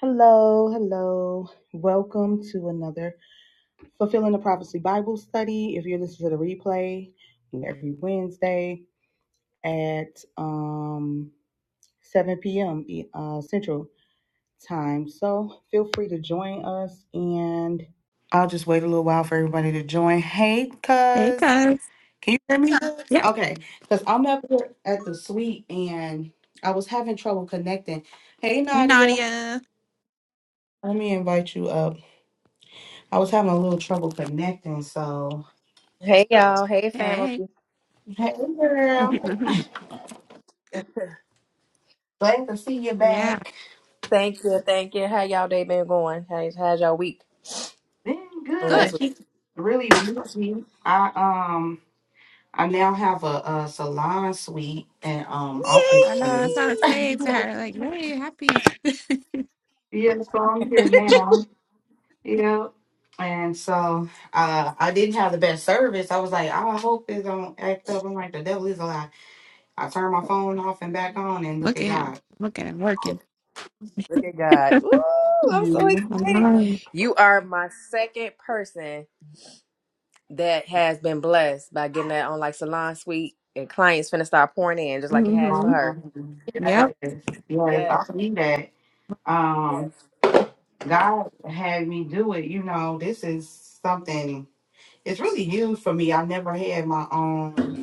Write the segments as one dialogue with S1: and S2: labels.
S1: Hello, hello. Welcome to another Fulfilling the Prophecy Bible study. If you're listening to the replay every Wednesday at um 7 p.m. E- uh, Central Time. So feel free to join us and I'll just wait a little while for everybody to join. Hey,
S2: Hey
S1: cuz.
S2: guys.
S1: Can you hear me? cuz?
S2: Yeah.
S1: Okay. Cuz I'm up here at the suite and I was having trouble connecting. Hey
S2: Hey
S1: Nadia,
S2: Nadia.
S1: let me invite you up. I was having a little trouble connecting, so
S3: Hey y'all, hey family.
S2: Hey.
S1: hey girl, glad to see you
S2: yeah.
S1: back.
S3: Thank you, thank you. How y'all day been going? How's, how's y'all week
S1: Been
S3: from last
S2: Good.
S1: good.
S3: week?
S1: Keep really busy. I um I now have a, a salon suite and um office
S2: I know. That's
S1: space.
S2: what I was
S3: Yay!
S2: saying to her. Like, really happy.
S1: Yeah, so I'm here now. Yeah. And so uh I didn't have the best service. I was like, oh, I hope it don't act up. I'm like, the devil is a lie. I turned my phone off and back on and look
S2: Look
S1: at
S2: at him.
S1: God.
S2: Look at him working.
S3: Look at God. Ooh, I'm so
S2: I
S1: Mhm.
S3: excited.
S2: know.
S3: You are my second person that has been blessed by getting that on like salon suite and clients finna start pouring in just like it has for
S2: Mm-hmm.
S3: her.
S1: Um, Yes,
S2: Yep.
S1: yes,
S3: Yeah.
S1: I believe that. um god had me do it you know this is something it's really huge for me i never had my own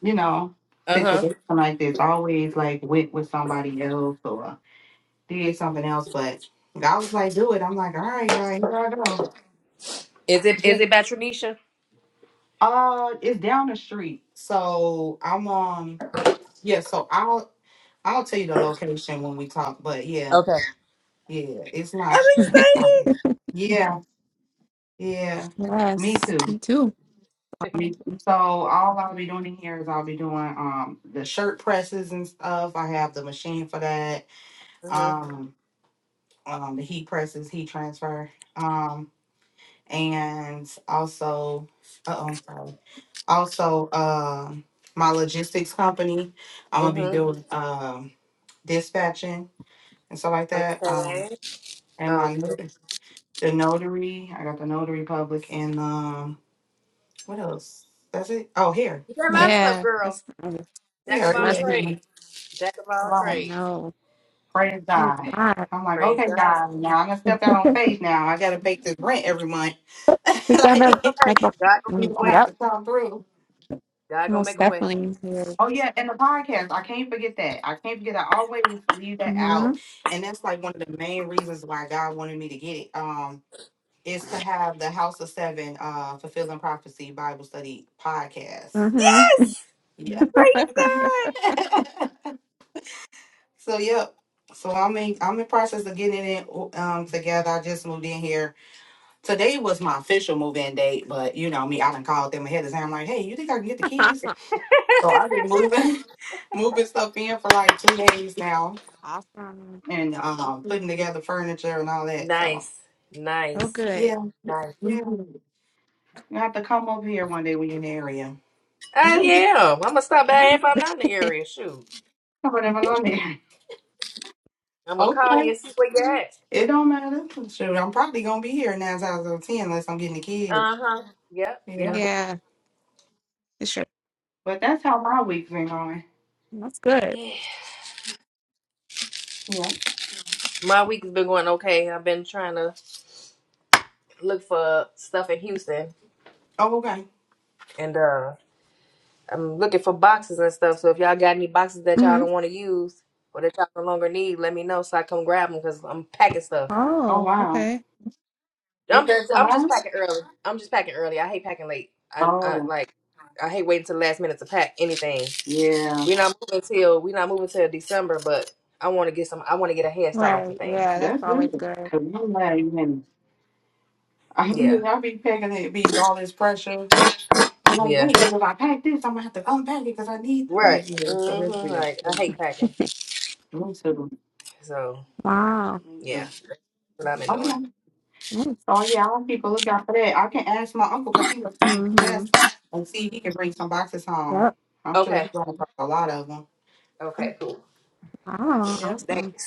S1: you know
S3: Uh huh.
S1: situation like this I always like went with somebody else or did something else but god was like do it i'm like all right god here i go
S3: Is it
S1: Yeah.
S3: is it Batronisha?
S1: uh it's down the street so i'm um yeah so i'll i'll tell you the location when we talk but yeah
S3: Okay.
S1: yeah it's
S3: I'm
S1: not
S3: excited.
S1: yeah yeah yeah me
S2: yes.
S1: too
S2: Me too.
S1: Me- So all I'll be doing in here is I'll be doing um the shirt presses and stuff. I have the machine for that.
S3: Mhm.
S1: Um, um the heat presses, heat transfer. Um, and also, uh oh, sorry. Also, um, my logistics company. I'm gonna be
S3: Mhm.
S1: doing um dispatching and stuff like that. Um,
S3: Okay.
S1: and my
S3: Okay.
S1: not- the notary. I got the notary public and um, what else? That's it. Oh, here,
S3: You got a lot of stuff,
S2: Yeah.
S3: girl.
S2: That's a
S3: Jack of
S1: here,
S3: all
S1: yeah.
S2: blessing.
S3: trades. Jack of all
S1: yeah.
S2: I
S3: trades.
S2: know.
S1: Praise
S2: Thank
S1: God.
S2: God.
S1: I'm like,
S3: Praise
S1: okay,
S3: God.
S1: God, now I'm gonna step
S2: we
S1: out on faith now. I gotta pay this rent every month.
S3: That's
S2: gotta
S1: like
S2: make
S3: okay.
S2: a-
S3: God gonna make
S1: you
S2: Mm,
S3: a
S1: don't
S3: way.
S1: have
S2: Yep.
S1: to come through.
S3: God gonna
S2: Most
S3: make a way.
S2: definitely. Here.
S1: Oh yeah, and the podcast. I can't forget that. I can't forget I always leave that
S2: Mm-hmm.
S1: out. And that's like one of the main reasons why God wanted me to get it. Um is to have the House of Seven uh Fulfilling Prophecy Bible Study podcast.
S2: Mm-hmm.
S3: Yes!
S1: Yeah.
S3: Praise
S1: So yep. So I'm in I'm in process of getting it um together. I just moved in here Today was my official move-in date, but you know me, I done called them ahead of time. I'm like, hey, you think I can get the keys? So I've been
S3: God.
S1: moving, moving stuff in for like two days now,
S2: awesome.
S1: and um, putting together furniture and all that. So
S3: nice.
S2: So
S3: Nice.
S2: good.
S1: yeah,
S3: Nice.
S1: yeah, you have to come over here one day when you're in the area.
S3: I am. I'm gonna stop by if I'm not in the area. Shoot.
S1: I would never know there.
S3: I'm gonna call
S1: Okay,
S3: you and see where you're at.
S1: it don't matter. Shoot, I'm probably gonna be here nine times out of ten unless I'm getting the kids.
S3: Uh huh. Yep.
S1: Yeah,
S3: Yep.
S2: Yeah, it's sure.
S1: but that's how my week's been going.
S2: That's good.
S3: Yeah.
S1: Yeah.
S3: My week has been going okay. I've been trying to look for stuff in Houston,
S1: Oh okay.
S3: and uh, I'm looking for boxes and stuff. So if y'all got any boxes that y'all
S2: hmm
S3: don't want to use or that y'all no longer need, let me know so I come grab them because I'm packing stuff.
S1: Oh
S2: Oh,
S1: wow.
S2: okay.
S1: You
S3: I'm
S1: said
S3: just I'm just
S1: Solana?
S3: packing early. I'm just packing early. I hate packing late. I, I
S1: Oh.
S3: like I hate waiting till the last minute to pack anything.
S1: Yeah,
S3: We're not moving till we're not moving till December, but I want to get some. I want to get a head start on some
S2: Right.
S3: things.
S2: Yeah, that's
S1: that's
S2: always
S1: good.
S2: good.
S1: Cause I'm like, man, I
S3: Yeah,
S1: mean, I'll be packing it, be all this pressure. Like,
S3: yeah,
S1: wait, cause if I pack this, I'm gonna have to unpack it, cause I need
S3: right.
S1: like, you know, so
S3: hmm
S1: that's weird.
S3: Like I
S1: Me
S3: hate packing,
S1: too.
S3: so
S2: Wow.
S1: Me
S3: yeah,
S1: too.
S3: that's what I've been doing.
S1: Okay.
S2: Nice.
S1: Oh yeah, I'll keep a lookout for that. I can ask my uncle, cause he works for
S2: Mm-hmm.
S1: UPS, and see if he can bring some boxes home.
S2: Yep.
S1: I'm sure he's
S3: Okay,
S1: gonna bring a lot of them.
S3: okay, cool.
S2: Wow.
S1: Yep.
S2: Awesome.
S3: Thanks.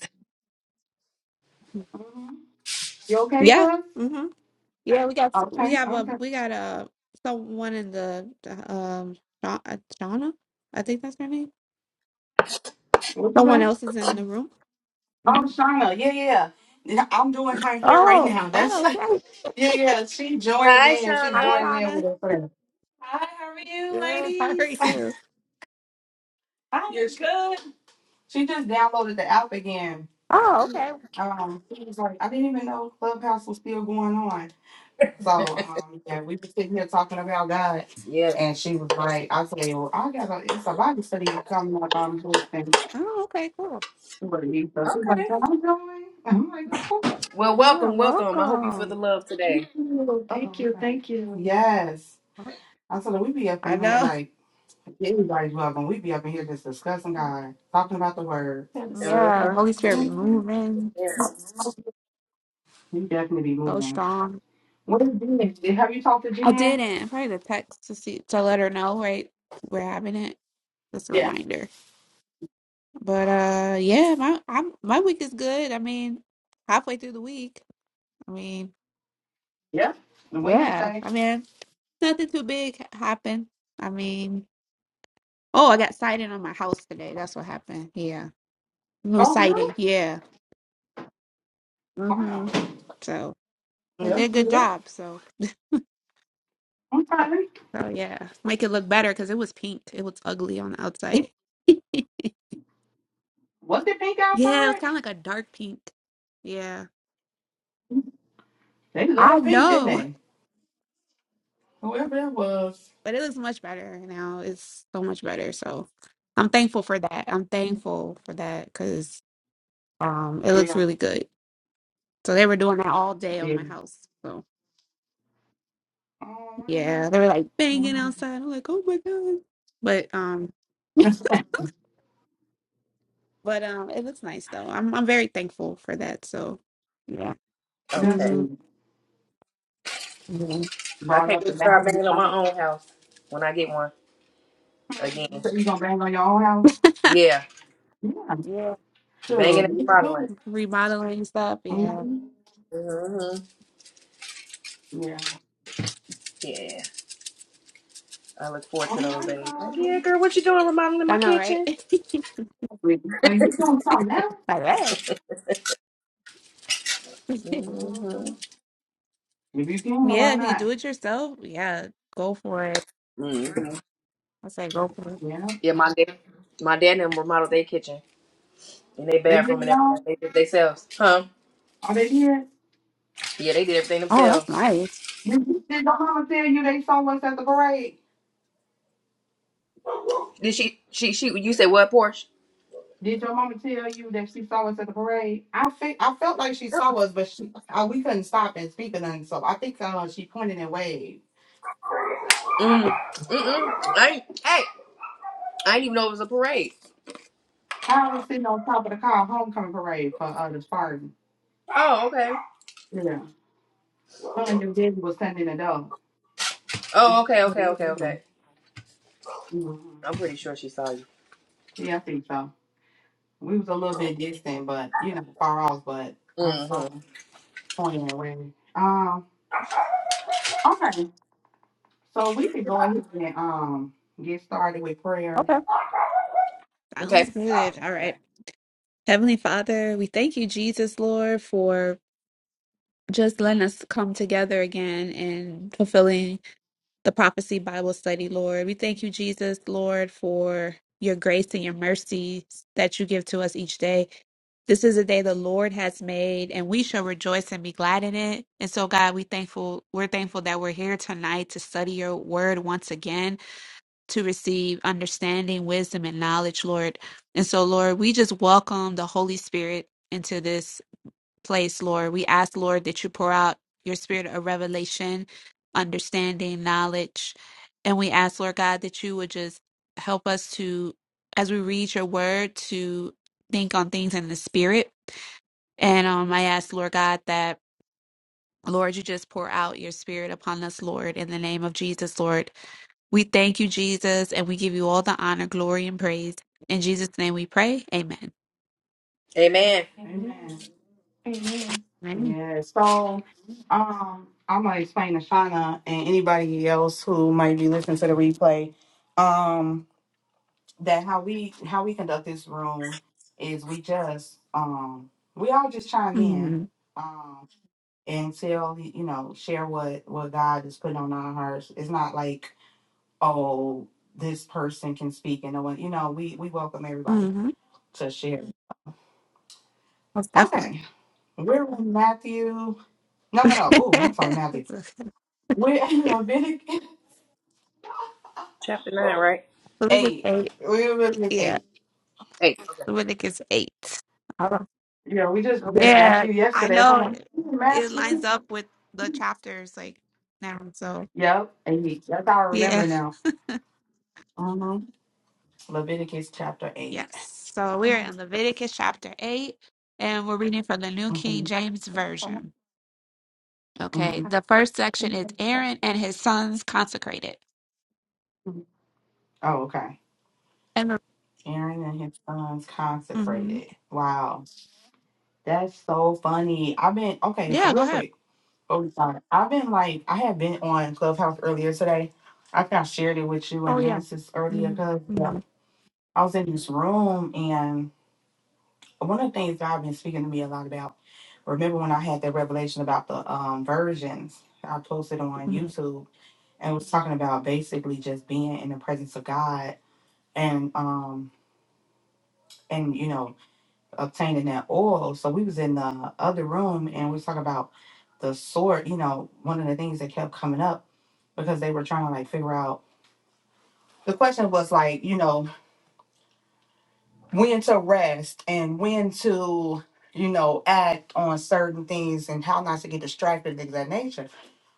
S1: hmm You okay,
S2: Yeah.
S1: cuz?
S2: Mm-hmm. Yeah, we got
S1: Okay,
S2: we have a
S1: okay.
S2: we got a someone in the the, um Sha- uh, Shauna, I think that's her name.
S1: What you
S2: Someone else is
S1: say?
S2: in the room.
S1: Oh,
S2: hmm
S1: Shauna, yeah, yeah. Yeah, I'm doing her hair right
S2: Oh,
S1: now. That's
S2: oh, okay.
S1: yeah, yeah. She's joining
S3: Hi,
S1: in. She's
S2: Hi,
S3: Shauna.
S1: joining in with
S2: Shauna.
S1: us. today. Hi, how are you,
S2: Good. How
S1: ladies?
S2: are
S1: Hi.
S2: you?
S1: You're good. She just downloaded the app again.
S2: Oh,
S1: Yeah.
S2: okay.
S1: Um, she was like, I didn't even know Clubhouse was still going on. So, um, yeah, we were sitting here talking about God,
S3: Yeah,
S1: and she was like, I said, well, I got a it's a Bible study coming up on Thursday.
S2: Oh, okay. Cool.
S1: She was like, "Yeah." So she's was like,
S3: Okay.
S1: "That I'm going. I'm like, okay.
S3: Well,
S2: Yeah,
S3: welcome, welcome. I hope you feel the
S2: welcome.
S3: love
S1: Ooh,
S3: today.
S1: Oh, Thank you, okay. thank you. Yes. I said we be up
S2: I
S1: in here
S2: know.
S1: like everybody's welcome. We be up in here just discussing God, talking about the word. That is so
S3: Uh
S2: Yeah,
S3: huh.
S1: good.
S2: Holy Spirit be
S1: Mm,
S2: moving
S3: Yes.
S1: It's so good. We definitely be
S2: so
S1: moving.
S2: strong.
S1: What is Jen? Did- Have you talked to
S2: I
S1: Jen?
S2: didn't. I probably the text to see to let her know, right? We're having it. Just a
S1: Yeah.
S2: reminder. But uh yeah, my I'm my week is good. I mean, halfway through the week. I mean,
S1: Yeah. On
S2: yeah.
S1: Wednesday.
S2: I mean, nothing too big happened. I mean, oh, I got sighting on my house today. That's what happened. Yeah. New
S1: Oh really?
S2: sighting. Yeah.
S1: Wow.
S2: Mm-hmm. So,
S1: Yeah,
S2: but they did a
S1: that's
S2: good
S1: good.
S2: job. So,
S1: I'm trying to think.
S2: Oh yeah, make it look better because it was pink. It was ugly on the outside. yeah,
S1: Was it pink
S2: it was
S1: outside?
S2: kind of like a dark pink. Yeah,
S1: They
S2: I
S1: love pink, didn't
S2: know,
S1: they? Whoever that was.
S2: but it looks much better now. It's so much better. So I'm thankful for that. I'm thankful for that because um, it looks
S1: Yeah.
S2: really good. So they were doing that all day on
S1: Yeah.
S2: my house. So
S1: Oh really?
S2: yeah, they were like banging
S1: Wow.
S2: outside. I'm like, oh my god. But um, but um, it looks nice though. I'm I'm very thankful for that. So yeah.
S1: That's
S3: Okay.
S2: Mm-hmm.
S1: it.
S2: Mm-hmm.
S3: I
S1: brought
S3: can't
S1: up
S3: wait
S1: the
S3: to start
S1: value.
S3: banging on my own house when I get one again.
S1: You said you gonna bang on your own house?
S3: Yeah,
S1: Yeah,
S2: Yeah.
S3: banging
S1: sure.
S3: and
S1: you can do
S3: remodeling.
S2: remodeling stuff.
S1: it.
S2: Yeah,
S1: Mhm.
S3: Mm-hmm.
S1: Yeah.
S3: Yeah, I look forward
S1: All
S3: to those
S1: right,
S3: days. Like, yeah,
S1: God.
S3: girl, what you doing remodeling my
S2: I know, right?
S3: kitchen?
S2: like
S1: Like you doing something else?
S2: that.
S1: Mhm.
S3: Mm-hmm.
S1: If you can,
S2: yeah,
S1: why
S2: if you could
S1: not?
S2: do it yourself, yeah, go for it.
S3: Mm-hmm.
S2: I say go for it.
S1: Yeah.
S3: Yeah, my dad, my dad and them remodeled their kitchen and their
S1: They
S3: bathroom
S1: didn't
S3: and everything.
S1: know.
S3: They did themselves, huh?
S1: All they did.
S3: Yeah, they did everything
S2: Oh, that's
S3: themselves.
S2: nice.
S1: Did did your mama tell you they saw us at the parade?
S3: Did she? She? She? You said what, Porsche?
S1: Did your mama tell you that she saw us at the parade? I fe- I felt like she saw us, but she uh, we couldn't stop and speak or nothing. So I think uh, she pointed and waved.
S3: Mm. Mm-mm. Hey, hey. I didn't even know it was a parade.
S1: Kyle was sitting on top of the car homecoming parade for uh, the Spartan.
S3: Oh, okay.
S1: Yeah. Her and your daddy was standing in the door.
S3: Oh, okay, okay, okay, okay.
S1: Mhm.
S3: I'm pretty sure she saw you.
S1: Yeah, I think so. We was a little bit distant, but you know, far off, but I saw
S3: Mm-hmm.
S1: him pointing away. Um, okay. So we could go ahead and um get started with prayer.
S2: Okay. Sounds
S3: Okay.
S2: good. All
S1: Okay.
S2: right. Heavenly Father, we thank you, Jesus, Lord, for just letting us come together again and fulfilling the prophecy Bible study, Lord. We thank you, Jesus, Lord, for your grace and your mercy that you give to us each day. This is a day the Lord has made, and we shall rejoice and be glad in it. And so, God, we thankful. We're thankful that we're here tonight to study Your Word once again, to receive understanding, wisdom, and knowledge, Lord. And so, Lord, we just welcome the Holy Spirit into this place, Lord. We ask, Lord, that you pour out your spirit of revelation, understanding, knowledge. And we ask, Lord God, that you would just help us to, as we read your word, to think on things in the spirit. And um, I ask, Lord God, that. Lord, you just pour out your spirit upon us, Lord, in the name of Jesus, Lord. We thank you, Jesus, and we give you all the honor, glory, and praise. In Jesus' name we pray. Amen.
S3: Amen.
S1: Amen. Amen.
S2: Amen.
S1: Yeah, so um I'm gonna explain to Shauna and anybody else who might be listening to the replay. Um that how we how we conduct this room is we just um we all just chime in
S2: Mm-hmm.
S1: um and tell you know share what what God is putting on our hearts. It's not like oh this person can speak and no one you know we we welcome everybody
S2: Mm-hmm.
S1: to share.
S2: Most definitely.
S1: Okay, we're in Matthew. No no no. Oh, I'm sorry, Matthew. We're in Leviticus
S3: Chapter nine, right?
S2: Leviticus
S1: eight.
S2: eight.
S1: We're in Leviticus
S2: Yeah,
S1: eight.
S3: Eight. Okay.
S2: Leviticus eight. Oh,
S1: Yeah, we just read
S2: yeah,
S1: Matthew
S2: I
S1: yesterday. So I'm
S2: know
S1: like
S2: it,
S1: "Hmm,
S2: it
S1: Matthew.
S2: lines up with the chapters like now. So
S1: Yep. And he, that's how I remember
S2: yeah,
S1: now. hmm Leviticus chapter 8.
S2: yes. So we're
S1: Okay.
S2: in Leviticus chapter eight, and we're reading from the New King
S1: hmm
S2: James Version. Okay,
S1: hmm
S2: the first section is Aaron and his sons consecrated.
S1: Oh, okay.
S2: And the,
S1: Aaron and his sons
S2: mhm.
S1: consecrated. Wow. That's so funny. I've been, okay, so
S2: yeah, go
S1: real
S2: ahead.
S1: quick. Oh, we sorry. I've been like, I had been on Clubhouse earlier today. I think I shared it with you in
S2: Oh yeah.
S1: Genesis earlier
S2: Mhm,
S1: because
S2: mhm,
S1: I was in this room one of the things God been speaking to me a lot about. Remember when I had that revelation about the um, versions? I posted on
S2: mhm,
S1: YouTube and was talking about basically just being in the presence of God and um and you know obtaining that oil. So we was in the other room and we was talking about the sort. You know, one of the things that kept coming up because they were trying to like figure out. The question was like, you know, when to rest and when to you know act on certain things and how not to get distracted things of that nature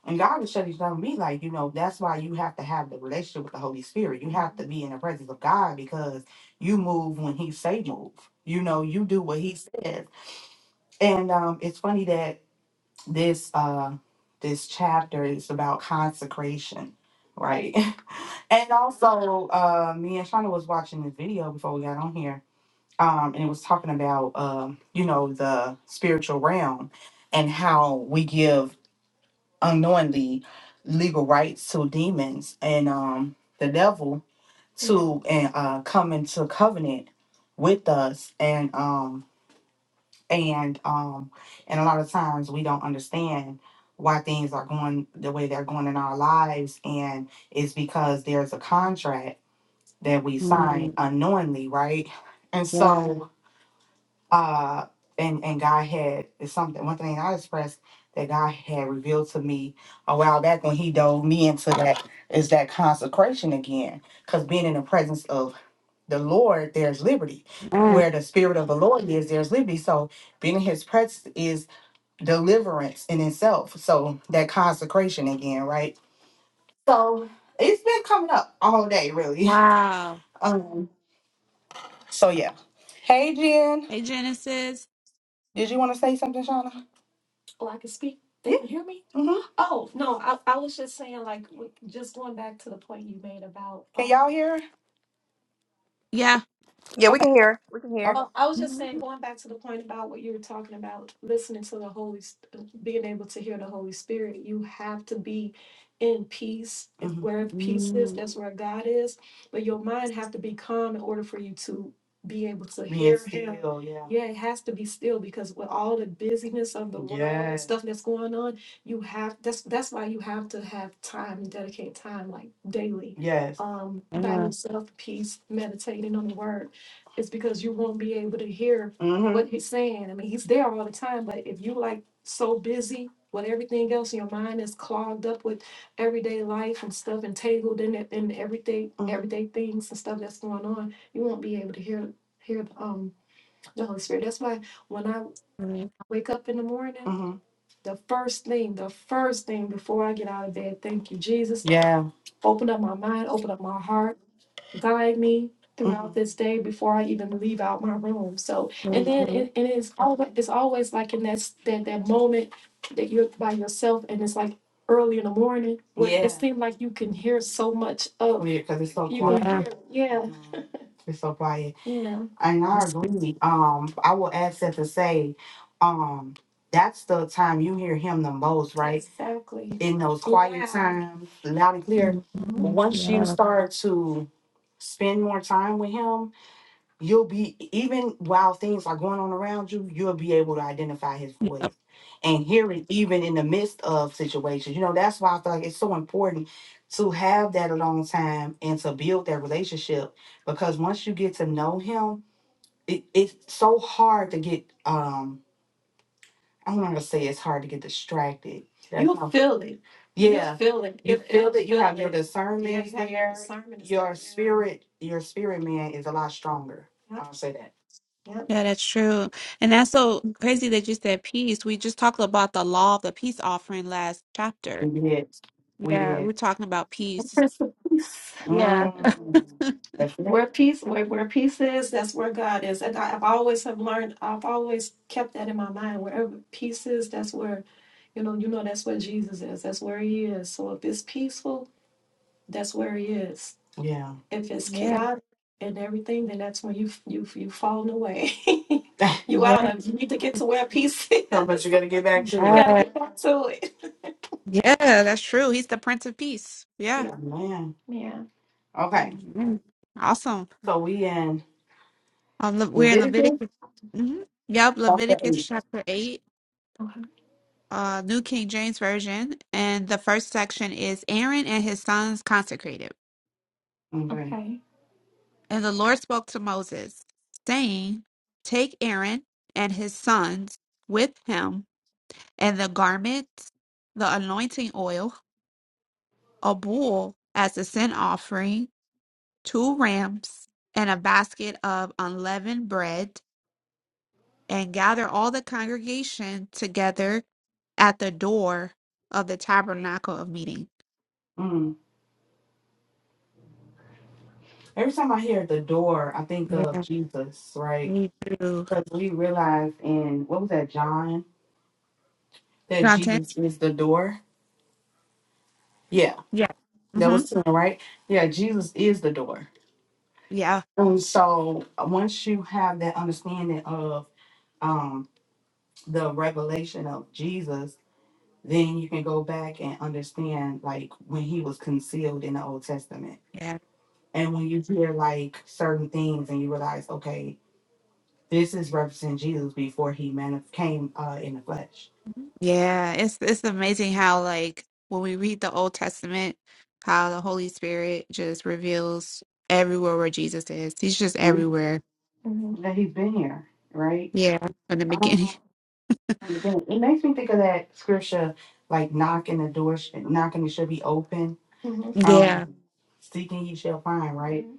S1: and god is showing telling me like you know that's why you have to have the relationship with the holy spirit you have to be in the presence of god because you move when he say move you know you do what he says and um, it's funny that this uh, this chapter is about consecration, right? and also, uh, me and Shauna was watching this video before we got on here, um, and it was talking about um, you know the spiritual realm and how we give unknowingly legal rights to demons and um, the devil to and uh, come into covenant with us and um, and um, and a lot of times we don't understand why things are going the way they're going in our lives and it's because there's a contract that we sign
S2: mhm.
S1: unknowingly right and
S2: Yeah.
S1: so uh and and god had it's something one thing i expressed that god had revealed to me a while back when he dove me into that is that consecration again because being in the presence of the lord there's liberty
S2: Mm.
S1: where the spirit of the lord is there's liberty so being in his presence is deliverance in itself so that consecration again right so it's been coming up all day really
S2: Wow.
S1: um so yeah hey jen
S2: Hey, Genesis.
S1: did you want to say something shauna Oh, I can speak. They Yeah. can hear me. hmm Oh, no, I, I was just saying, like, w- just going back to the point you made about Can um, y'all hear?
S2: Yeah.
S3: Yeah,
S1: her?
S3: we can hear. her. We can hear.
S1: Okay.
S3: her.
S1: Oh, I was just saying,
S2: Mm,
S1: going back to the point about what you were talking about, listening to the Holy, S- uh, being able to hear the Holy Spirit, you have to be in peace. If Mhm. where peace is, that's where God is. But your mind has to be calm in order for you to be able to Being hear Him. still, yeah. Yeah, it has to be still because with all the busyness of the world and Yes. stuff that's going on, you have that's that's why you have to have time and dedicate time like daily, Yes. um, by
S2: Yeah.
S1: yourself, peace, meditating on the word it's because you won't be able to hear hmm what he's saying. I mean, he's there all the time, but if you like so busy with everything else, your mind is clogged up with everyday life and stuff and tangled in it in everyday Mhm. everyday things and stuff that's going on, you won't be able to hear hear um the Holy Spirit. That's why when I
S2: Yeah.
S1: wake up in the morning, hmm the first thing, the first thing before I get out of bed, thank you, Jesus. Yeah. Open up my mind, open up my heart guide me throughout this day before I even leave out my room. So, and then it, and it's always it's always like in that s- that that moment that you're by yourself, and it's like early in the morning. Where Yeah. It Yeah. seems like you can hear so much of Yeah, because it's so you can hear,
S2: Yeah.
S1: quiet. Hear, yeah, Mhm. It's so quiet. yeah, And I agree. Um, I will ask that to say, um, that's the time you hear him the most, right? exactly. In those quiet Loud. times, loud and clear. Mhm. Once you start to spend more time with him, you'll be even while things are going on around you, you'll be able to identify his voice and hear it even in the midst of situations. You know, that's why I feel like it's so important to have that alone time and to build that relationship because once you get to know him, it, it's so hard to get um I'm gonna say it's hard to get distracted. That's You'll how, feel it. yeah. You'll yeah, feel it. you You'll feel feel that you have your it. Yeah, discernment you have your there. discernment. It's Your like, spirit, your spirit man is a lot stronger. yeah, I'll say that. Yep.
S2: Yeah, that's true. And that's so crazy that you said peace. We just talked about the law of the peace offering last chapter.
S1: We did. We
S2: Yeah.
S1: did.
S2: We're talking about
S1: The
S2: peace.
S1: Prince of Peace.
S2: Yeah.
S1: Mm. That's it. Where peace, where, where peace is, that's where God is. And I, I've always have learned, I've always kept that in my mind. Wherever peace is, that's where, you know, you know, that's where Jesus is. That's where He is. So if it's peaceful, That's where he is. Yeah. If it's
S2: Yeah.
S1: chaotic and everything, then that's when you you you falling away. you out
S2: Yeah.
S1: of. You need to get to where peace so, is. No, but you got to get back to You it. got to
S2: Yeah.
S1: get back to it.
S2: Yeah, that's true. He's the Prince of Peace. Yeah.
S1: Yeah. Man. Yeah. Okay.
S2: Mhm. Awesome.
S1: So we in
S2: Um, Le- we're in
S1: Leviticus
S2: Leviticus. hmm Yep.
S1: chapter
S2: Leviticus
S1: 8.
S2: chapter 8.
S1: Okay.
S2: uh, New King James Version, and the first section is Aaron and his sons consecrated.
S1: Okay. Okay.
S2: And the Lord spoke to Moses, saying, Take Aaron and his sons with him, and the garments, the anointing oil, a bull as a sin offering, two rams, and a basket of unleavened bread, and gather all the congregation together at the door of the tabernacle of meeting.
S1: Mm. Every time I hear the door, I think of
S2: Yeah,
S1: Jesus, right?
S2: me too.
S1: Because we realize in, what was that, John, that
S2: Content.
S1: Jesus is the door. Yeah.
S2: Yeah.
S1: That
S2: hmm
S1: was soon, right? Yeah, Jesus is the door.
S2: Yeah.
S1: And so uh, once you have that understanding of um, the revelation of Jesus, then you can go back and understand like when he was concealed in the Old Testament.
S2: Yeah.
S1: And when you hear like certain things and you realize, okay, this is representing Jesus before he manif- came uh, in the flesh.
S2: Yeah. It's it's amazing how like when we read the Old Testament, how the Holy Spirit just reveals everywhere where Jesus is. He's just
S1: Mhm.
S2: everywhere.
S1: That he's been here, right?
S2: Yeah. From the beginning.
S1: Um, Again, It makes me think of that scripture, like knocking the door, sh- knocking it should be open. Mhm.
S2: Yeah.
S1: Um, seeking ye shall find, right? Mhm.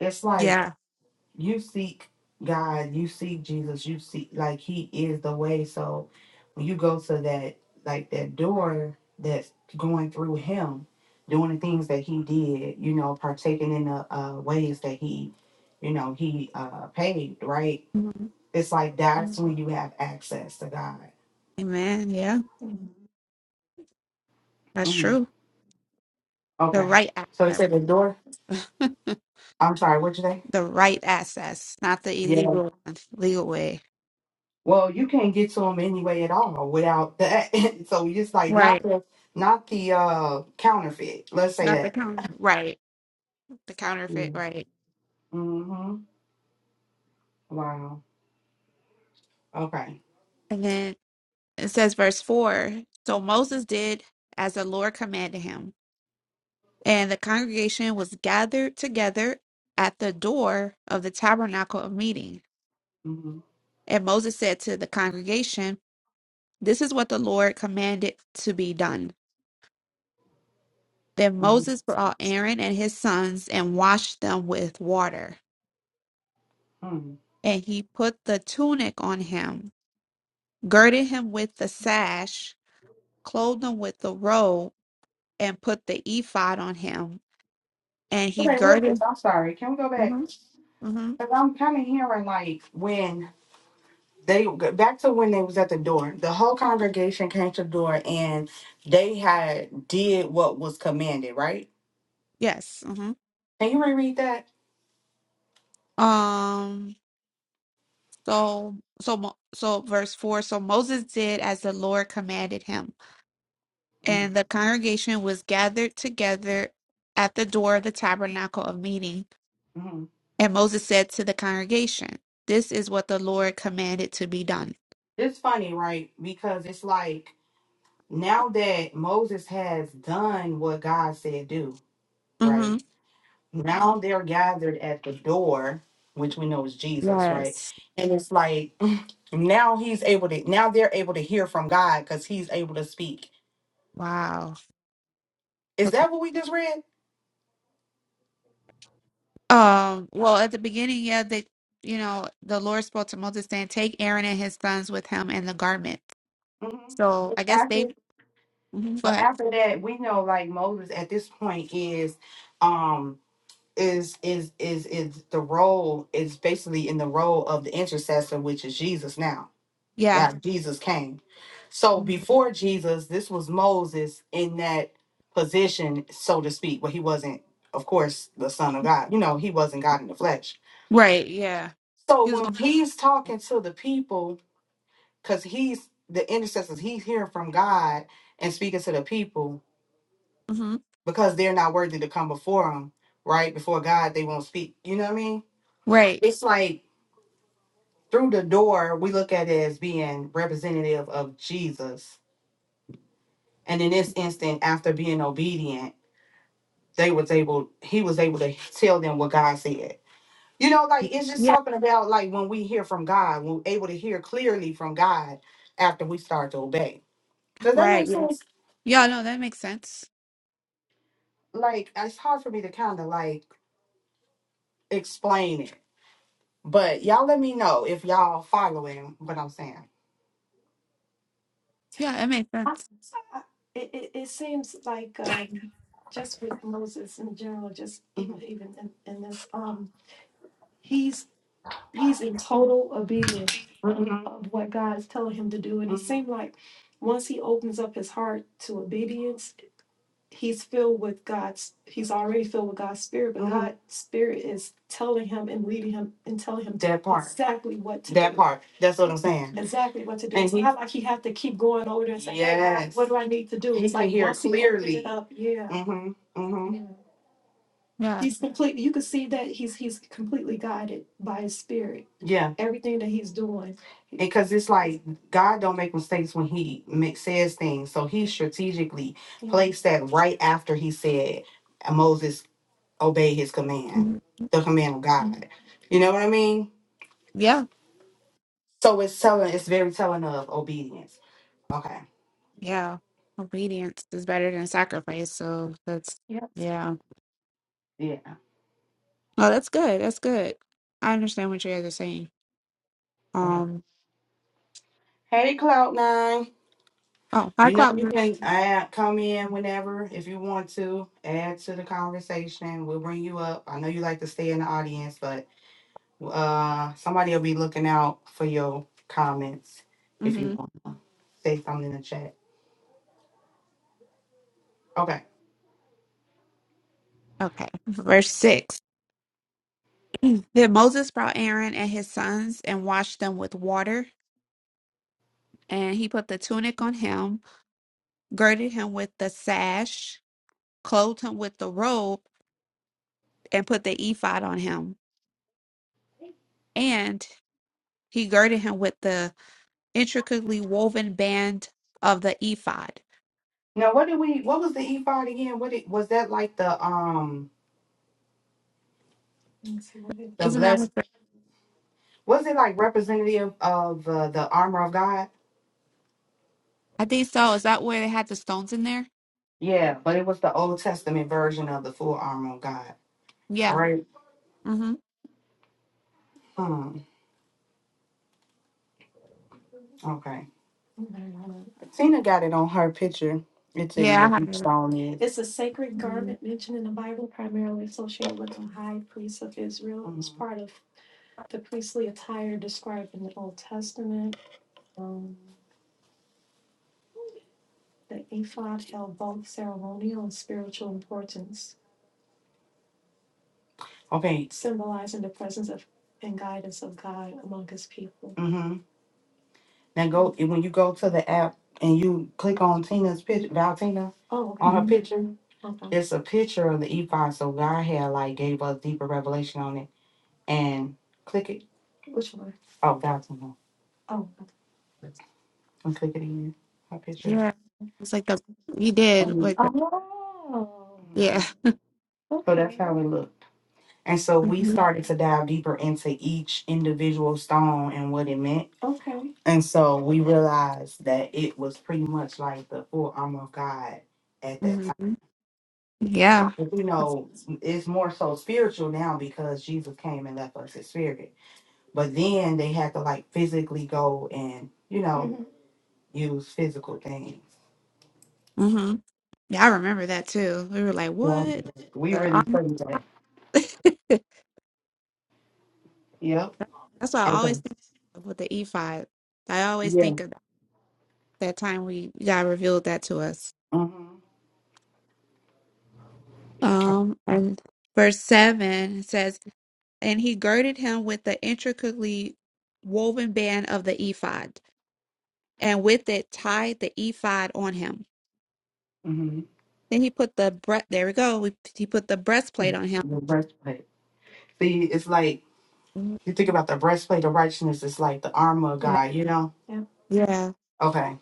S1: It's like
S2: Yeah.
S1: you seek God, you seek Jesus, you seek like He is the way. So when you go to that, like that door that's going through Him, doing the things that He did, you know, partaking in the uh, ways that He, you know, He uh, paved, right?
S2: Mhm.
S1: It's like that's Mhm. when you have access to God.
S2: Amen. Yeah. That's
S1: hmm
S2: true. The
S1: Okay.
S2: right
S1: So it
S2: access.
S1: said the door. I'm sorry. What'd you say?
S2: the right access, not the
S1: Yeah.
S2: illegal one, legal way.
S1: Well, you can't get to them anyway at all without that. so it's like not
S2: Right.
S1: the not the uh counterfeit. Let's say
S2: Not the
S1: that.
S2: counter. Right. The counterfeit. Right.
S1: Mm-hmm. Wow. Okay.
S2: Amen. It says, verse 4 So Moses did as the Lord commanded him, and the congregation was gathered together at the door of the tabernacle of meeting.
S1: Mm-hmm.
S2: And Moses said to the congregation, This is what the Lord commanded to be done. Then
S1: Mm-hmm.
S2: Moses brought Aaron and his sons and washed them with water.
S1: mm
S2: And he put the tunic on him, girded him with the sash, clothed him with the robe, and put the ephod on him. And he
S1: Okay, real quick.
S2: girded.
S1: I'm sorry. Can we go
S2: Mhm.
S1: back?
S2: Mm-hmm.
S1: Cause I'm kind of hearing like when they back to when they was at the door. The whole congregation came to the door and they had did what was commanded. Right?
S2: Yes. Mm-hmm.
S1: Can you reread that?
S2: Um. So so Mo- so verse four. So Moses did as the Lord commanded him, and
S1: Mhm,
S2: the congregation was gathered together at the door of the tabernacle of meeting.
S1: mhm.
S2: And Moses said to the congregation, "This is what the Lord commanded to be done."
S1: It's funny, right? Because it's like now that Moses has done what God said do,
S2: Mm-hmm.
S1: right? Now they're gathered at the door, which we know is Jesus, right?
S2: Yes.
S1: And it's like now he's able to, now they're able to hear from God because he's able to speak.
S2: Wow.
S1: Is that what we just read?
S2: Um. Well, at the beginning, yeah, they, you know, the Lord spoke to Moses saying, "Take Aaron and his sons with him and the garment."
S1: hmm
S2: So
S1: But
S2: I guess
S1: After,
S2: they. Mhm. Go
S1: but
S2: ahead.
S1: after that, we know like Moses at this point is, um, is is is is the role is basically in the role of the intercessor which is jesus now
S2: Yeah.
S1: that jesus came so
S2: Mhm.
S1: before jesus this was moses in that position so to speak but he wasn't of course the son of god you know he wasn't god in the flesh
S2: Right. Yeah.
S1: so
S2: He was
S1: when
S2: going.
S1: he's talking to the people because he's the intercessors he's hearing from god and speaking to the people
S2: hmm
S1: because they're not worthy to come before him right before god they won't speak you know what i mean
S2: Right.
S1: it's like through the door, we look at it as being representative of Jesus. And in this instant, after being obedient, they was able, he was able to tell them what God said. You know, like it's just
S2: Yeah.
S1: talking about like when we hear from God, we're able to hear clearly from God after we start to obey. Does that
S2: Right.
S1: make
S2: Yeah.
S1: sense?
S2: Yeah. No, that makes sense.
S1: Like it's hard for me to kind of like explain it. But y'all let me know if y'all following what I'm saying.
S2: Yeah, it makes
S1: I-
S2: sense.
S1: I- It, it, it seems like um, just with Moses in general, just even even in, in this, um, he's he's in total obedience Mhm. of what God is telling him to do, and it Mhm. seemed like once he opens up his heart to obedience, he's filled with God's he's already filled with God's spirit, but Mhm. God's spirit is telling him and leading him and telling him That part. exactly what to That do. part. That's what I'm saying. Exactly what to do. And It's he not like he has to keep going over there and saying, Hey God, yes. what do I need to do? He It's can like hear once he opens it clearly. up, yeah. Mm-hmm. Mm-hmm. Yeah.
S2: Yeah.
S1: He's completely. You can see that he's he's completely guided by his spirit. Yeah, Everything that he's doing. because it's like God don't make mistakes when He makes says things, so He strategically Mhm. placed that right after He said Moses obey His command,
S2: Mhm.
S1: the command of Mhm. God. Mm-hmm. You know what I mean?
S2: Yeah.
S1: So it's telling, it's very telling of obedience. Okay.
S2: Yeah. Obedience is better than sacrifice. So that's
S1: Yes.
S2: yeah.
S1: Yeah.
S2: Oh, that's good. That's good. I understand what you guys are saying.
S1: Okay.
S2: Um.
S1: Hey, Cloud Nine.
S2: Oh, hi,
S1: You know,
S2: Cloud.
S1: you can add, come in whenever if you want to, add to the conversation. We'll bring you up. I know you like to stay in the audience, but uh somebody will be looking out for your comments if you
S2: Mm-hmm.
S1: want to say something in the chat. Okay.
S2: Okay. Verse six. Then Moses brought Aaron and his sons and washed them with water, and he put the tunic on him, girded him with the sash clothed him with the robe, and put the ephod on him. And he girded him with the intricately woven band of the ephod.
S1: Now what did we what was the ephod again? What it was that like the um the
S2: Isn't that
S1: blessed
S2: what? the-
S1: was it like representative of uh, the armor of God?
S2: I think so. Is that where they had the stones in there?
S1: Yeah, but it was the Old Testament version of the full armor of God,
S2: Yeah.
S1: right?
S2: hmm
S1: Hmm. Okay. Tina got it on her picture. It tell you
S2: Yeah, I
S1: what
S2: have it.
S1: each stone is. It's a sacred garment mentioned in the Bible, primarily associated with the high priest of Israel. It was Mhm. part of the priestly attire described in the Old Testament. Um, the ephod held both ceremonial and spiritual importance, Okay. symbolizing the presence of and guidance of God among his people. Now go and when you go to the app and you click on Tina's picture, Valtina, Oh, okay. on her
S2: Mm-hmm.
S1: picture, Okay. it's a picture of the ephod. So God had like gave us deeper revelation on it. And click it. Which one? Oh, Valtina, Oh. Okay. and click it again. Her picture.
S2: Yeah, it's like the you did
S1: Mhm.
S2: like the
S1: Oh.
S2: yeah.
S1: Mhm. So that's Okay. how it looked. And so we
S2: hmm
S1: started to dive deeper into each individual stone and what it meant. Okay. And so we realized that it was pretty much like the full armor of God at that time.
S2: hmm Yeah.
S1: But, You know, it's more so spiritual now because Jesus came and left us his spirit. But then they had to like physically go and, you know, hmm use physical things.
S2: hmm Yeah, I remember that too. We were like,
S1: Yeah.
S2: what?
S1: We
S2: The
S1: really
S2: armor?
S1: studied that.
S2: That's
S1: Yep.
S2: why I always
S1: Okay.
S2: think of with the ephod. I always
S1: Yeah.
S2: think of. that time we God revealed that to us.
S1: Mm-hmm.
S2: Um, and verse seven says, "And he girded him with the intricately woven band of the ephod, and with it tied the ephod on him.
S1: Mm-hmm.
S2: Then he put the bre- there we go. We, he put the breastplate on him.
S1: The breastplate. See, it's like You think about the breastplate of righteousness is like the armor of God, you know? Yeah.
S2: Yeah,
S1: Okay.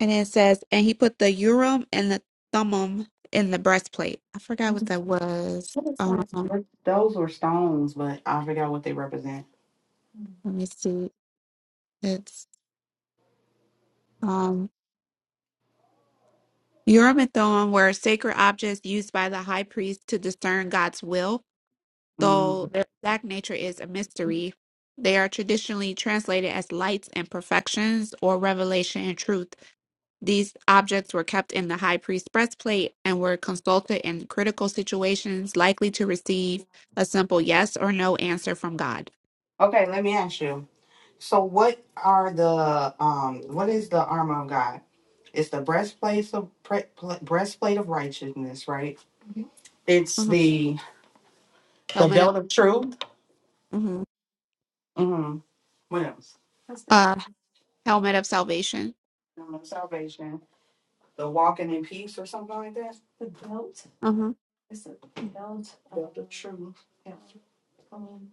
S2: and it says, and he put the urim and the thummim in the breastplate. I forgot what that was.
S1: What is that?
S2: Um,
S1: What- Those were stones, but I forgot what they represent.
S2: let me see. It's um." Urim and Thummim were sacred objects used by the high priest to discern God's will, though
S1: Mm.
S2: their exact nature is a mystery. They are traditionally translated as lights and perfections or revelation and truth. These objects were kept in the high priest's breastplate and were consulted in critical situations, likely to receive a simple yes or no answer from God.
S1: Okay, let me ask you. So, what are the um? What is the armor of God? It's the breastplate of pre- pl- breastplate of righteousness, right? Mhm. It's
S2: Mhm.
S1: the the
S2: Helmet of
S1: belt of truth.
S2: mhm.
S1: hmm What else? That's it.
S2: uh, helmet of salvation.
S1: Um, salvation. The walking in peace, or something like that. The belt.
S2: Mhm.
S1: Is it held? Yeah, the true. Yeah, um,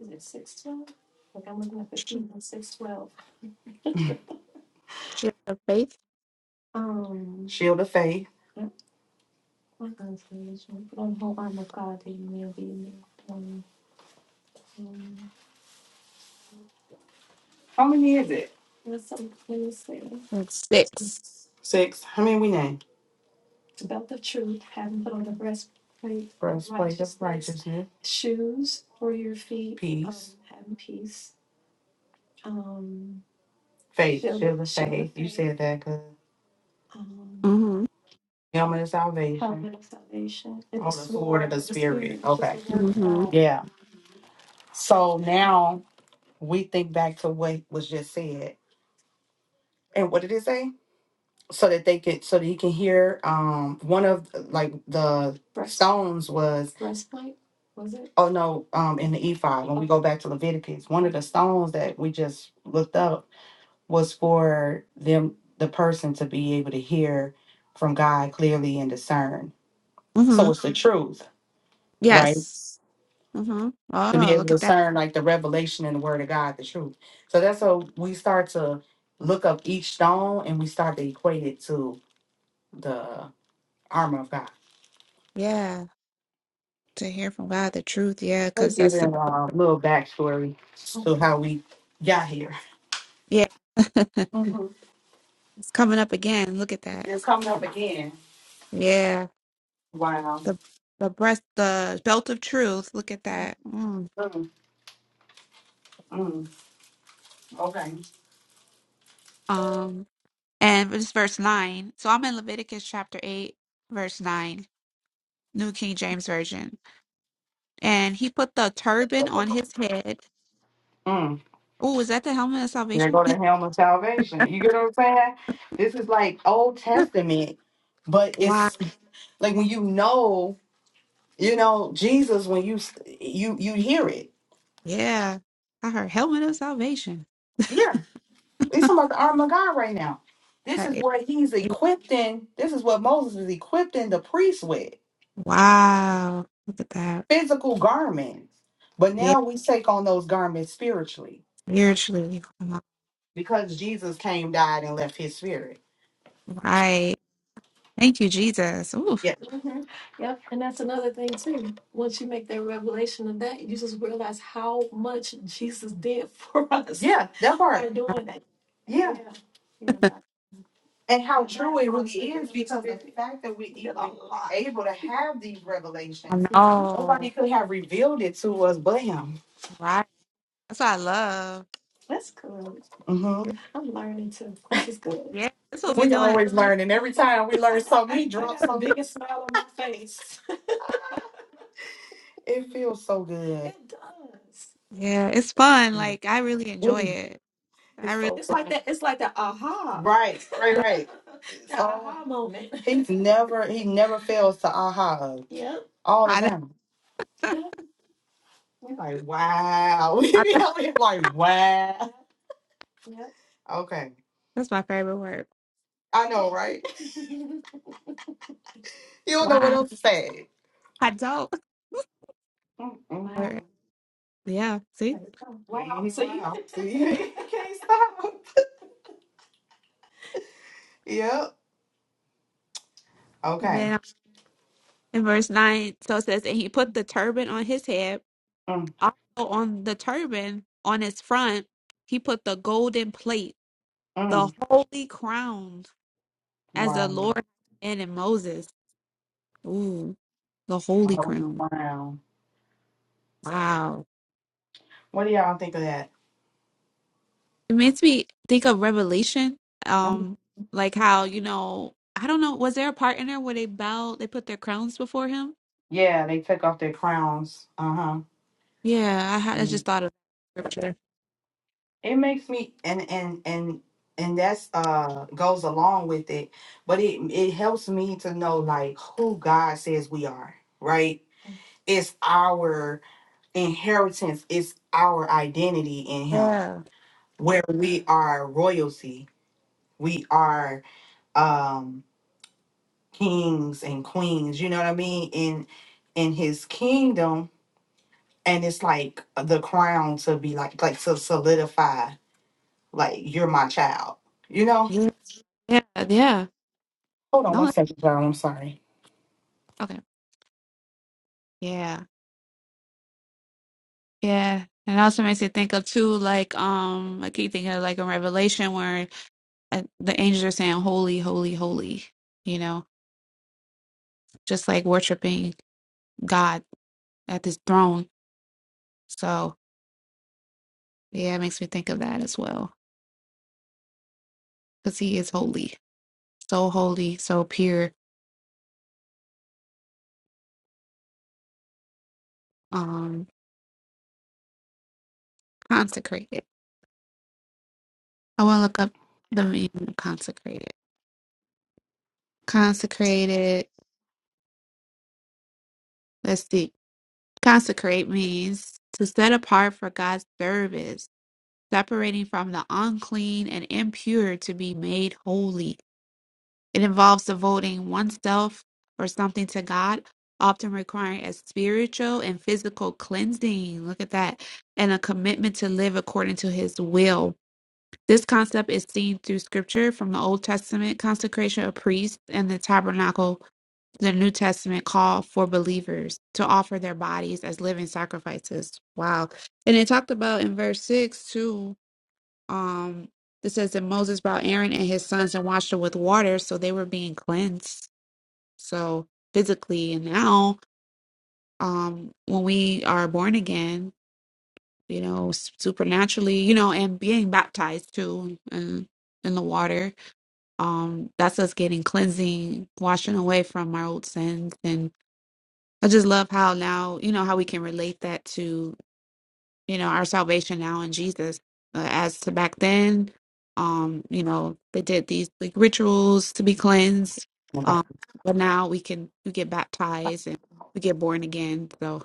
S1: is it six twelve? Like I'm looking at the
S2: Sh-
S1: feet, it's six twelve.
S2: Shield of faith.
S1: Um, Shield of faith. yeah, my God's religion, but I'm whole arm of God, that you may be in um, um, How many is it? there's some, let me
S2: And 6
S1: Six. How many we name? The belt of truth, having put on the breastplate of Breastplate of righteousness, righteousness, shoes for your feet, um, peace, having peace, um, faith, shield, shield of of shield faith. of You faith, said that because um, Helmet of salvation. helmet of salvation, and the On the sword sword of the of the spirit, spirit. which is Okay. the word of
S2: Mm-hmm.
S1: God. Yeah. So now we think back to what was just said. And what did it say? So that they could so that you can hear um one of like the Breast, stones was breastplate, was it? oh no, um in the ephod, when we Okay. go back to Leviticus, one of the stones that we just looked up was for them the person to be able to hear from God clearly and discern. So
S2: Mm-hmm.
S1: it's the truth, right?
S2: Yes. Mm-hmm.
S1: To be
S2: Oh,
S1: able to
S2: look at that.
S1: discern like the revelation in the word of God, the truth. So that's how we start to look up each stone and we start to equate it to the armor of God.
S2: Yeah. To hear from God the truth. Yeah.
S1: I'm
S2: Because that's
S1: giving
S2: the
S1: a little backstory to how we got here.
S2: yeah. it's
S1: hmm
S2: coming up again. Look at that.
S1: It's coming up again.
S2: Yeah.
S1: Wow.
S2: The, the breast, the belt of truth. Look at that. Mm.
S1: Mm, mm, okay.
S2: Um, and it's verse 9. So I'm in Leviticus chapter 8, verse 9, New King James Version. And he put the turban on his head.
S1: Mm,
S2: Oh, is that the helmet of
S1: there
S2: salvation?
S1: go the helm of salvation. You get what I'm saying? This is like Old Testament, but
S2: wow.
S1: it's like when you know You know, Jesus, when you you you hear it,
S2: Yeah. I heard helmet of salvation.
S1: yeah, he's talking about the arm of God right now. This is
S2: Right.
S1: what he's equipped in. This is what Moses is equipped in the priests with
S2: Wow. Look at that.
S1: physical garments. But
S2: Yeah,
S1: now we take on those garments spiritually
S2: spiritually.
S1: because Jesus came, died, and left his spirit.
S2: Right. Thank you, Jesus. Oof.
S1: Yeah. hmm Yep, and that's another thing too. Once you make that revelation of that, you just realize how much Jesus did for us Yeah, that by part. doing that. Yeah. Yeah, yeah. and how true it really is because the fact that we even are able to have these
S2: I
S1: revelations, Mhm. nobody
S2: know.
S1: could have revealed it to us but him.
S2: Right. That's what I love.
S1: That's cool. hmm I'm learning too. This is good.
S2: Yeah, that's what we
S1: We
S2: doing.
S1: always learning. Every time we learn something, he drops the something. biggest smile on my face. It feels so good. It does.
S2: Yeah, it's fun.
S1: Yeah.
S2: Like I really enjoy it. I
S1: It's
S2: really
S1: so It's funny. like that. It's like that aha. Right, right,
S2: yeah,
S1: right. that So aha moment. he's never he never fails to aha us yep. all the
S2: I, don't-
S1: time. We're like, wow. We
S2: I
S1: be
S2: don't-
S1: out here like, wow. Yep. Okay.
S2: that's my favorite word.
S1: I know, right? You don't know what
S2: Wow.
S1: else to say.
S2: I don't.
S1: Mm, mm.
S2: All
S1: wow.
S2: right. Yeah, see?
S1: Wow. Mhm, So you. Wow. See, can't you can't stop. Yep.
S2: And
S1: Okay.
S2: then um, in verse 9, so it says, And he put the turban on his head.
S1: Mm,
S2: Also on the turban, on his front, he put the golden plate the
S1: mm.
S2: holy crown as the
S1: Wow.
S2: Lord and in Moses. Ooh, the holy
S1: Holy
S2: crown.
S1: Wow.
S2: Wow.
S1: What do y'all think of that?
S2: It makes me think of Revelation. Um, like how, you know, I don't know, was there a part in there where they bowed, they put their crowns before him?
S1: Yeah, they took off their crowns. Uh huh.
S2: Yeah, I, had, I just thought of scripture.
S1: It makes me and and and and that's uh goes along with it, but it it helps me to know like who God says we are. Right? It's our inheritance. It's our identity in Him,
S2: Yeah.
S1: where we are royalty. We are um kings and queens. You know what I mean? In in His kingdom and it's like the crown to be like like to solidify like you're my child you know
S2: Yeah. Yeah. Yeah.
S1: hold on
S2: No,
S1: one second y'all i'm sorry
S2: okay. Yeah. Yeah. And it also makes me think of too, like, um, I keep thinking of like in Revelation where uh, the angels are saying, holy, holy, holy, you know? just like worshiping God at his throne. So, yeah, it makes me think of that as well because he is holy, so holy, so pure, um, consecrated. I want to look up the meaning of consecrated. Consecrated, let's see. Consecrate means to set apart for God's service, separating from the unclean and impure to be made holy. It involves devoting oneself or something to God, often requiring a spiritual and physical cleansing. Look at that. And a commitment to live according to his will. This concept is seen through scripture from the Old Testament consecration of priests and the tabernacle, the New Testament call for believers to offer their bodies as living sacrifices. Wow. And it talked about in verse 6 too um, it says that Moses brought Aaron and his sons and washed them with water, so they were being cleansed. So physically, and now, um, when we are born again, you know, s- supernaturally, you know, and being baptized too, uh, in the water, um, that's us getting cleansing, washing away from our old sins, and I just love how now, you know, how we can relate that you know our salvation now in jesus uh, as to back then um you know they did these like rituals to be cleansed
S1: Okay.
S2: um but now we can we get baptized and we get born again so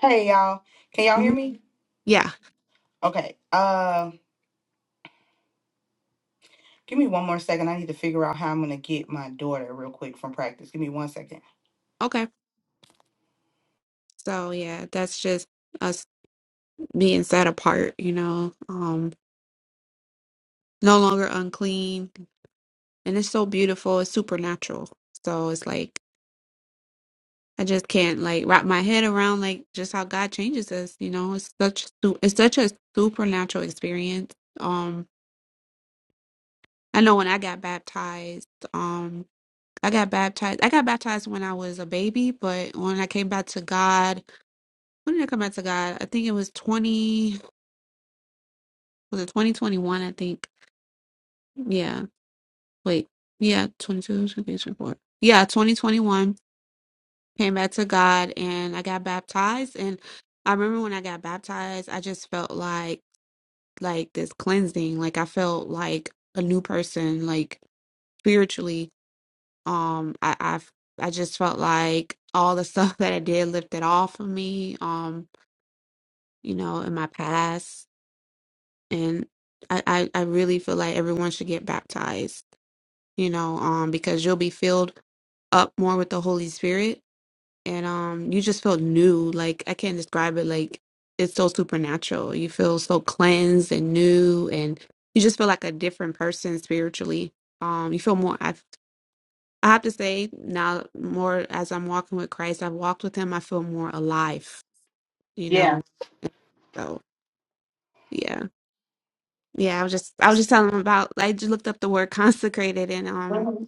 S1: hey y'all can y'all hear
S2: mhm.
S1: me
S2: yeah
S1: okay uh give me one more second i need to figure out how i'm gonna get my daughter real quick from practice give me one second
S2: okay so yeah that's just us being set apart you know um no longer unclean and it's so beautiful it's supernatural so it's like I just can't like wrap my head around like just how God changes us. You know, it's such su- it's such a supernatural experience. Um, I know when I got baptized, um, I got baptized. I got baptized when I was a baby, but when I came back to God, when did I come back to God? I think it was twenty. Was it twenty twenty one? I think. Yeah. Wait. Yeah. 22, 23, 24. Yeah. Twenty twenty one. Came back to God, and I got baptized, and I remember when I got baptized, I just felt like like this cleansing. Like I felt like a new person, like spiritually. Um, I I've, I just felt like all the stuff that I did lifted off of me. Um, you know, in my past, and I I, I really feel like everyone should get baptized. You know, um, because you'll be filled up more with the Holy Spirit and um you just feel new like i can't describe it like it's so supernatural you feel so cleansed and new and you just feel like a different person spiritually um you feel more i i have to say now more as i'm walking with christ i've walked with him i feel more alive you
S1: yeah
S2: know so yeah yeah i was just i was just telling him about i just looked up the word consecrated and um
S1: Mhm.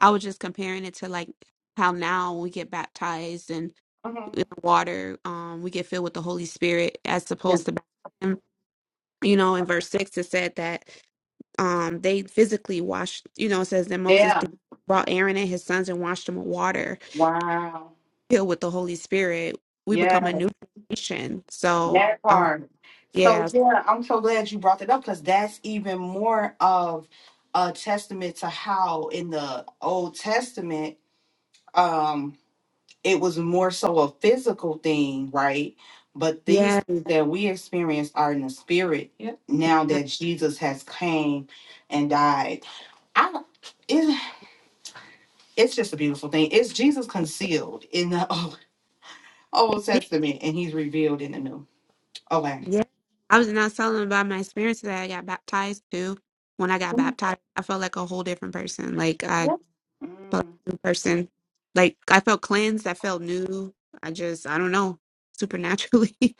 S2: i was just comparing it to like how now we get baptized and
S1: Mhm.
S2: water, um, we get filled with the Holy Spirit as
S1: yeah
S2: opposed to, back then. you know, in verse six, it said that um, they physically washed, you know, it says that Moses
S1: yeah
S2: brought Aaron and his sons and washed them with water,
S1: wow
S2: filled with the Holy Spirit. We become
S1: yeah
S2: a new creation. So,
S1: That part. So
S2: yes,
S1: yeah, I'm so glad you brought that up because that's even more of a testament to how in the Old Testament, um, it was more so a physical thing, right? But these
S2: yeah,
S1: things that we experience are in the spirit Yep. now that
S2: yeah.
S1: Jesus has came and died. I it, it's just a beautiful thing. It's Jesus concealed in the Old, Old Testament and he's revealed in the new. Okay.
S2: yeah. I was not telling about my experience that I got baptized too. When I got
S1: Mm.
S2: baptized, I felt like a whole different person. Like, I.
S1: Yeah.
S2: felt like a new person. Like I felt cleansed. I felt new. I just I don't know supernaturally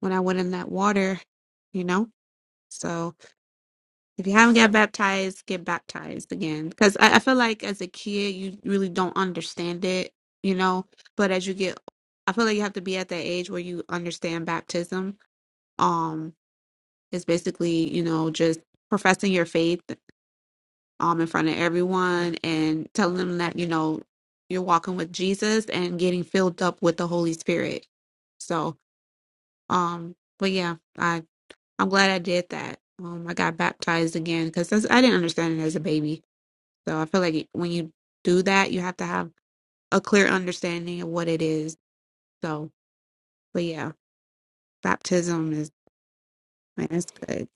S2: when I went in that water, you know. So if you haven't got baptized, get baptized again because I, I feel like as a kid you really don't understand it, you know. But as you get, I feel like you have to be at that age where you understand baptism. Um, it's basically you know just professing your faith um, in front of everyone and telling them that, you know, you're walking with Jesus and getting filled up with the Holy Spirit. So, um, but yeah, I, I'm glad I did that. Um, I got baptized again because I didn't understand it as a baby. So I feel like it- when you do that, you have to have a clear understanding of what it is. So, but yeah, baptism is, man, it's good.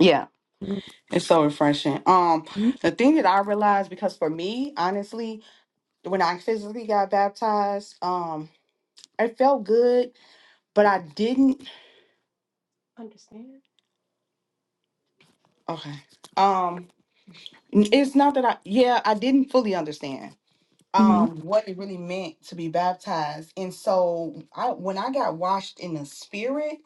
S1: Mm.
S2: Mhm.
S1: It's so refreshing. Um, the thing that I realized because for me, honestly, when I physically got baptized, um, it felt good, but I didn't understand. Okay. Um, n- it's not that I yeah, I didn't fully understand
S2: Mhm.
S1: um what it really meant to be baptized. And so I when I got washed in the spirit,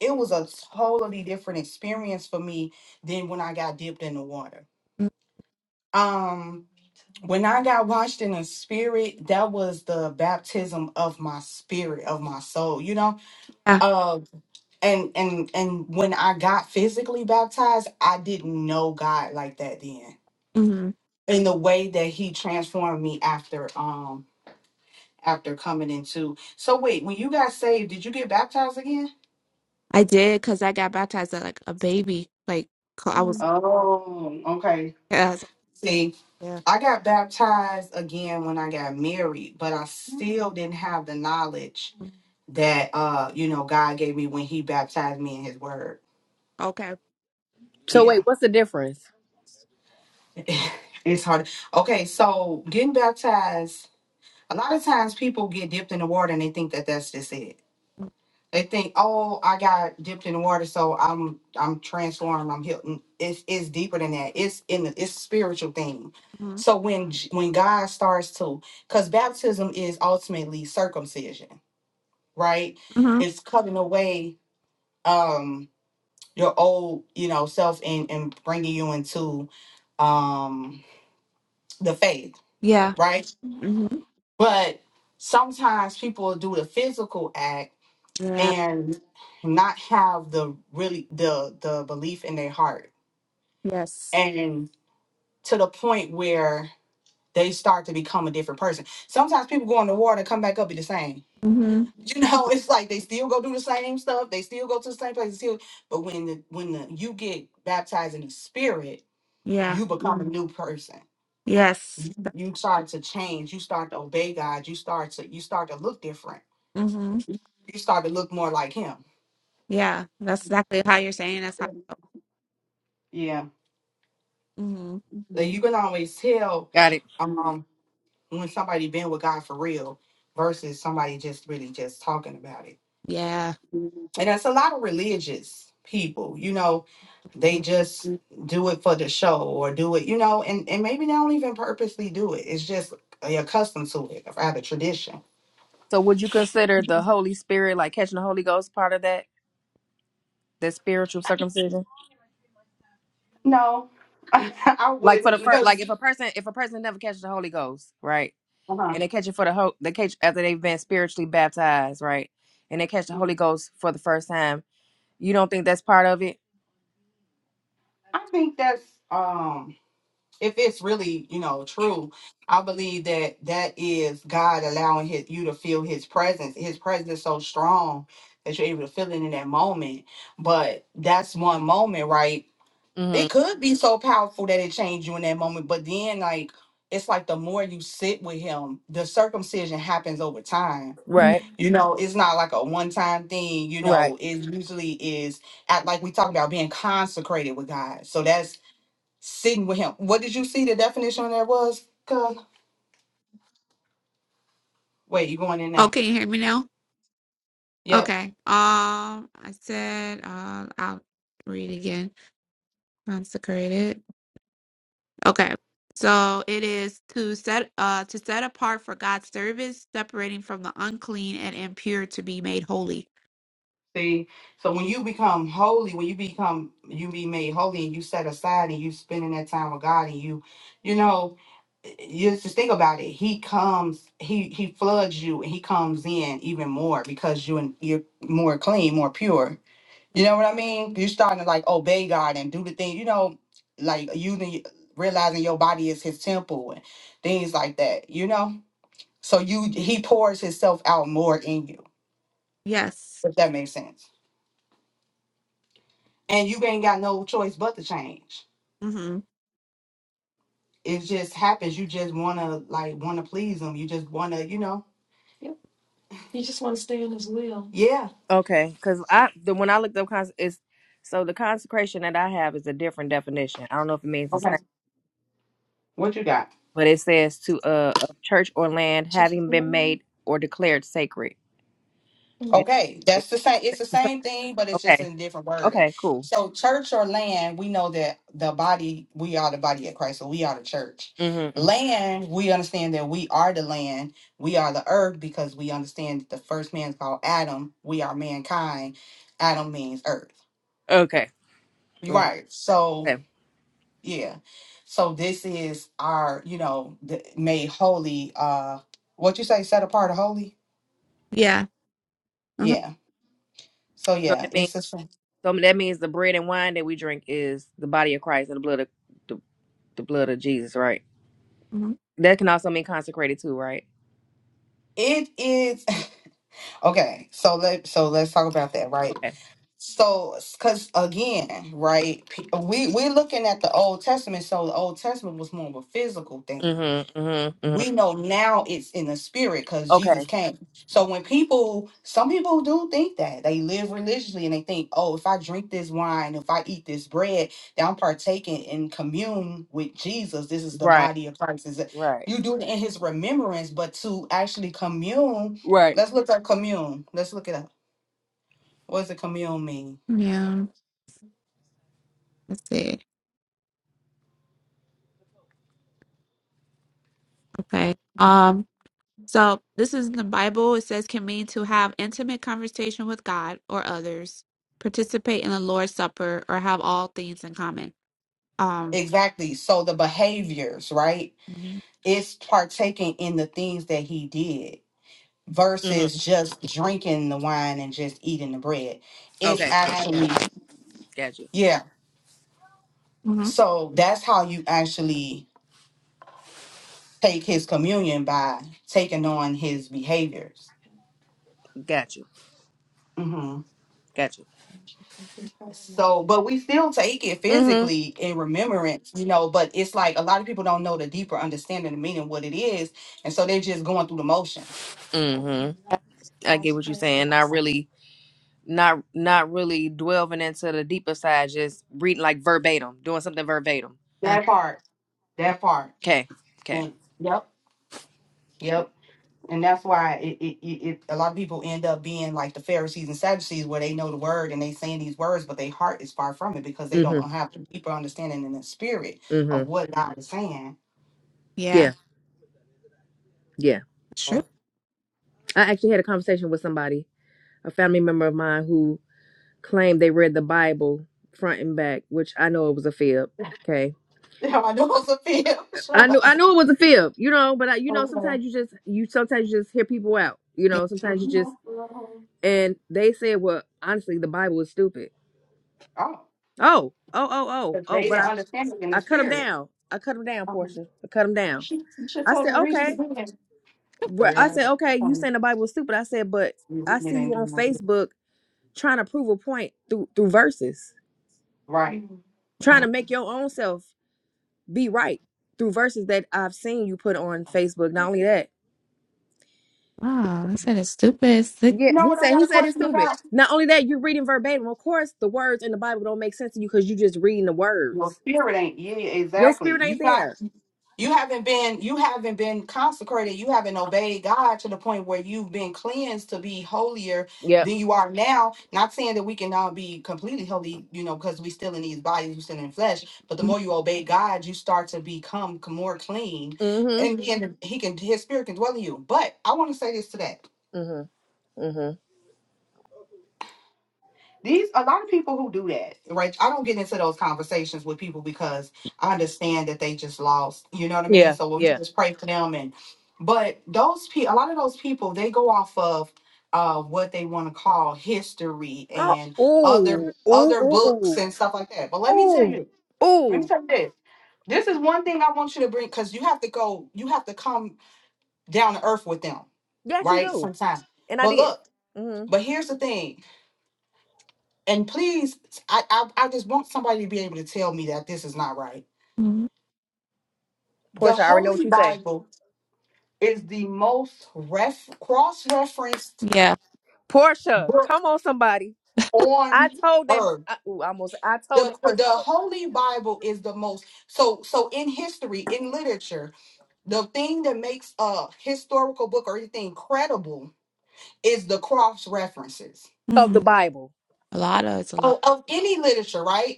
S1: it was a totally different experience for me than when I got dipped in the water.
S2: Mhm.
S1: Um when I got washed in the spirit, that was the baptism of my spirit, of my soul, you know?
S2: Yeah.
S1: Uh and and and when I got physically baptized, I didn't know God like that then.
S2: hmm
S1: In the way that he transformed me after um after coming into. So wait, when you got saved, did you get baptized again?
S2: I did because I got baptized at, like a baby. Like, 'cause I
S1: Mm.
S2: was
S1: Oh, okay.
S2: like,
S1: See.
S2: Yeah.
S1: I got baptized again when I got married, but I still didn't have the knowledge that uh, you know, God gave me when he baptized me in his word.
S2: Okay.
S3: So wait,
S1: Yeah.
S3: what's the difference?
S1: it's hard. Okay, so getting baptized, a lot of times people get dipped in the water and they think that that's just it They think, oh, I got dipped in the water, so I'm I'm transformed. I'm healed. Mm, It's it's deeper than that. It's in the it's a spiritual thing.
S2: hmm
S1: So when J- when God starts to, because baptism is ultimately circumcision, right?
S2: hmm
S1: It's cutting away um your old you know self and and bringing you into um the faith,
S2: Yeah.
S1: right?
S2: hmm
S1: But sometimes people do the physical act
S2: Yeah.
S1: and not have the really the the belief in their heart
S2: Yes.
S1: and to the point where they start to become a different person sometimes people go in the water and come back up be the same
S2: hmm
S1: you know it's like they still go do the same stuff they still go to the same place they still but when the, when the, you get baptized in the spirit
S2: Yeah.
S1: you become a Mhm. new person
S2: Yes.
S1: you, you start to change you start to obey god you start to you start to look different
S2: hmm
S1: you start to look more like him
S2: Yeah. That's exactly how you're saying. That's how.
S1: yeah
S2: hmm
S1: Like, you can always tell
S3: Got it.
S1: Um. when somebody been with God for real versus somebody just really just talking about it.
S2: Yeah.
S1: Mhm. And that's a lot of religious people, you know, they just Mhm. do it for the show or do it, you know, and, and maybe they don't even purposely do it. It's just they accustomed to it, rather tradition.
S3: So would you consider the Holy Spirit, like catching the Holy Ghost, part of that, the spiritual circumcision?
S1: No, I
S3: Like for
S1: wouldn't
S3: the first, like
S1: because
S3: if a person, if a person never catches the Holy Ghost, right,
S1: uh-huh.
S3: and they catch it for the whole, they catch after they've been spiritually baptized, right, and they catch the Holy
S1: Mhm.
S3: Ghost for the first time, you don't think that's part of it?
S1: I think that's um if it's really you know true i believe that that is god allowing his you to feel his presence his presence is so strong that you're able to feel it in that moment but that's one moment right
S3: Mm-hmm.
S1: it could be so powerful that it changed you in that moment but then like it's like the more you sit with him the circumcision happens over time
S2: Mhm.
S3: Right.
S1: you know it's not like a one-time thing you
S3: Right.
S1: know it usually is at like we talked about being consecrated with god so that's sitting with him. What did you see the definition on there was? Cause wait, you going in
S2: Oh,
S1: now.
S2: can you hear me now?
S1: Yep.
S2: Okay. Um, I said, uh, I'll read again. Consecrated. Okay. So it is to set, uh, to set apart for God's service, separating from the unclean and impure to be made holy.
S1: See, so when you become holy, when you become you be made holy and you set aside and you spending that time with God and you, you know, you just think about it. He comes, he he floods you and he comes in even more because you and you're more clean, more pure. You know what I mean? You're starting to like obey God and do the thing, you know, like using realizing your body is his temple and things like that, you know? So you he pours himself out more in you,
S2: Yes.
S1: if that makes sense. And you ain't got no choice but to change.
S2: Mm-hmm.
S1: It just happens. You just wanna like wanna please him. You just wanna, you know. Yep. You just want to stay in his will. Yeah.
S3: Okay. Because I the when I looked up cons is so the consecration that I have is a different definition. I don't know if it means the
S1: Okay.
S3: same,
S1: What you got?
S3: but it says to uh, a church or land having been made or declared sacred. It,
S1: Okay,
S3: it-
S1: that's the same. It's
S3: it's
S1: the
S3: the same.
S1: same thing, but it's just
S3: Okay.
S1: in different wording.
S3: Okay. Cool.
S1: So, church or land, we know that the body, we are the body of Christ, so we are the church.
S3: Mm-hmm, mm-hmm.
S1: Land, we understand that we are the land, we are the earth, because we understand that the first man is called Adam. We are mankind. Adam means earth.
S3: Okay.
S1: You're
S3: Okay.
S1: right. So,
S3: Okay.
S1: yeah. So this is our, you know, the, made holy. Uh, what you say, set apart, or holy?
S2: Yeah. hmm
S1: Yeah. So
S3: So
S1: yeah,
S3: that means
S1: it's the same.
S3: so that means the bread and wine that we drink is the body of Christ and the blood of the, the blood of Jesus, right?
S2: hmm
S3: That can also mean consecrated too, right?
S1: It is. Okay, so let so let's talk about that, right?
S3: Okay.
S1: So, because again, right, pe- we we're looking at the Old Testament. So the Old Testament was more of a physical thing,
S3: Mm-hmm. Mm-hmm. mm-hmm.
S1: we know now it's in the spirit because Jesus
S3: Okay.
S1: came. So when people, some people do think that they live religiously and they think, oh, if I drink this wine, if I eat this bread, then I'm partaking in commune with Jesus. This is the
S3: Right.
S1: body of Christ. Is it-
S3: Right.
S1: You do it in His remembrance, but to actually commune,
S3: Right.
S1: let's look at commune. Let's look it up. What does a commune mean?
S2: Yeah. Let's see. Okay. Um. So this is in the Bible. It says can mean to have intimate conversation with God or others, participate in the Lord's Supper, or have all things in common. Um.
S1: Exactly. So the behaviors, right? It's partaking in the things that He did versus
S3: Mm-hmm.
S1: just drinking the wine and just eating the bread. It's
S3: Okay. Yeah.
S1: actually,
S3: Got you.
S1: yeah.
S2: hmm
S1: So that's how you actually take his communion by taking on his behaviors.
S3: Got you.
S1: hmm
S3: Got you.
S1: So, but we still take it
S3: Mm-hmm.
S1: physically in remembrance, you know. But it's like a lot of people don't know the deeper understanding and meaning of what it is, and so they're just going through the motions.
S3: Mm-hmm. I get what you're saying. Not really not not really delving into the deeper side, just reading like verbatim, doing something verbatim.
S2: Yeah.
S1: That part,
S2: It-
S1: that part.
S3: Okay. Okay.
S1: Mm, Yep, yep. And that's why it, it, it, it a lot of people end up being like the Pharisees and Sadducees, where they know the word and they saying these words, but their heart is far from it because they don't
S3: Mm-hmm.
S1: have the deeper understanding in the spirit of
S3: Mm-hmm.
S1: what God is saying.
S2: yeah.
S3: Yeah. Yeah.
S1: Huh?
S2: Sure.
S3: I actually had a conversation with somebody, a family member of mine who claimed they read the Bible front and back, which I know it was a fib. Okay.
S1: Yeah, I know it's a film.
S3: I
S1: Shut
S3: knew
S1: up.
S3: I knew it was a fib, you know, but I, you know,
S1: Okay.
S3: sometimes you just you sometimes you just hear people out, you
S2: Yeah.
S3: know. Sometimes you just
S1: Mhm. Oh,
S3: and they said, well, honestly, the Bible is stupid. Oh, oh, oh, oh,
S1: because
S3: oh,
S1: they
S3: but
S1: didn't
S3: I
S1: understand it in the
S3: I cut them
S1: spirit.
S3: down. I cut them down,
S1: Um,
S3: Portia. I cut them
S1: you
S3: down.
S1: should, you should
S3: I
S1: tell
S3: said,
S1: them read it
S3: okay,
S1: again.
S3: Bru- I
S1: Girl,
S3: said, okay, you
S1: um,
S3: saying the Bible is stupid. I said, but I
S1: it
S3: see
S1: ain't
S3: you on
S1: doing no good.
S3: Facebook trying to prove a point through through verses,
S1: Right. You
S3: trying to
S2: Wow.
S3: make your own self be right through verses that I've seen you put on Facebook. Not only that.
S2: Wow. This is stupid. It's sick.
S3: Yeah,
S1: know
S3: he
S1: what I
S3: said
S1: got
S3: he
S1: a
S3: said it's
S1: question
S3: stupid.
S1: about?
S3: Not only that, you're reading verbatim. Of course, the words in the Bible don't make sense to you because you just reading the
S1: Your
S3: words.
S1: spirit ain't. Yeah,
S3: Your
S1: exactly.
S3: spirit ain't
S1: You got.
S3: there.
S1: you haven't been you haven't been consecrated you haven't obeyed god to the point where you've been cleansed to be holier
S3: Yep.
S1: than you are now not saying that we can now be completely holy you know because we still in these bodies we still in flesh but the more you obey god you start to become c- more clean
S3: Mm-hmm.
S1: and then Mhm. he can his spirit can dwell in you but i want to say this today.
S3: Mm-hmm. Mm-hmm.
S1: These a lot of people who do that, right? I don't get into those conversations with people because I understand that they just lost. You know what I mean?
S3: Yeah.
S1: So we
S3: Yeah.
S1: just pray for them and but those people a lot of those people they go off of uh what they want to call history
S3: Oh,
S1: and
S3: ooh,
S1: other
S3: ooh,
S1: other books
S3: ooh, ooh,
S1: and stuff like that. But let me tell
S3: ooh,
S1: you, let me
S3: ooh.
S1: tell you this. This is one thing I want you to bring because you have to go, you have to come down to earth with them,
S3: Yes, you
S1: right?
S3: do,
S1: Sometimes.
S3: and I
S1: But
S3: did.
S1: look,
S3: Mm-hmm.
S1: but here's the thing and please I, I i just want somebody to be able to tell me that this is not right
S2: Mhm.
S1: the
S3: Portia, I already know what
S1: holy
S3: you say.
S1: bible is the most ref, cross-referenced
S2: Yeah.
S3: Portia,
S1: book
S3: come on, somebody. I
S1: on
S3: told that.
S1: earth
S3: I, ooh, I almost. I told
S1: the,
S3: that
S1: the
S3: person that
S1: holy bible is the most so so in history in literature the thing that makes a historical book or anything credible is the cross references
S3: of the
S2: hmm
S3: Bible.
S2: A lot of it's a lot.
S1: of, of any literature right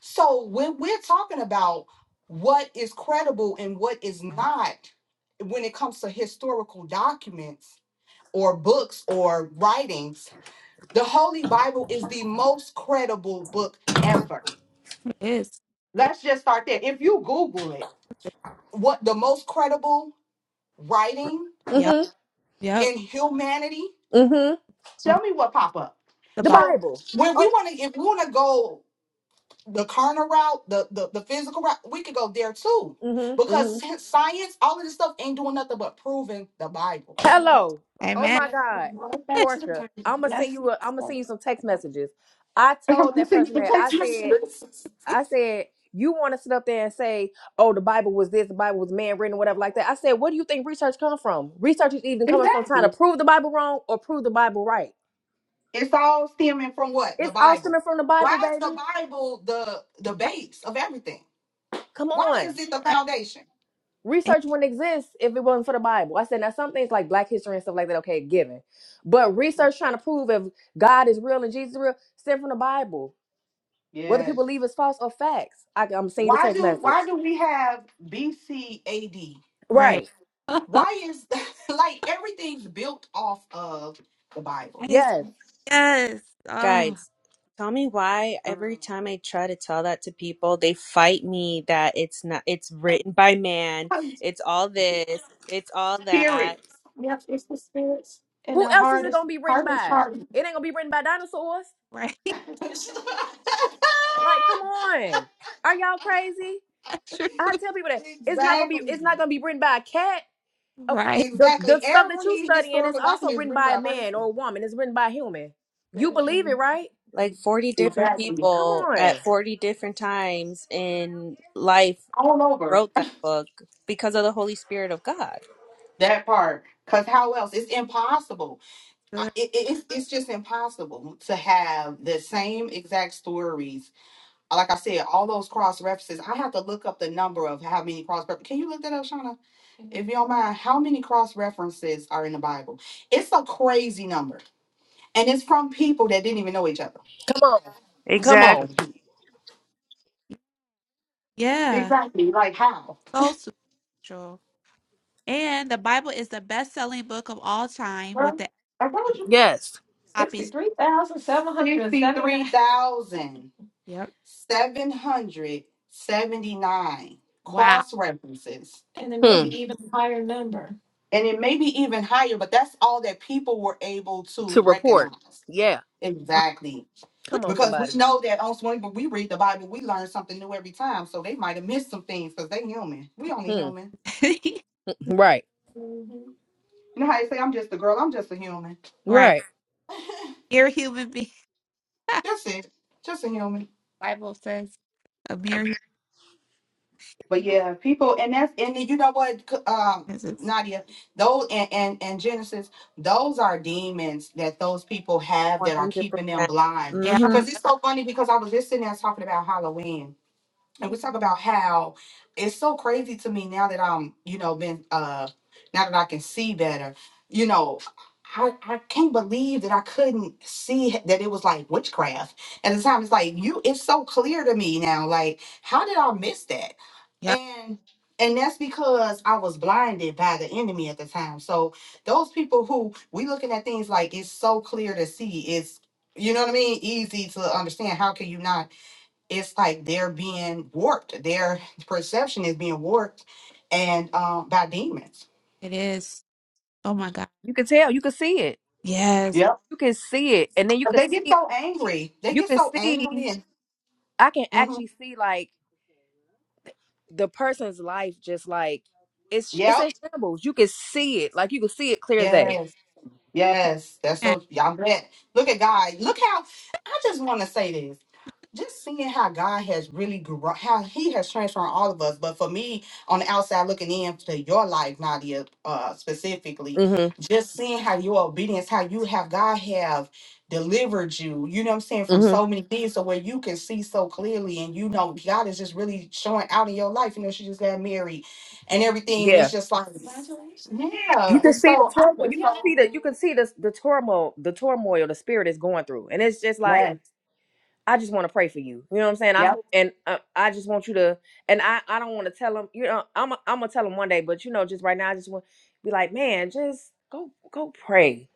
S1: So when we're talking about what is credible and what is not, when it comes to historical documents or books or writings, the Holy Bible is the most credible book ever.
S2: It is.
S1: Let's just start there. If you Google it, what the most credible writing
S2: Yep.
S3: Mm-hmm.
S2: Yep.
S1: in humanity,
S3: Mm-hmm.
S2: Mhm.
S1: tell me what pop up.
S2: The
S3: The
S2: Bible.
S1: So
S3: Bible.
S1: when we
S3: Oh.
S1: want to, if we want to go the carnal route, the, the the physical route, we could go there too.
S3: Mm-hmm.
S1: Because
S3: mm-hmm.
S1: sci- science, all of this stuff ain't doing nothing but proving the Bible. Yep.
S3: Hello. Oh
S2: Amen.
S3: my
S1: Yep.
S3: God,
S1: Right back to the
S3: Portia.
S1: Bible.
S3: I'm gonna send
S1: Yes.
S3: you. A, I'm gonna send you some text messages. I
S1: I'm
S3: told
S1: gonna
S3: that
S1: say you
S3: person
S1: can take
S3: that I
S1: my
S3: said.
S1: chances.
S3: I said you want to sit up there and say, "Oh, the Bible was this. The Bible was man written, or whatever like that." I said, "What do you think research comes from? Research is even coming from trying to
S1: Exactly.
S3: prove the Bible wrong or prove the Bible right.
S1: It's all stemming from what? The
S3: It's all
S1: Bible.
S3: stemming from the
S1: Why
S3: Bible,
S1: is the
S3: baby.
S1: Bible the the
S2: Yep,
S1: base of everything?
S3: Come
S1: Why
S3: on."
S1: is it the
S2: yep,
S1: foundation?
S2: yep.
S3: Research wouldn't exist if it wasn't for the Bible. I said now some things like Black history and stuff like that. Okay, given, but research trying to prove if God is real and Jesus is real, stem from the Bible. Whether
S1: Yes.
S3: people believe it's false or facts, I, I'm gonna send you the
S1: Why
S3: text
S1: do
S3: message.
S1: why do we have B C A D?
S2: Right.
S3: Right.
S1: Why is like everything's built off of the Bible?
S2: That is
S3: Yes.
S2: yes. Oh,
S4: Guys, tell me why every time I try to tell that to people, they fight me that it's not it's written by man, it's all this, it's all that.
S1: Spirits. Yep, it's the spirits and
S3: Who
S1: their
S3: else is
S1: heart
S3: it
S1: is
S3: gonna be written
S1: heart is
S3: by?
S1: hardened.
S3: It ain't gonna be written by dinosaurs.
S2: right.
S3: Like, come on. Are y'all crazy?
S2: True.
S3: I tell people that it's not gonna be. It's
S1: exactly.
S3: not gonna be written by a cat. Of cour-
S2: right.
S3: The
S1: Exactly.
S3: the stuff that you
S1: Every
S3: studying is
S1: historical
S3: also
S1: document is
S3: written
S1: written
S3: by
S1: by
S3: a
S1: a
S3: man
S1: person.
S3: or a woman. It's written by a human. You believe
S1: Spiritually.
S3: it, right?
S4: Like 40 different
S1: Exactly.
S3: Come
S4: people at
S3: on.
S4: 40 different times in life
S1: All over.
S4: wrote that book because of the Holy Spirit of God.
S1: That part. Because how else? It's impossible. I-
S2: Good.
S1: it, it- it's it's just impossible to have the same exact stories. Like I said, all those cross references. I have to look up the number of how many cross references. Can you look that up, Shauna? If you don't mind, how many cross references are in the Bible? It's a crazy number, and it's from people that didn't even know each other.
S3: Come on.
S2: That's-
S3: Come
S1: Half
S3: on.
S4: Exactly.
S1: of them.
S2: Yeah.
S1: Exactly. Like how?
S2: So spiritual. And the Bible is the best selling book of all time
S1: Well,
S2: with the
S1: I told you.
S3: Yes.
S2: copies.
S1: Sixty-three thousand seven hundred and seventy. Fifty-three thousand.
S2: Yep.
S1: 779
S2: Wow.
S1: cross references. And it may
S3: Hmm.
S1: be even higher number. And it may be even higher, but that's all that people were able to
S3: To report.
S1: recognize.
S3: Yeah.
S2: Wow.
S1: Exactly.
S3: Come
S2: Look
S3: on,
S1: Because we
S3: somebody.
S1: know that on swing, but we read the Bible, we learn something new every time. So they might have missed some things because they human. We only
S3: Hmm.
S1: human.
S2: at
S3: Right.
S1: hmm You know how they say, I'm just a girl, I'm just a human.
S2: Right.
S3: Right.
S2: Mere human being.
S1: That's it. Just a human.
S2: Bible says a mere human
S1: But yeah, people, and that's and you know what, um,
S2: is.
S1: Nadia, those and, and and Genesis, those are demons that those people have that are
S4: 100%.
S1: keeping them
S4: percent
S1: blind.
S2: Yeah.
S4: Mm-hmm.
S1: Cause it's so funny because I was just sitting there talking about Halloween and we talk about how it's so crazy to me now that I'm, you know, been uh now that I can see better, you know, I, I can't believe that I couldn't see h- that it was like witchcraft. At the time it's like you it's so clear to me now. Like, how did I miss that?
S2: Yep.
S1: And and that's because I was blinded by the enemy at the time. So those people who we looking at things like it's so clear to see, it's you know what I mean, easy to understand. How can you not? it's like they're being warped. Their perception is being warped, and um, by demons.
S2: It is. Oh my God.
S3: You can tell. You can see it.
S2: Yes.
S1: Yep.
S3: you can see it and then you can
S1: They get
S3: see
S1: so angry. They
S3: you
S1: get
S3: can
S1: so angry,
S3: see
S1: and
S3: i can
S1: hmm
S3: actually see like the person's life just like it's it's
S1: yep,
S3: in shambles you can see it like you can see it clear as day
S1: yes, yes. That's
S2: Yeah.
S1: so. Y'all glad. Look at God. Look how. I just want to say this. just seeing how God has really grown, how He has transformed all of us. But for me, on the outside looking in to your life, Nadia, uh, specifically,
S3: mm-hmm
S1: just seeing how your obedience, how you have God have delivered you, you know what I'm saying, from
S3: mm-hmm
S1: so many things, so where you can see so clearly, and you know God is just really showing out in your life. You know, she just got married and everything, and it's
S3: yeah
S1: just like, congratulations,
S3: you
S1: yeah.
S3: can
S1: And
S3: see
S1: so
S3: the
S1: I'm
S3: turmoil
S1: just
S3: you can see
S1: so
S3: the you can see the, the turmoil the turmoil the spirit is going through and it's just like
S1: blessed.
S3: I just want to pray for you. You know what I'm saying? I
S1: Yep,
S3: hope- and uh, I just want you to, and I I don't want to tell them. You know, I'm i I'm gonna tell them one day, but you know, just right now, I just want be like, man, just go go pray.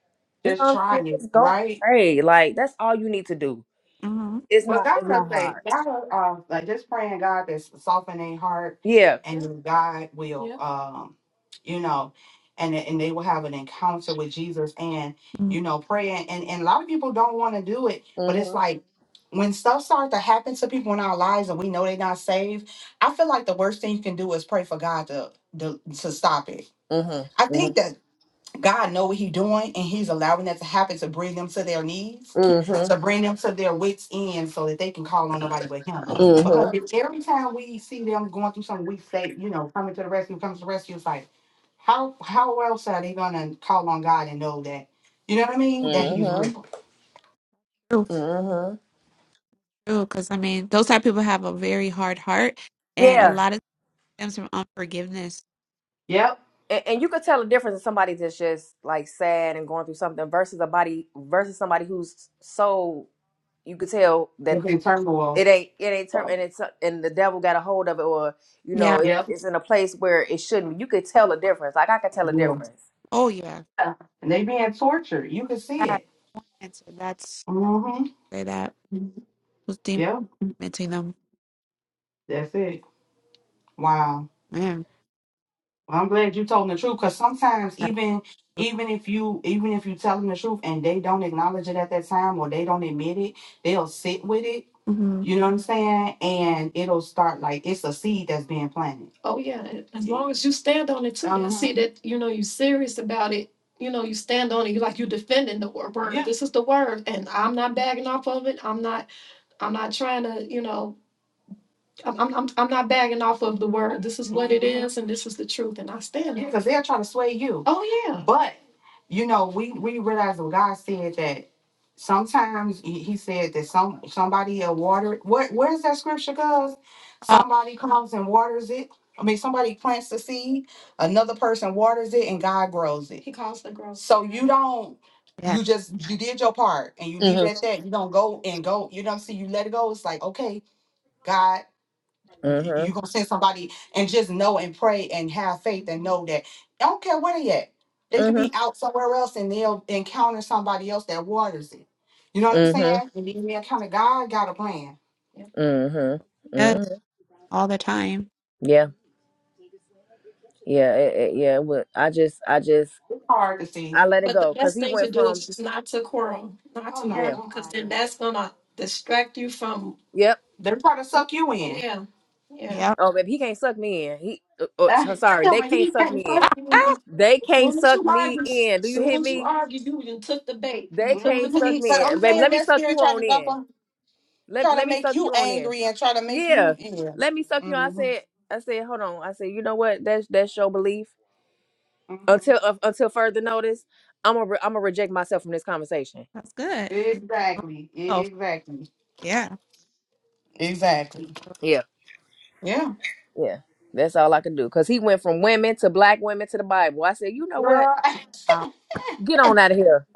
S3: You know
S1: just
S3: what I'm saying?
S1: trying it,
S3: Just go
S1: right?
S3: pray. Like that's all you need to do.
S2: Mm-hmm.
S3: It's
S1: But
S3: not
S1: God
S3: it's
S1: will
S3: not
S1: say,
S3: hard.
S1: God will, uh, like just praying God that's soften their heart,
S3: Yeah.
S1: and Yeah. then God will, Yeah. um, you know, and and they will have an encounter with Jesus, and
S2: Mm-hmm.
S1: you know, praying. And and a lot of people don't want to do it, but it's
S3: Mhm.
S1: like when stuff starts to happen to people in our lives, and we know they're not saved. I feel like the worst thing you can do is pray for God to to, to stop it.
S3: Mhm.
S1: I think
S3: Mhm.
S1: that God know what He's doing, and He's allowing that to happen to bring them to their knees,
S3: Mhm.
S1: to bring them to their wits end, so that they can call on nobody but Him. Because
S3: Mhm.
S1: if every time we see them going through something, we say, you know, coming to the rescue, coming to the rescue, it's like, how how else are they gonna call on God and know that, you know what I mean, that He's
S3: Mhm.
S1: real?
S2: True.
S3: Mhm.
S2: True. Because I mean, those type of people have a very hard heart, and a
S3: Yeah.
S2: lot of it stems from unforgiveness.
S1: Yep.
S3: And, and you could tell the difference in somebody that's just like sad and going through something versus a body versus somebody who's so you could tell that
S1: It's in turmoil,
S3: it ain't it ain't turn and it's and the devil got a hold of it or you
S2: Yeah.
S3: know it,
S1: Yep.
S3: it's in a place where it shouldn't you could tell a difference like i could tell a
S1: yeah.
S3: difference
S2: Oh yeah,
S1: and they being tortured. You can see
S2: that
S1: it.
S2: and so that's
S1: Mm-hmm.
S2: say that was dementing
S1: Yep.
S2: them.
S1: that's it. Wow.
S2: Man,
S1: Well, I'm glad you told them the truth because sometimes even even if you even if you tell them the truth and they don't acknowledge it at that time or they don't admit it, they'll sit with it.
S2: mm-hmm.
S1: You know what I'm saying? And it'll start like it's a seed that's being planted. Oh yeah, and as long as you stand on it too, and Uh-huh. see that you know you're serious about it. You know, you stand on it. You like you defending the wor- word. Yeah. This is the word, and I'm not backing off of it. I'm not. I'm not trying to. You know. I'm, I'm, I'm- I'm not bagging off of the word. This is what it is and this is the truth and I stand Yeah, on it. because they are trying to sway you. Oh, yeah. But you know, we we realize what God said that sometimes He He said that some somebody will water it. Where where's that scripture goes?
S2: oh
S1: Somebody comes and waters it. I mean, somebody plants the seed, another person waters it, and God grows it. He calls the growth. So you don't.
S2: yeah,
S1: You just you did your part and you leave
S3: hmm
S1: it at that. You don't go and go. You don't see. You let it go. It's like okay, God you-
S3: hmm
S1: you're gonna send somebody and just know and pray and have faith and know that I don't care where they at. They could be out somewhere else and they'll encounter somebody else that waters it. You know what I'm
S3: hmm
S1: saying? And then they encounter God got a plan. Yeah.
S3: hmm hmm
S2: yeah,
S3: hmm
S2: all the time.
S3: Yeah. Yeah. It, it, yeah. What I just I just
S1: It's hard to see.
S3: I let it
S1: But the
S3: go because
S1: best
S3: he
S1: thing to
S3: went
S1: do
S3: from
S1: is just not to quarrel, not Oh to no,
S3: yeah.
S1: argue, don't because then argue. that's gonna distract you from.
S3: Yep.
S1: They're trying to suck you in. Yeah, yeah.
S2: Yep.
S3: Oh, baby, he can't suck me in. He uh, oh,
S1: Ah,
S3: so- sorry, they
S1: like,
S3: can't suck
S1: trying
S3: me
S1: to
S3: in.
S1: suck me in."
S2: Ah,
S3: They can't
S1: Soon as
S3: suck
S1: you
S3: me
S1: argue,
S3: in. Do you
S1: soon
S3: hear
S1: as you
S3: me?
S1: argue, you you took the bait. You
S3: They
S1: took the
S3: can't suck
S1: bait. Mhm, But
S3: me
S1: I'm
S3: in. Baby,
S1: saying
S3: let me
S1: that
S3: suck
S1: spirit
S3: you
S1: trying to
S3: on
S1: jump
S3: in.
S1: on,
S3: Let
S1: trying to
S3: let me
S1: make
S3: suck
S1: you
S3: you on in.
S1: angry and trying to make
S3: Yeah.
S1: you yeah.
S3: Let me suck you on. I
S1: hmm
S3: said I said, hold on. I said, you know what? That's that's your belief.
S1: hmm
S3: Until uh, until further notice, I'm gonna re- I'm gonna reject myself from this conversation.
S2: that's good.
S1: Exactly.
S2: Oh
S1: Exactly.
S2: yeah.
S1: Exactly.
S3: Yeah.
S1: Yeah.
S3: Yeah. That's all I can do. Cause he went from women to black women to the Bible. I said, you know what?
S1: Girl,
S2: Wow.
S3: Get on out of here.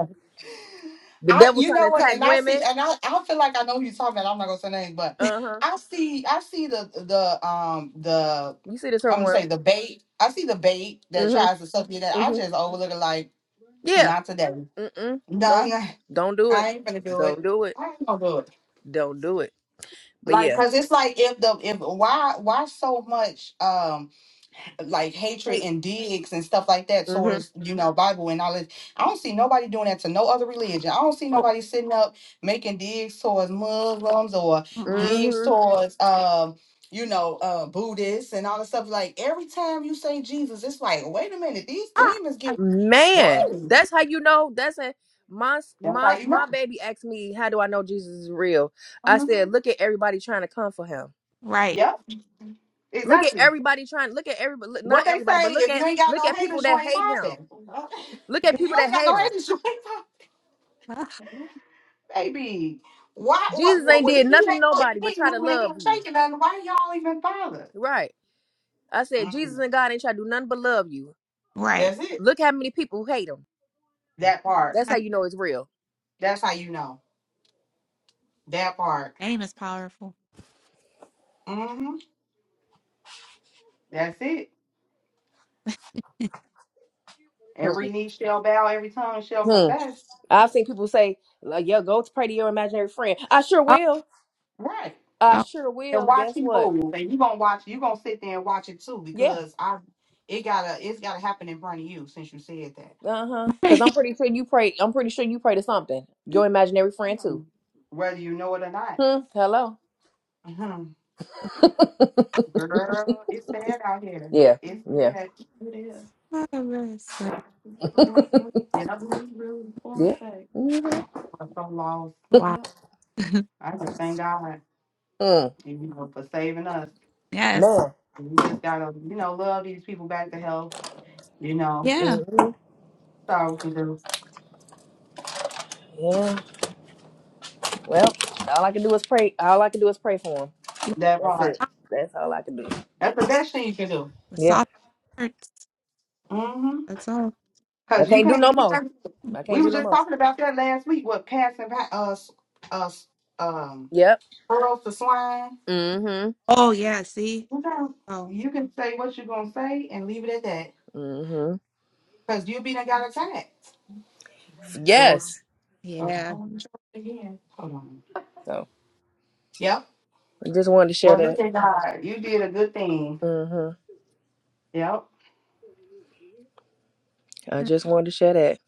S3: The
S1: I
S3: devil
S1: you
S3: trying
S1: know
S3: to
S1: what, and
S3: attack
S1: I see,
S3: women.
S1: and I, I feel like I know who you're talking about. I'm not gonna say names, but
S3: Uh huh.
S1: I see, I see the the um the
S3: You see the
S1: I'm gonna
S3: turmoil.
S1: say the bait. I see the bait that
S3: Mm-hmm.
S1: tries to suck you. That I
S3: Mm-hmm.
S1: just overlook it. Like
S3: Yeah.
S1: not today.
S3: Mm-mm.
S1: No,
S3: Nope.
S1: I,
S3: Don't do it.
S1: I ain't gonna do it.
S3: Don't do it.
S1: I ain't gonna do it.
S3: Don't do it. But
S1: Like,
S3: yeah.
S1: cause it's like if the if why why so much um like hatred
S3: Hey.
S1: and digs and stuff like that
S3: Mm-hmm.
S1: towards you know Bible and all this. I don't see nobody doing that to no other religion. I don't see
S2: Oh,
S1: nobody sitting up making digs towards Muslims or
S2: mm-mm.
S1: digs
S3: Mm-hmm.
S1: towards um you know uh Buddhists and all this stuff. Like every time you say Jesus, it's like wait a minute, these
S2: Ah,
S1: demons
S2: ah,
S1: get
S3: Man,
S1: whoa.
S3: that's how you know. That's a my
S1: That's how
S3: my
S1: you know.
S3: my baby asked me, "How do I know Jesus is real?" I
S1: Mhm.
S3: said, "Look at everybody trying to come for him.
S2: right,
S1: Yep,
S3: Look at
S1: exactly.
S3: everybody trying. Look at everybody. look-
S1: What
S3: Not
S1: they
S3: everybody, but
S1: say,
S3: look
S1: if you
S3: at
S1: ain't got
S3: look
S1: no
S3: at people
S1: haters, you
S3: that
S1: ain't
S3: hate him.
S1: popping.
S3: Look at
S1: If
S3: people
S1: You ain't
S3: that
S1: got
S3: hate
S1: no
S3: him.
S1: haters, you ain't popping.
S2: Ah,
S1: Baby, why, what,
S3: Jesus
S1: what,
S3: ain't
S1: what
S3: did
S1: if you
S3: nothing to
S1: ain't, mo- if
S3: nobody
S1: he
S3: but
S1: ain't
S3: try to
S1: moving and he
S3: love
S1: ain't
S3: you,
S1: shaking nothing, why y'all even bother?
S3: right?" I said, "Jesus
S1: Mm,
S3: and God ain't try to do nothing but love you.
S2: right.
S1: that's it.
S3: Look how many people hate him.
S2: Man,
S1: That part.
S3: That's
S2: I
S3: how
S1: Mhm.
S3: you know it's real."
S2: think
S1: That's how you know. That part.
S2: your name is powerful.
S1: hmm That's it.
S3: Hmm.
S1: Every knee shall bow, every tongue shall
S3: hmm.
S1: confess.
S3: I've seen people say, like, "Yo, go to pray to your imaginary friend." I sure
S2: oh,
S3: will.
S1: Right.
S3: I
S2: oh.
S3: sure
S1: And
S3: will.
S1: watch
S3: Guess
S1: him
S3: what?
S1: move. And you gonna watch you gonna sit there and watch it too
S3: Yeah.
S1: because I it gotta it's gotta happen in front of you since you said that.
S3: Uh huh. Because I'm pretty sure you pray. I'm pretty sure you pray to something. Your imaginary friend too.
S1: Mm. Whether you know it or not.
S3: Hmm. Hello.
S1: Uh-huh. Girl, it's sad out here.
S3: Yeah.
S1: It's
S3: Yeah.
S1: sad. It is.
S2: Oh, really
S1: Yeah, You was really, really full
S3: Yeah.
S1: effect.
S3: Mm-hmm.
S1: I'm so lost.
S2: wow.
S1: Yeah. I just thank God,
S3: Mm.
S1: you know, for saving us.
S3: Man.
S2: yes.
S1: And We just gotta, you know, love these people back to health. You know,
S2: Yeah.
S3: hmm
S1: that's all we can do.
S3: Yeah. Well, all I can do is pray. All I can do is pray for him.
S2: Yeah.
S1: That
S3: That's
S1: part.
S3: it. That's all I can do.
S1: That's the best thing you can do.
S2: The
S3: Yeah.
S2: soft hurts.
S1: Mm-hmm.
S2: That's all.
S3: I
S1: Cause you
S3: can't do
S1: can't
S3: no
S1: be.
S3: more. I
S1: We
S3: can't
S1: were
S3: do no
S1: just
S3: more.
S1: talking about that last week. What passing pa- uh s- uh s- um
S3: Yep.
S1: pearls to swine.
S3: Mm-hmm.
S2: Oh yeah. See.
S1: Okay.
S2: Oh
S1: You can say what you're gonna say and leave it at that.
S3: Mm-hmm.
S1: Cause you be done got attacked. It was
S3: Yes.
S1: okay.
S2: yeah.
S1: Again. Hold on.
S3: So
S1: Yep.
S3: I just wanted to share
S1: Well,
S3: that.
S1: look at God. You did a good thing.
S3: Mm-hmm.
S1: Yep.
S3: I
S2: Yeah.
S3: just wanted to share that.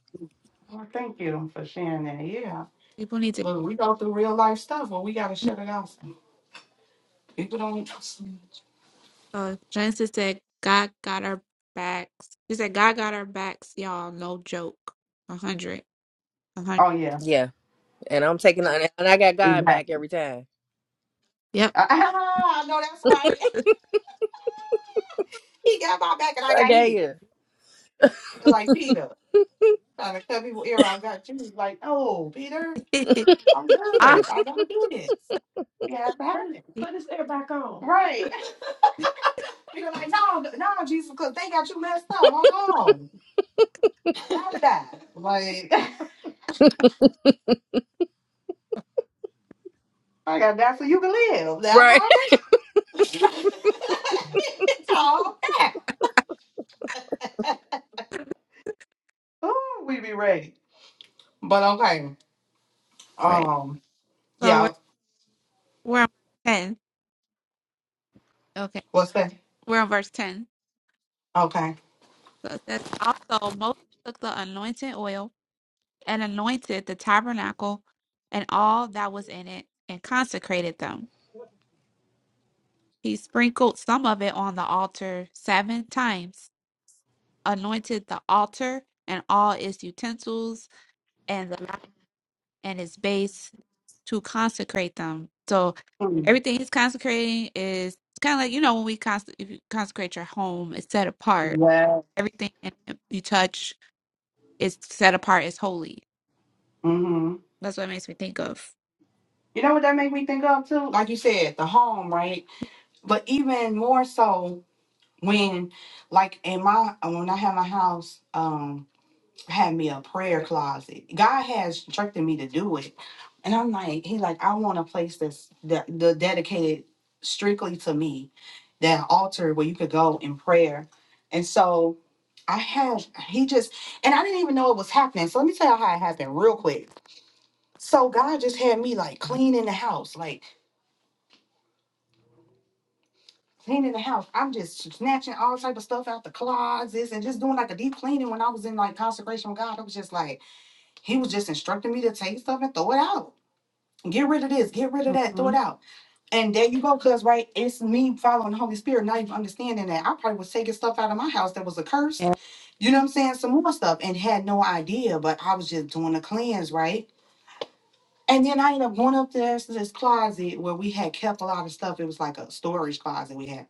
S1: Well, thank you for sharing that. Yeah.
S2: People need to.
S1: Look, we go through real life stuff where we gotta shut it off. People don't.
S2: Uh, Genesis said, God got our backs. He said, God got our backs, y'all. No joke. A hundred. A hundred.
S1: Oh yeah.
S3: Yeah. and I'm taking and I got God back
S1: Exactly.
S3: every time.
S2: Yep.
S1: I know that's right. He got my back and I
S3: I
S1: got
S3: got
S1: his.
S3: you
S1: Like Peter trying to cut people ear off. Got you. He's like, oh, Peter. I'm
S2: Ah,
S1: good. I gotta do this. Yeah, I have Put it.
S2: yeah.
S1: put his hair back on. Right. You're like, no, no, no, Jesus, because they got you messed up. Hold on. How did I? gotta die. Like, I gotta die so you can live. Now I
S3: right.
S1: gotta die. it's all that. Ooh, we be ready. But okay.
S2: All right.
S1: Um,
S2: So we're,
S1: yeah,
S2: we're on verse 10. Okay.
S1: what's that?
S2: We're on verse 10.
S1: Okay.
S2: So it says, Also, Moses took the anointing oil and anointed the tabernacle and all that was in it and consecrated them. He sprinkled some of it on the altar seven times, anointed the altar and all its utensils, and the and his base to consecrate them. So
S1: Mm.
S2: everything he's consecrating is kind of like you know when we cons- if you consecrate your home, it's set apart.
S1: Well.
S2: Everything in it you touch is set apart. is holy.
S1: hmm
S2: That's what it makes me think of.
S1: You know what that made me think of too? Like you said, the home, right? But even more so when like in my uh, when I had my house um I had me a prayer closet. God has instructed me to do it. And I'm like, he like, I want a place that's that the dedicated strictly to me, that altar where you could go in prayer. And so I had he just and I didn't even know it was happening. So let me tell you how it happened real quick. So God just had me like cleaning the house, like cleaning the house. I'm just snatching all type of stuff out the closets and just doing like a deep cleaning. When I was in like consecration with God, I was just like, He was just instructing me to take stuff and throw it out. Get rid of this, get rid of that, throw it
S2: hmm
S1: out. And there you go, cuz right, it's me following the Holy Spirit, not even understanding that. I probably was taking stuff out of my house that was accursed,
S2: Yeah.
S1: you know what I'm saying? Some more stuff and had no idea, but I was just doing a cleanse, right? And then I ended up going up there to this closet where we had kept a lot of stuff. It was like a storage closet we had.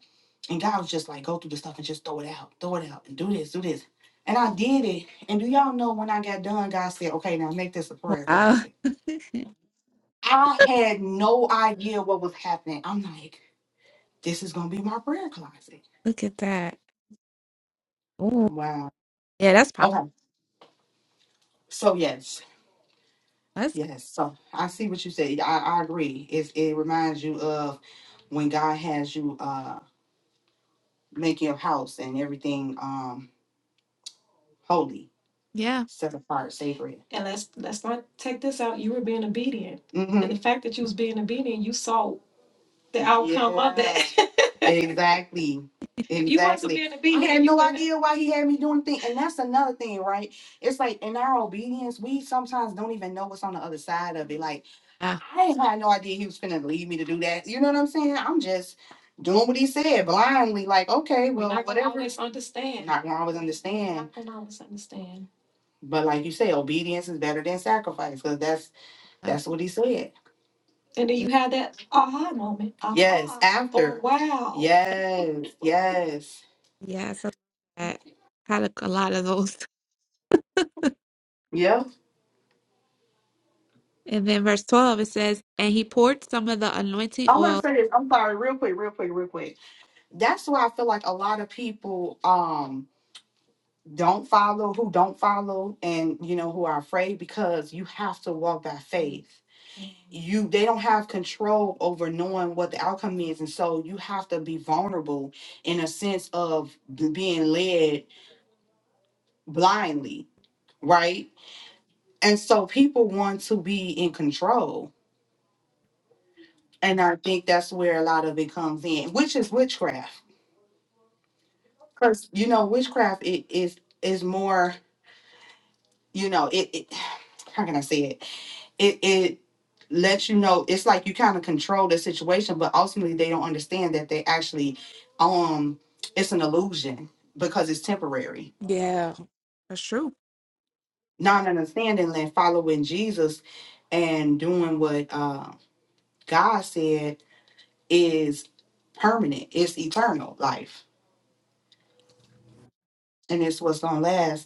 S1: And God was just like, go through the stuff and just throw it out, throw it out, and do this, do this. And I did it. And do y'all know when I got done, God said, okay, now make this a prayer
S2: Wow.
S1: closet. I had no idea what was happening. I'm like, this is going to be my prayer closet.
S2: Look at that. Ooh.
S1: Wow.
S2: Yeah, that's powerful.
S1: Okay. So, yes.
S2: That's good.
S1: Yes. So I see what you said. I, I agree. It's, it reminds you of when God has you. Uh, make your house and everything um holy,
S2: yeah.
S1: set apart, sacred. And let's let's not take this out. You were being obedient, hmm and the fact that you was being obedient, you saw the outcome of Yeah, that. Exactly. if you wasn't Exactly. being I obedient, had you no wouldn't. idea why he had me doing things. And that's another thing, right? It's like in our obedience, we sometimes don't even know what's on the other side of it. Like
S2: Yeah.
S1: I had no idea he was gonna leave me to do that. You know what I'm saying? I'm just doing what he said blindly, like, okay, well, Not gonna whatever. Always understand. Not gonna always understand. Not gonna always understand. But like you say, obedience is better than sacrifice, because that's
S2: Yeah.
S1: that's what he said. And then you had that aha moment. Aha. Yes, after. Oh, wow. Yes, yes.
S2: Yeah, so that had a, a lot of those.
S1: Yep.
S2: And then verse 12 it says, and he poured some of the anointing
S1: I'm gonna
S2: oil.
S1: say this. I'm sorry, real quick, real quick, real quick. That's why I feel like a lot of people um don't follow, who don't follow, and you know who are afraid because you have to walk by faith you they don't have control over knowing what the outcome is and so you have to be vulnerable in a sense of b- being led blindly right and so people want to be in control and i think that's where a lot of it comes in which is witchcraft because you know witchcraft it is is more you know it, it how can i say it it it lets you know it's like you kind of control the situation but ultimately they don't understand that they actually um it's an illusion because it's temporary
S2: Yeah, that's true
S1: not understanding that following jesus and doing what uh god said is permanent it's eternal life and it's what's gonna last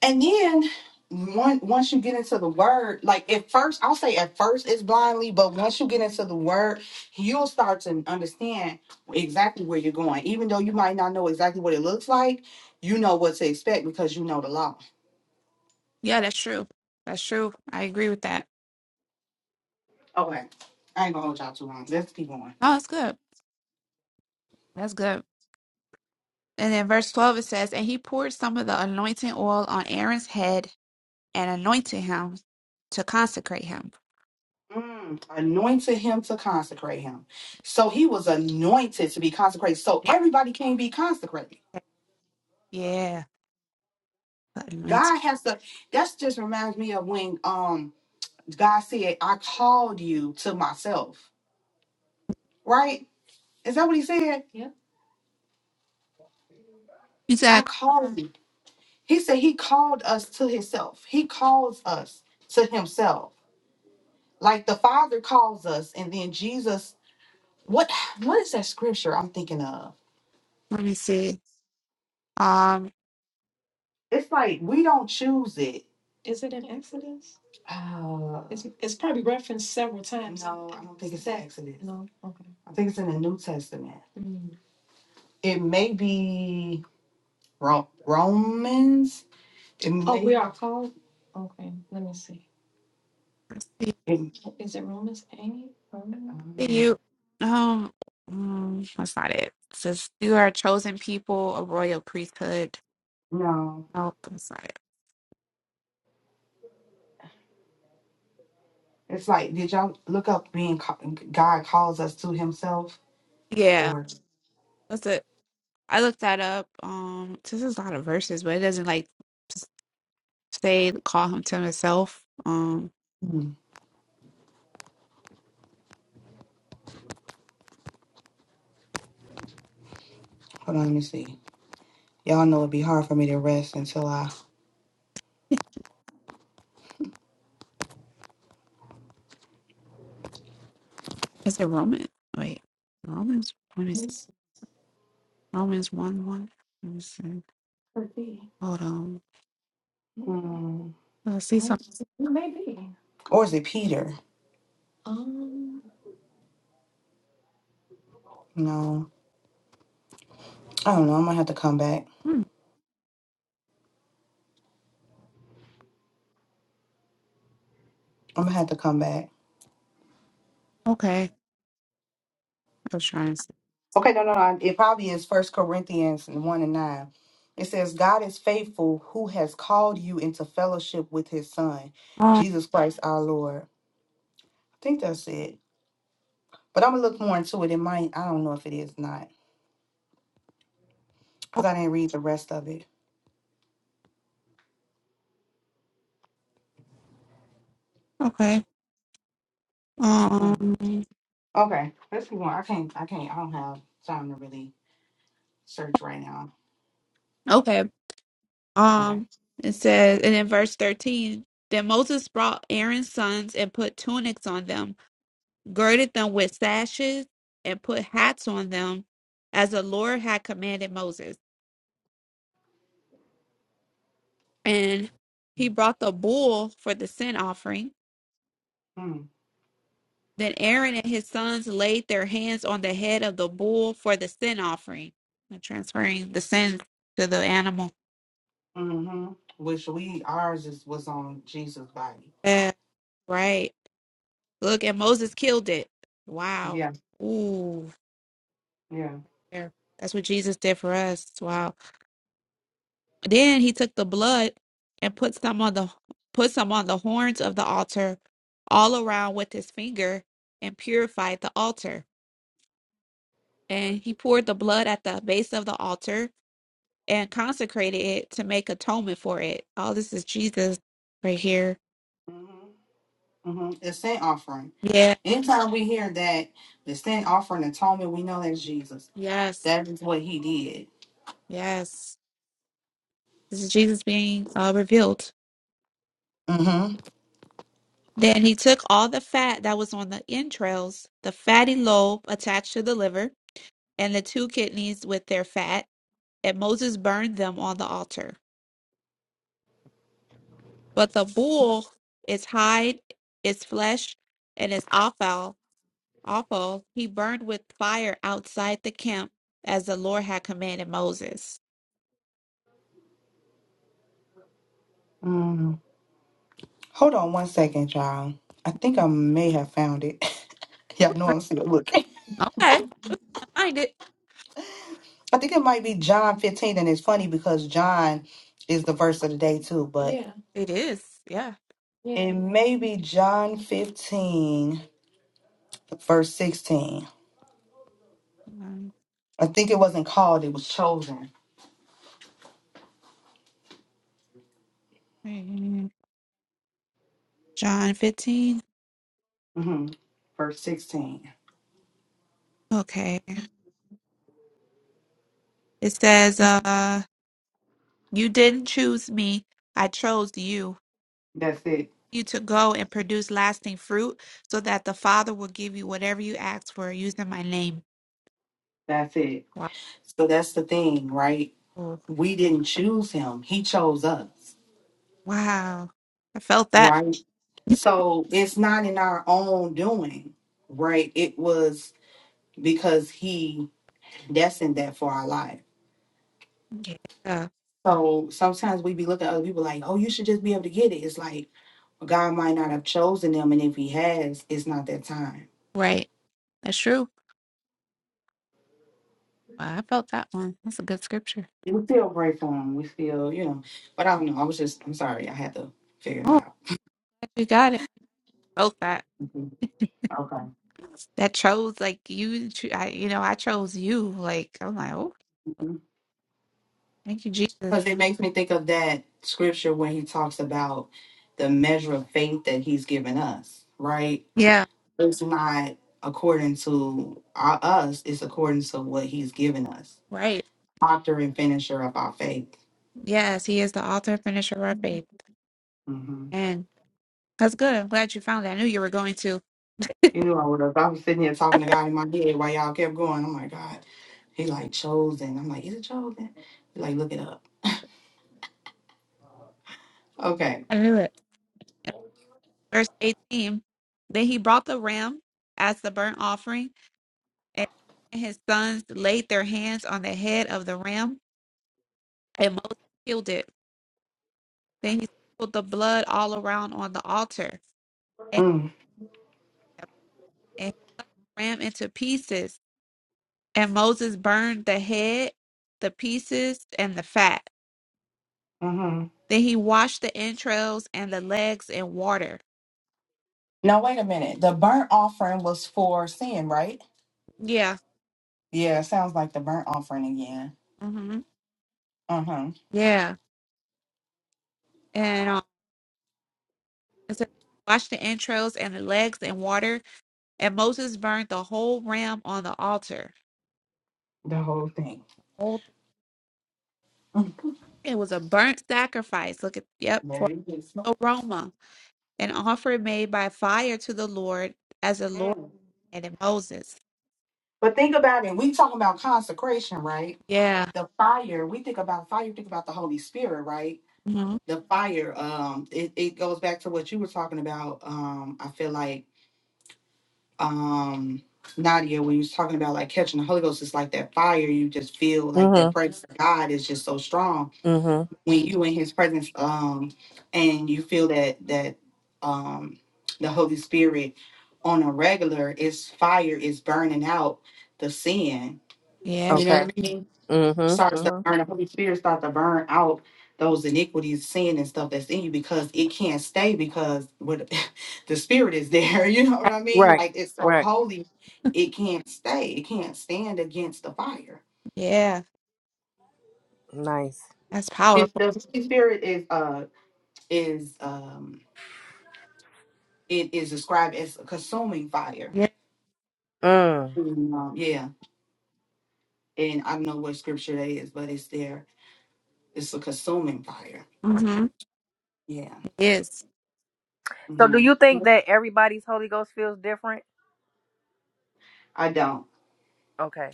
S1: And then one, once you get into the word, like at first, I'll say at first it's blindly, but once you get into the word, you'll start to understand exactly where you're going. Even though you might not know exactly what it looks like, you know what to expect because you know the law.
S2: Yeah, that's true. That's true. I agree with that.
S1: Okay. I ain't gonna hold y'all too long. Let's keep going.
S2: Oh, that's good. That's good. And then verse 12 it says, And he poured some of the anointing oil on Aaron's head and anointed him to consecrate him.
S1: Mm, anointed him to consecrate him. So he was anointed to be consecrated. So
S2: Wow.
S1: everybody can be consecrated.
S2: Yeah. the Anointing.
S1: God has to, That just reminds me of when um God said, I called you to myself, right? Is that what he said? Yeah. I
S2: Exactly.
S1: called you. He said he called us to himself. He calls us to himself. Like the Father calls us, and then Jesus, what what is that scripture I'm thinking of?
S2: Let me see. Um,
S1: It's like we don't choose it. Is it in Exodus? Uh, it's, it's probably referenced several times. No, I don't think it's in Exodus. No, okay. I think it's in the New Testament. Mm. It may be Ro- Romans? Didn't Oh, they? we are called, okay, let me see.
S2: see
S1: And, Is it Romans eight? Roman?
S2: see
S1: um,
S2: you. Um, mm, that's not it. It says, You are a chosen people, a royal priesthood.
S1: no,
S2: Nope, that's not it.
S1: it's like, did y'all look up being ca- God calls us to Himself?
S2: Yeah.
S1: Or
S2: That's it. I looked that up. Um, this is a lot of verses, but it doesn't like. say call him to himself. Um,
S1: hmm, hold on, let me see. Y'all know it'd be hard for me to rest until I.
S2: is it Roman? Wait, Romans. Let me see.
S1: This
S2: Romans one one. Let me see.
S1: could be,
S2: Hold on.
S1: Hmm.
S2: I see
S1: wait,
S2: something.
S1: maybe, or is it Peter? um, No, I don't know. I'm gonna have to come back.
S2: Hmm,
S1: I'm gonna have to come back.
S2: okay, I was trying to see.
S1: Okay, no, no, no. It probably is First Corinthians one and nine. It says, "God is faithful, who has called you into fellowship with His Son,
S2: Um.
S1: Jesus Christ, our Lord." I think that's it. But I'm gonna look more into it. It might. I don't know if it is not because
S2: Okay.
S1: I didn't read the rest of it.
S2: Okay.
S1: Hmm.
S2: Um.
S1: Okay, let's see more. I can't. I can't. I don't have time to really search right now.
S2: Okay.
S1: Okay.
S2: Um. It says, and in verse thirteen, then Moses brought Aaron's sons and put tunics on them, girded them with sashes, and put hats on them, as the Lord had commanded Moses. and he brought the bull for the sin offering.
S1: Hmm.
S2: Then Aaron and his sons laid their hands on the head of the bull for the sin offering, and transferring the sin to the animal.
S1: Mm-hmm. Which we ours is was on Jesus' body.
S2: Yeah, right. Look, and Moses killed it. Wow.
S1: Yeah.
S2: Ooh,
S1: Yeah.
S2: there. that's what Jesus did for us. Wow. Then he took the blood and put some on the put some on the horns of the altar all around with his finger and purified the altar. and he poured the blood at the base of the altar and consecrated it to make atonement for it. Oh, this is Jesus right here.
S1: Mm-hmm. The sin offering.
S2: Yeah,
S1: Anytime we hear that, the sin offering atonement, we know that's Jesus.
S2: yes,
S1: That is what he did.
S2: yes. This is Jesus being uh, revealed.
S1: Mm-hmm.
S2: Then he took all the fat that was on the entrails, the fatty lobe attached to the liver, and the two kidneys with their fat, and Moses burned them on the altar. But the bull, its hide, its flesh, and its offal Ophel he burned with fire outside the camp as the Lord had commanded Moses.
S1: hmm Hold on one second, y'all. I think I may have found it. y'all know I'm still looking.
S2: Okay, I find it.
S1: I think it might be John 15, and it's funny because John is the verse of the day too, but Yeah,
S2: It is, yeah.
S1: yeah. it may be John 15, verse 16.
S2: Um,
S1: I think it wasn't called, it was chosen.
S2: John 15.
S1: hmm Verse 16.
S2: Okay. It says, uh, You didn't choose me, I chose you.
S1: That's it.
S2: You to go and produce lasting fruit so that the Father will give you whatever you ask for using my name.
S1: That's it.
S2: Wow.
S1: So that's the thing, right? We didn't choose him, he chose us,
S2: Wow. I felt that.
S1: right? So it's not in our own doing, right? It was because he destined that for our life.
S2: Yeah.
S1: So sometimes we be looking at other people like, oh, you should just be able to get it. It's like God might not have chosen them, and if he has, it's not that time.
S2: Right. That's true. I felt that one. That's a good scripture.
S1: We still pray for him. We still, you know, but I don't know. I was just, I'm sorry. I had to figure that
S2: Oh,
S1: out.
S2: glad you got it. Felt that.
S1: Mhm. Okay.
S2: That chose like you. cho- I, you know, I chose you. Like I'm like, oh,
S1: Mm-hmm.
S2: thank you, Jesus.
S1: Because it makes me think of that scripture when he talks about the measure of faith that he's given us, right?
S2: Yeah,
S1: It's not according to our, us, it's according to what he's given us,
S2: right.
S1: author and finisher of our faith.
S2: Yes, He is the author and finisher of our faith,
S1: hmm
S2: and that's good. I'm glad you found it. I knew you were going to.
S1: You know, I would have, I was sitting here talking to God in my head while y'all kept going. I'm like, God, he like chosen. I'm like, is it chosen? He like, look it up. Okay.
S2: I knew it. And Verse 18. Then he brought the ram as the burnt offering, and his sons laid their hands on the head of the ram, and Moses killed it. Then he sprinkled the blood all around on the altar. and and he ran into pieces. And Moses burned the head, the pieces, and the fat.
S1: Mm-hmm.
S2: Then he washed the entrails and the legs in water.
S1: Now, wait a minute. The burnt offering was for sin, right?
S2: Yeah.
S1: Yeah, it sounds like the burnt offering again.
S2: hmm
S1: Uh huh.
S2: Yeah. And um, it says, washed the entrails and the legs in water. And Moses burned the whole ram on the altar.
S1: The whole thing.
S2: Whole
S1: Mm.
S2: thing. It was a burnt sacrifice. Look at, yep, for
S1: Merry Christmas.
S2: aroma, an offering made by fire to the Lord as the Lord
S1: Mm.
S2: and Moses.
S1: But think about it. We talking about consecration, right?
S2: Yeah.
S1: The fire. We think about fire. Think about the Holy Spirit, right?
S2: hmm
S1: The fire. Um, it, it goes back to what you were talking about. Um, I feel like um Nadia, when you was talking about like catching the Holy Ghost, it's like that fire. You just feel like that
S3: Mm-hmm.
S1: praise to God is just so strong
S3: Mm-hmm.
S1: when you in his presence um and you feel that that um the holy spirit on a regular is fire is burning out the sin
S2: Yeah.
S1: you know what
S3: Okay.
S1: i mean
S3: Mm-hmm.
S1: starts to
S3: Mm-hmm.
S1: burn the holy spirit starts to burn out those iniquities sin and stuff that's in you because it can't stay because what the spirit is there you know what i mean
S3: Right.
S1: like it's so
S3: Right.
S1: holy it can't stay it can't stand against the fire
S2: Yeah,
S3: Nice.
S2: that's
S1: His-
S2: powerful.
S1: the holy spirit is uh is um it is described as a consuming fire.
S2: Yeah.
S3: Mm.
S1: And, um, yeah, and I don't know what scripture that is, but it's there. It's a consuming fire.
S2: Mm-hmm.
S1: Yeah.
S2: It is.
S3: So, do
S1: hmm
S3: you think that everybody's Holy Ghost feels different?
S1: I don't.
S3: Okay.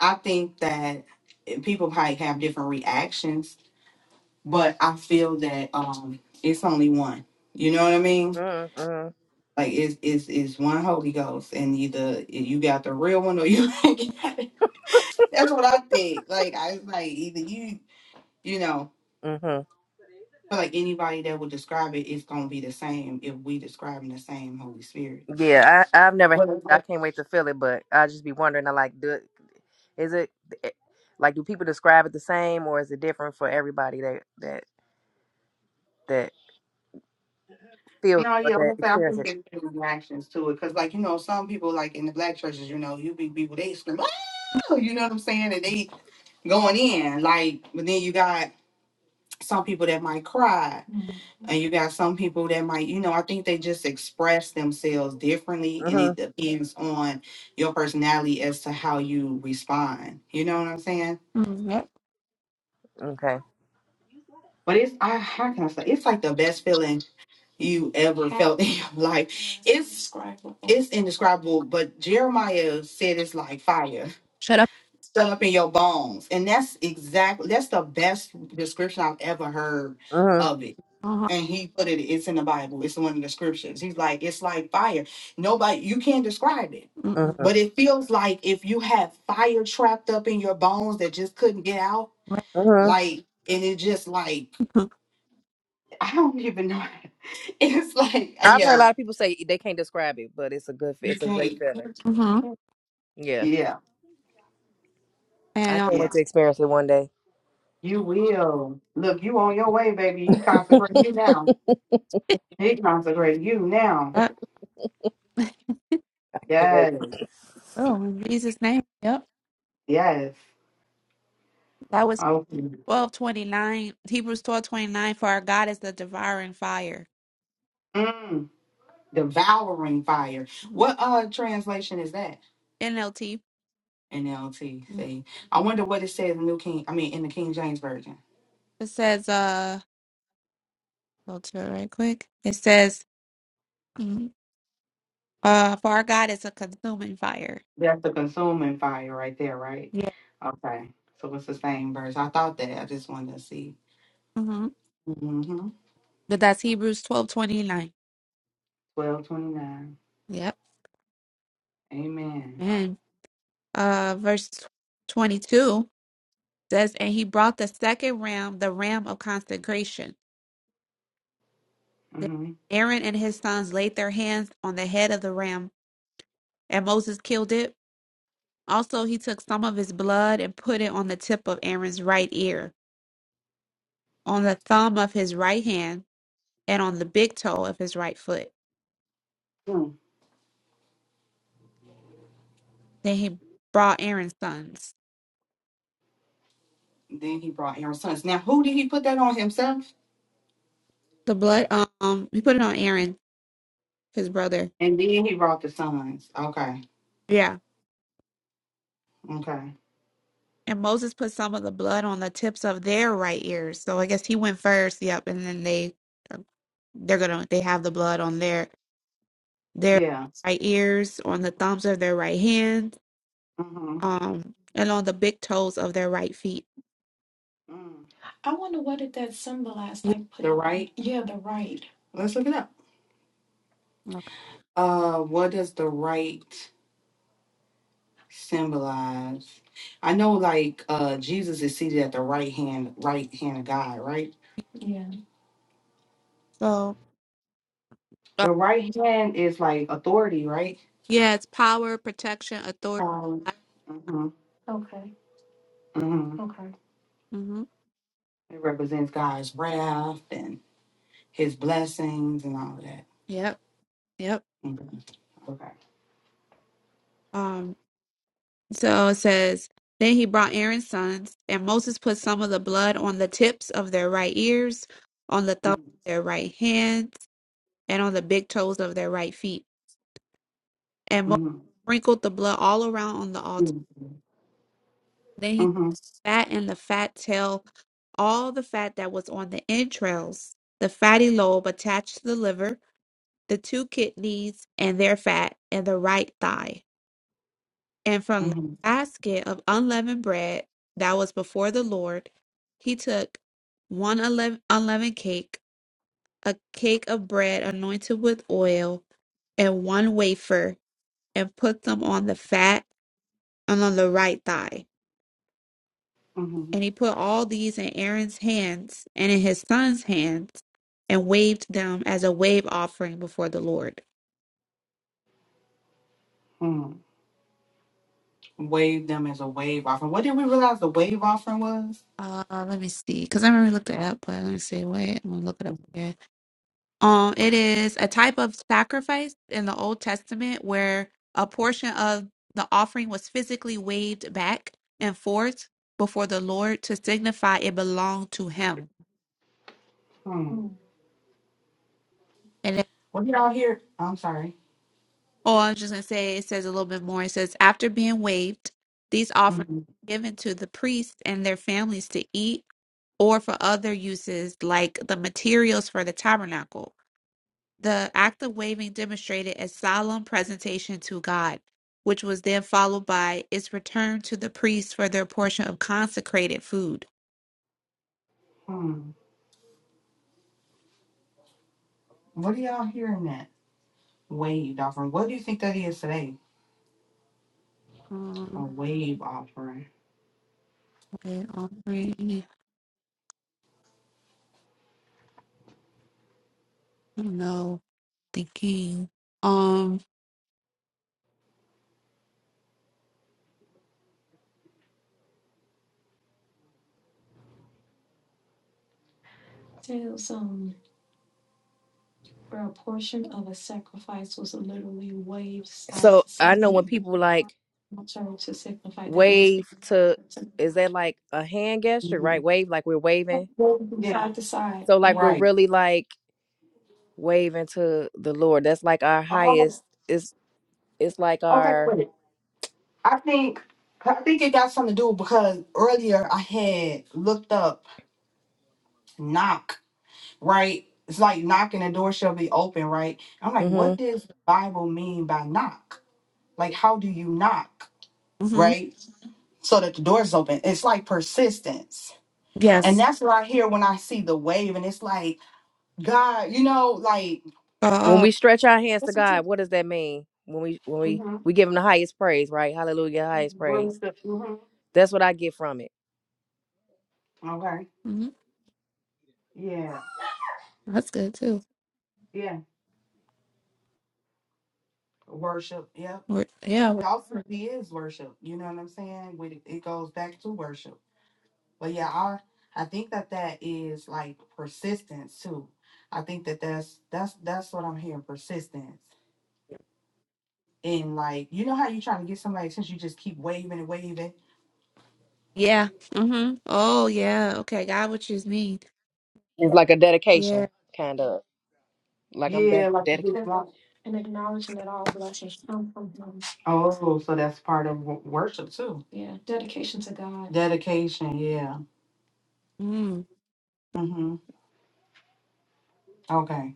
S1: I think that people probably have different reactions, but I feel that um, it's only one. You know what I mean?
S3: Mm-hmm.
S1: Like it's it's it's one Holy Ghost, and either you got the real one or you ain't got it. That's what I think. Like I was like either you, you know.
S3: Mm-hmm.
S1: feel like anybody that will describe it, it's gonna be the same if we describing the same Holy Spirit.
S3: Yeah, I I've never.
S1: Well,
S3: I
S1: it's-
S3: can't wait to feel it, but I just be wondering. I like, do is it eh, like do people describe it the same, or is it different for everybody that that that feels
S1: no,
S3: or
S1: yeah, I'm
S3: that
S1: gonna say I
S3: experience
S1: think
S3: it?
S1: there's different reactions to it because, like you know, some people like in the black churches, you know, you be people they scream, oh, you know what I'm saying, and they going in like, but then you got some people that might cry, and you got some people that might, you know, I think they just express themselves differently, and it
S3: Mm-hmm.
S1: depends on your personality as to how you respond. You know what I'm saying?
S2: Mm, yep.
S3: Okay.
S1: But it's I how can I say it's like the best feeling you ever felt in your life. It's it's indescribable, but Jeremiah said it's like fire
S2: Shut up.
S1: set up in your bones. And that's exactly that's the best description I've ever heard
S3: Mm-hmm.
S1: of it.
S2: Uh-huh.
S1: And he put it, it's in the Bible. It's one of the scriptures. He's like, it's like fire. Nobody you can't describe it.
S2: Mm-mm.
S3: Mm-hmm.
S1: But it feels like if you had fire trapped up in your bones that just couldn't get out,
S3: Mm-hmm.
S1: like and it just like
S2: Right.
S1: I don't even know. It's like, uh,
S3: I've heard a
S1: yeah,
S3: lot of people say they can't describe it, but it's a good,
S1: you
S3: it's a great
S1: can't.
S3: feeling.
S2: Mm-hmm.
S3: Yeah,
S1: Yeah,
S3: I
S2: And uh,
S3: can't
S1: yeah.
S3: wait to experience it one day.
S1: You will. Look, you on your way, baby. He consecrating you now. He consecrating you now.
S2: yep.
S3: Can't wait.
S1: Yes,
S2: oh, in Jesus' name. Yep.
S1: yes.
S2: That was
S1: Okay.
S2: twelve twenty nine. Hebrews twelve twenty nine. For our God is the devouring fire.
S1: Mm, devouring fire.
S2: Mhm.
S1: What uh translation is that?
S2: NLT.
S1: NLT.
S2: Mm.
S1: See, I wonder what it says in New King. I mean, in the King James version.
S2: It says, uh, go to it right quick. It says, Mhm. uh, for our God is a consuming fire.
S1: That's the consuming fire right there, right?
S2: Yeah.
S1: Okay. So it's the same verse. I thought that. I just wanted to see.
S2: Mm-hmm.
S1: Mm-hmm.
S2: But that's Hebrews twelve twenty nine.
S1: Twelve twenty nine.
S2: Yep.
S1: Amen.
S2: And uh, verse twenty two. says, and he brought the second ram, the ram of consecration. Then
S1: Mm-hmm.
S2: Aaron and his sons laid their hands on the head of the ram, and Moses killed it. Also, he took some of his blood and put it on the tip of Aaron's right ear, on the thumb of his right hand, and on the big toe of his right foot.
S1: Hmm.
S2: Then he brought Aaron's sons.
S1: Then he brought Aaron's sons. Now, who did he put that on himself?
S2: The blood, um, he put it on Aaron, his brother.
S1: And then he brought the sons. Okay.
S2: Yeah.
S1: Okay.
S2: And Moses put some of the blood on the tips of their right ears. So I guess he went first. Yep. And then they they're gonna they have the blood on their their
S1: Yeah.
S2: right ears, on the thumbs of their right hands,
S1: Mm-hmm.
S2: um, and on the big toes of their right feet.
S1: Mm. I wonder what did that symbolize?
S2: Yeah.
S1: Like put The right. yeah, the right. Let's look it up. Uh, what does the right symbolize? I know, like, uh, Jesus is seated at the right hand, right hand of God, right? Yeah.
S2: So uh,
S1: The right hand is like authority, right?
S2: yeah, it's power, protection, authority.
S1: Um, mhm, Okay. mhm. Okay.
S2: Mm-hmm.
S1: It represents God's wrath and His blessings and all of that.
S2: Yep. Yep.
S1: Mhm, Okay.
S2: Um. So it says. Then he brought Aaron's sons, and Moses put some of the blood on the tips of their right ears, on the thumbs
S1: Mm-hmm.
S2: of their right hands, and on the big toes of their right feet. And Moses
S1: Mm-hmm.
S2: sprinkled the blood all around on the altar.
S1: Mm-hmm.
S2: Then he took the
S1: Mm-hmm.
S2: fat and the fat tail, all the fat that was on the entrails, the fatty lobe attached to the liver, the two kidneys and their fat, and the right thigh. And from the
S1: Mm-hmm.
S2: basket of unleavened bread that was before the Lord, he took one unleav- unleavened cake, a cake of bread anointed with oil, and one wafer, and put them on the fat and on the right thigh.
S1: Mm-hmm.
S2: And he put all these in Aaron's hands and in his son's hands and waved them as a wave offering before the Lord.
S1: hmm Wave them as a wave offering. What did we realize the wave offering was?
S2: Uh, let me see, because I remember looked it up, but let me see. Wait, I'm gonna look it up again. Um, it is a type of sacrifice in the Old Testament where a portion of the offering was physically waved back and forth before the Lord to signify it belonged to Him.
S1: Hmm. Mm. What did y'all hear? I'm sorry.
S2: Oh, I was just going to say, it says a little bit more. It says, after being waived, these offerings
S1: Mm-hmm.
S2: were given to the priests and their families to eat or for other uses like the materials for the tabernacle. The act of waving demonstrated a solemn presentation to God, which was then followed by its return to the priests for their portion of consecrated food.
S1: Hmm. What do y'all hearing that? Wave offering. What do you think that is today? A
S2: Um,
S1: wave offering.
S2: okay, offering. I don't know. Thinking. Um.
S1: Tell some. where a portion of a sacrifice was literally waved side
S3: So
S1: to side
S3: I know
S1: in
S3: when people like
S1: the to signify that it was being
S3: wave to,
S1: offered to
S3: is that
S1: God.
S3: like a hand gesture, right?
S1: Mhm.
S3: Wave like we're waving.
S1: Yeah, side to side.
S3: So
S1: And
S3: like we're
S1: right.
S3: really like waving to the Lord. That's like our
S1: Oh,
S3: highest. It's it's like
S1: okay,
S3: our
S1: wait. I think I think it got something to do because earlier I had looked up knock, right? It's like knocking the door shall be open, right? I'm like,
S3: hmm
S1: what does the Bible mean by knock? Like, how do you knock,
S2: mhm.
S1: right? So that the door is open. It's like persistence. And
S2: Yes.
S1: that's what I hear when I see the wave, and it's like, God, you know, like.
S3: when we
S2: Oh.
S3: stretch our hands to God. What
S1: Mm-hmm.
S3: does that mean? When we when we we give Him the highest praise, right? Hallelujah, highest praise.
S1: Worship. hmm
S3: That's what I get from it.
S1: Okay.
S2: hmm
S1: Yeah.
S2: That's good too.
S1: Yeah. Worship. Yep.
S2: We're, yeah.
S1: It
S2: we're-
S1: ultimately is worship. You know what I'm saying? When it, it goes back to worship. But yeah, I I think that that is like persistence too. I think that that's that's that's what I'm hearing persistence. And like, you know how you trying to get somebody's attention, you just keep waving and waving,
S2: Yeah. Mm-hmm. Oh, yeah. Okay. God would choose me.
S3: It's like a dedication,
S2: Yeah.
S3: kind of. Like I'm ded-
S1: Yeah, like you just
S3: dedicated.
S1: That's want. And acknowledging that all blessings come from Him. Oh, so that's part of wo- worship too. Yeah, dedication to God. Dedication, yeah.
S2: Mm.
S1: Mm-hmm. Okay.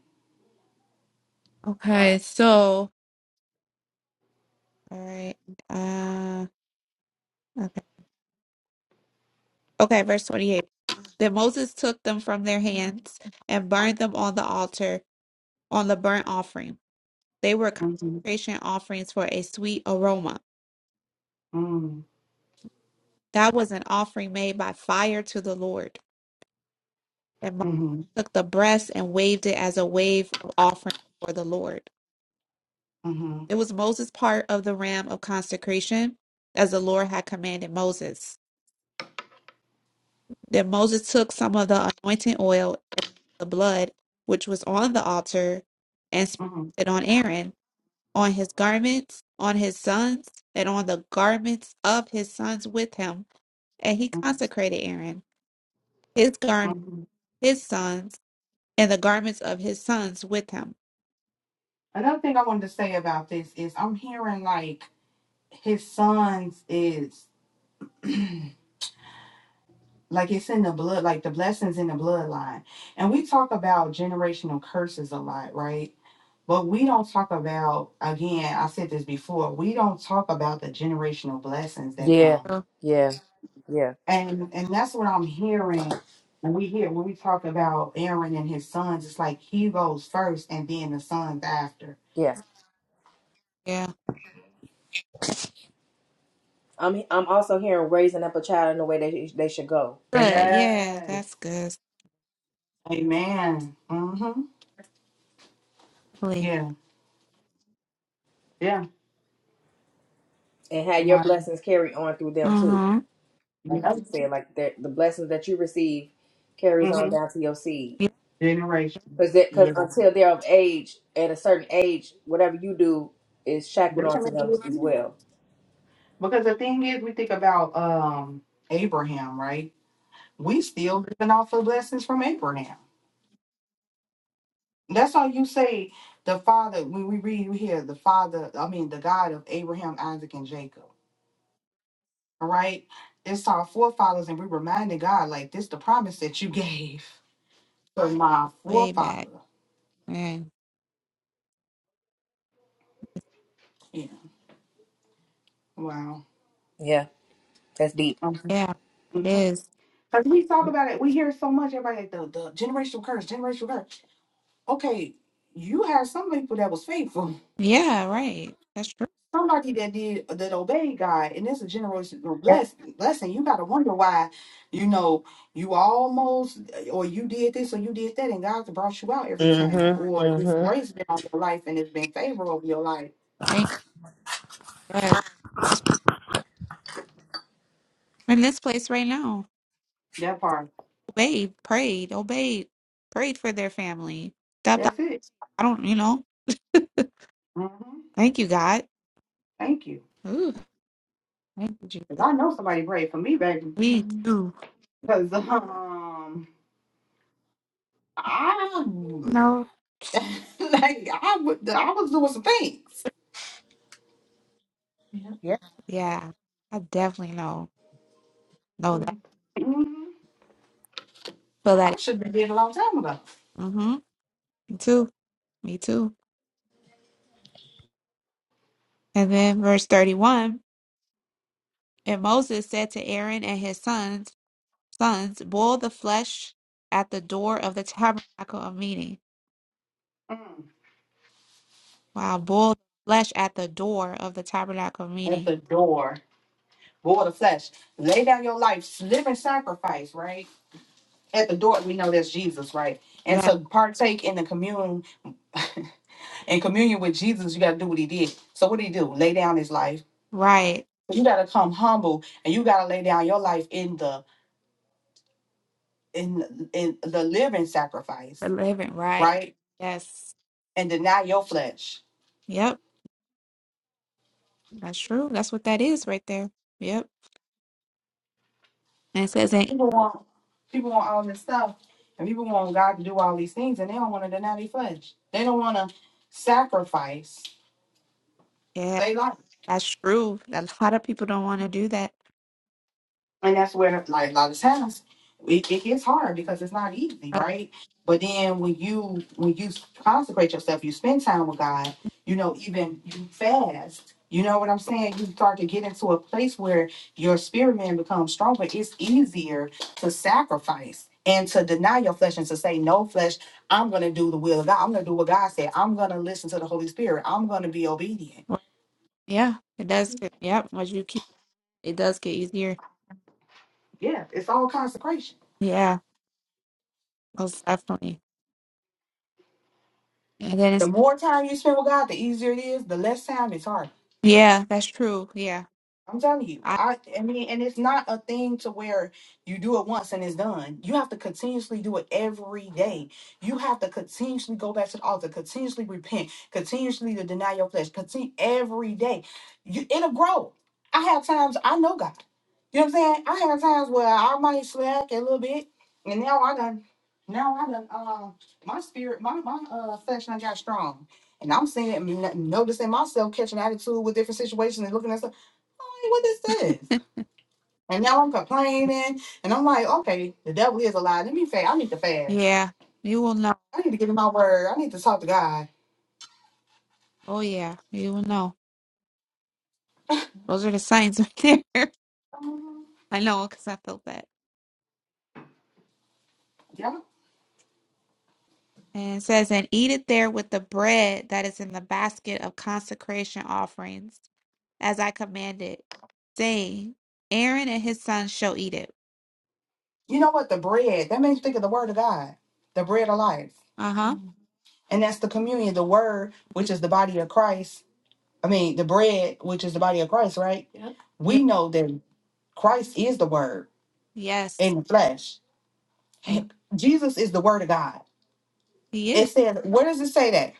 S2: Okay. So, all right. Uh, okay. Okay. Verse 28. Then Moses took them from their hands and burned them on the altar on the burnt offering. They were
S1: Mm-hmm.
S2: consecration offerings for a sweet aroma.
S1: Mm-hmm.
S2: That was an offering made by fire to the Lord. And Moses
S1: Mm-hmm.
S2: took the breast and waved it as a wave of offering for the Lord.
S1: Mm-hmm.
S2: It was Moses' part of the ram of consecration, as the Lord had commanded Moses. Then Moses took some of the anointing oil and the blood which was on the altar and sprinkled it on Aaron, on his garments, on his sons, and on the garments of his sons with him. And he
S1: Mm-hmm.
S2: consecrated Aaron, his garment,
S1: Mm-hmm.
S2: his sons, and the garments of his sons with him.
S1: Another thing I wanted to say about this is I'm hearing like his sons is Like it's in the blood, like the blessings in the bloodline. And we talk about generational curses a lot, right? But we don't talk about, again, I said this before, we don't talk about the generational blessings that
S3: Yeah,
S1: come.
S2: Oh,
S3: yeah, yeah,
S1: And and that's what I'm hearing when we hear when we talk about Aaron and his sons, it's like he goes first and then the sons after.
S3: yeah.
S2: yeah.
S3: I'm I'm also hearing raising up a child in the way they they should go,
S2: Good. Yeah,
S1: Yes.
S2: that's good.
S1: Amen. Mm-hmm.
S2: Uh
S1: Yeah. Yeah.
S3: and have your
S1: Wow.
S3: blessings carry on through them too.
S2: huh.
S3: Like you
S1: Yep.
S3: just said, like the the blessings that you receive carries on
S1: Mm-hmm.
S3: down to your seed,
S1: Generation.
S3: because because
S1: Yeah.
S3: until they're of age, at a certain age, whatever you do is shackled onto them as well.
S1: Because the thing is, we think about um Abraham, right? We still living off the blessings from Abraham. That's all you say. The father, when we read, we hear the father. I mean, the God of Abraham, Isaac, and Jacob. All right, it's our forefathers, and we reminded God like this: the promise that you gave to my
S2: Way back.
S1: forefather.
S2: man.
S1: Yeah. Wow.
S3: Yeah, that's deep.
S2: Yeah, it
S1: Because
S2: is.
S1: we talk about it, we hear it so much. Everybody like the, the generational curse, generational curse. okay, you had some people that was faithful,
S2: Yeah, right. That's true.
S1: somebody that did that obeyed God, and it's a generational
S3: Yes.
S1: bless, blessing. You gotta wonder why, you know, you almost or you did this or you did that, and God's brought you out every time,
S3: Mm-hmm.
S1: or it's
S3: Mm-hmm.
S1: grace been on your life and it's been favor over your life.
S2: Thank you. Yes. That's why we're in this place right now.
S1: That part,
S2: Obeyed, prayed, obeyed, prayed for their family. Stop that.
S1: that's it.
S2: I don't, you know.
S1: hmm
S2: Thank you, God.
S1: Thank you.
S2: Ooh, thank you,
S1: 'Cause
S2: Jesus.
S1: I know somebody prayed for me, baby.
S2: We
S1: Because
S2: too.
S1: um, I
S2: No.
S1: like I, would, I was doing some things.
S3: Yeah.
S2: Yeah, I definitely know. Know
S1: hmm
S2: that. Feel
S1: I
S2: that.
S1: should have been dead a long time ago.
S2: Mm-hmm. Me too. Me too. And then verse 31. And Moses said to Aaron and his sons, sons, boil the flesh at the door of the tabernacle of meeting
S1: Mm.
S2: Wow, boil flesh at the door of the tabernacle
S1: At
S2: meeting.
S1: the door, board of flesh, lay down your life, living sacrifice, right? At the door, we know that's Jesus, right? And
S2: Yeah,
S1: to partake in the commune, in communion with Jesus, you got to do what he did. So what did he do? Lay down his life.
S2: right.
S1: You got to come humble, and you got to lay down your life in the in in the living sacrifice,
S2: The living, right.
S1: right?
S2: Yes.
S1: And deny your flesh
S2: Yep. That's true. That's what that is right there. Yep. And it says, and-
S1: People want people want all this stuff, and people want God to do all these things, and they don't want to deny their flesh. They don't want to sacrifice.
S2: yeah,
S1: They like.
S2: that's true. A lot of people don't want to do that.
S1: And that's where, like a lot of times, it, it gets hard because it's not easy,
S2: Uh,
S1: right? But then when you when you consecrate yourself, you spend time with God. You know, even you fast. You know what I'm saying? You start to get into a place where your spirit man becomes stronger. It's easier to sacrifice and to deny your flesh and to say, "No flesh, I'm going to do the will of God. I'm going to do what God said. I'm going to listen to the Holy Spirit. I'm going to be obedient."
S2: well, yeah, it does. Get, yep. As you keep, it does get easier.
S1: Yeah, it's all consecration.
S2: Yeah, most definitely. And then
S1: The
S2: it's,
S1: more time you spend with God, the easier it is. The less time it's hard.
S2: yeah, that's true. Yeah.
S1: I'm telling you,
S2: I,
S1: I I mean, and it's not a thing to where you do it once and it's done. You have to continuously do it every day. You have to continuously go back to the altar, continuously repent, continuously to deny your flesh, continue every day. You, it'll grow. I have times I know God. You know what I'm saying? I have times where I might slack a little bit, and now I done, now I done, uh, my spirit, my my uh flesh done got strong. And I'm seeing it, noticing myself catching attitude with different situations and looking at stuff like, what is this? And now I'm complaining. And I'm like, okay, the devil is a lie. Let me fast. I need to fast.
S2: yeah, you will know.
S1: I need to get in my word. I need to talk to God.
S2: Oh, yeah, you will know. Those are the signs right there.
S1: Um,
S2: I know because I felt that.
S1: yeah.
S2: And it says, and eat it there with the bread that is in the basket of consecration offerings, as I commanded, saying, Aaron and his sons shall eat it.
S1: You know what? The bread, that makes you think of the word of God, the bread of life.
S2: Uh huh.
S1: Mhm. And that's the communion, the word, which is the body of Christ. I mean, the bread, which is the body of Christ, right? Yep.
S2: Yeah.
S1: We know that Christ is the word in
S2: Yes.
S1: the flesh.
S2: Amen.
S1: He- Jesus is the word of God.
S2: He is.
S1: It says, where does it say that?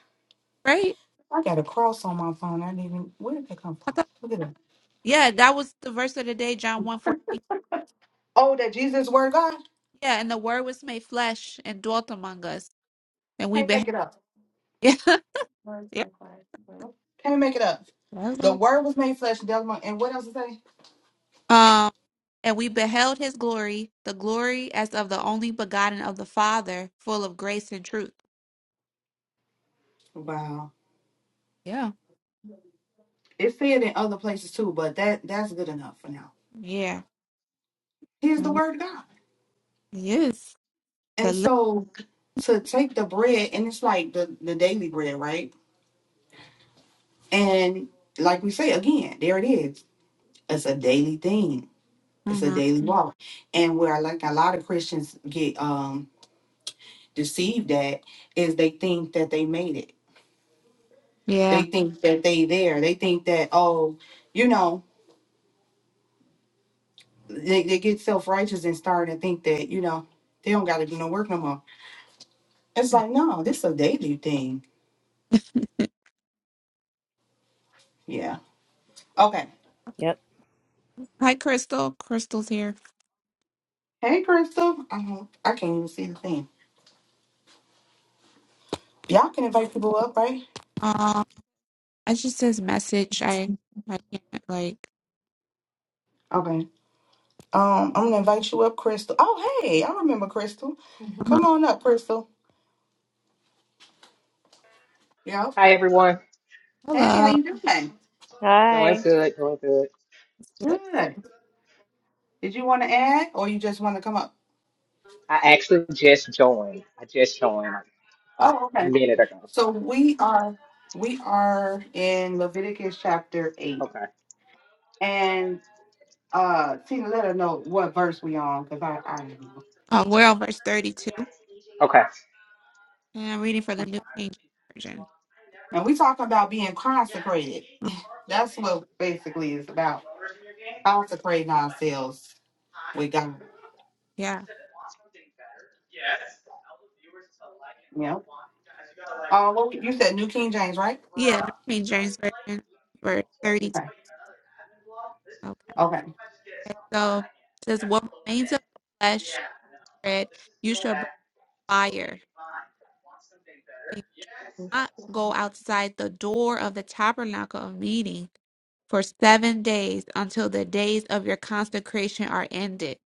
S2: Right?
S1: I got a cross on my phone. I didn't even. Where did that come
S2: I
S1: from?
S2: thought,
S1: Look at that.
S2: yeah, that was the verse of the day, John 1 four.
S1: Oh, that Jesus word, God
S2: Yeah, and the word was made flesh and dwelt among us. And we
S1: can't
S2: beheld
S1: make it up.
S2: yeah.
S1: Words
S2: yeah.
S1: made flesh. Well, Can't make it up.
S2: That's
S1: The
S2: all.
S1: word was made flesh. And dwelt among- and what else it say?
S2: Um and we beheld his glory, the glory as of the only begotten of the Father, full of grace and truth.
S1: Wow,
S2: Yeah.
S1: it said in other places too, but that that's good enough for now.
S2: Yeah.
S1: Here's the
S2: Mhm.
S1: word of God,
S2: Yes. The
S1: and
S2: look.
S1: so to take the bread, and it's like the the daily bread, right? And like we say again, there it is. It's a daily thing. It's a
S2: hmm
S1: daily Mhm. walk, and where like a lot of Christians get um deceived at is they think that they made it.
S2: Yeah.
S1: They think that they there. They think that, oh, you know, they, they get self righteous and start to think that, you know, they don't gotta do no work no more. It's like, no, this a daily thing. Yeah. Okay.
S3: Yep.
S2: Hi, Crystal. Crystal's here.
S1: Hey Crystal. I don't I can't even see the thing. Y'all can invite people up, right?
S2: Um, I just says message. I I can't like.
S1: Okay. Um, I'm gonna invite you up, Crystal. Oh hey, I remember Crystal. Mhm. Come
S2: Mhm.
S1: on up, Crystal. Yeah.
S5: Hi everyone.
S1: Hey, how
S2: Hello.
S1: you doing?
S5: Doing
S3: Hi.
S5: good, doing good.
S2: Good.
S1: Good. Did you want to add, or you just want to come up?
S5: I actually just joined. I just joined like
S1: Oh,
S5: a
S1: okay.
S5: minute ago.
S1: So we are we are in Leviticus chapter eight,
S5: Okay.
S1: and uh, Tina, let her know what verse we on because I I don't know.
S2: Uh, we're on verse thirty-two,
S5: Okay. I
S2: and I'm reading for the New King James Version.
S1: And we talking about being consecrated.
S2: Mm,
S1: That's what basically is about consecrating ourselves with God.
S2: Yeah.
S1: Yeah. Uh, what we- you said, New King James, right?
S2: Yeah, New King James Version, verse thirty-two.
S1: Okay.
S2: Okay.
S1: Okay.
S2: okay. So it says, "What remains of the flesh, bread, you shall burn fire, and not go outside the door of the tabernacle of meeting." for seven days until the days of your consecration are ended.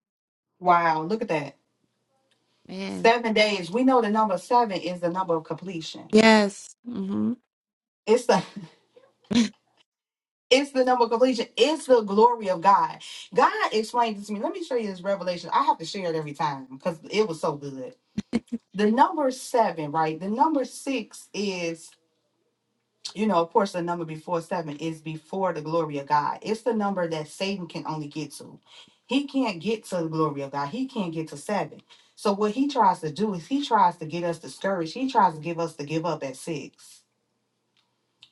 S1: Wow. Look at that.
S2: Man,
S1: Seven days. We know the number seven is the number of completion.
S2: yes, hmm
S1: It's the It's the number of completion. It's the glory of God. God explained this to me. Let me show you this revelation. I have to share it every time because it was so good. The number seven, right? The number six is, you know, of course, the number before seven is before the glory of God. It's the number that Satan can only get to. He can't get to the glory of God. He can't get to seven. So what he tries to do is he tries to get us discouraged. He tries to give us to give up at six,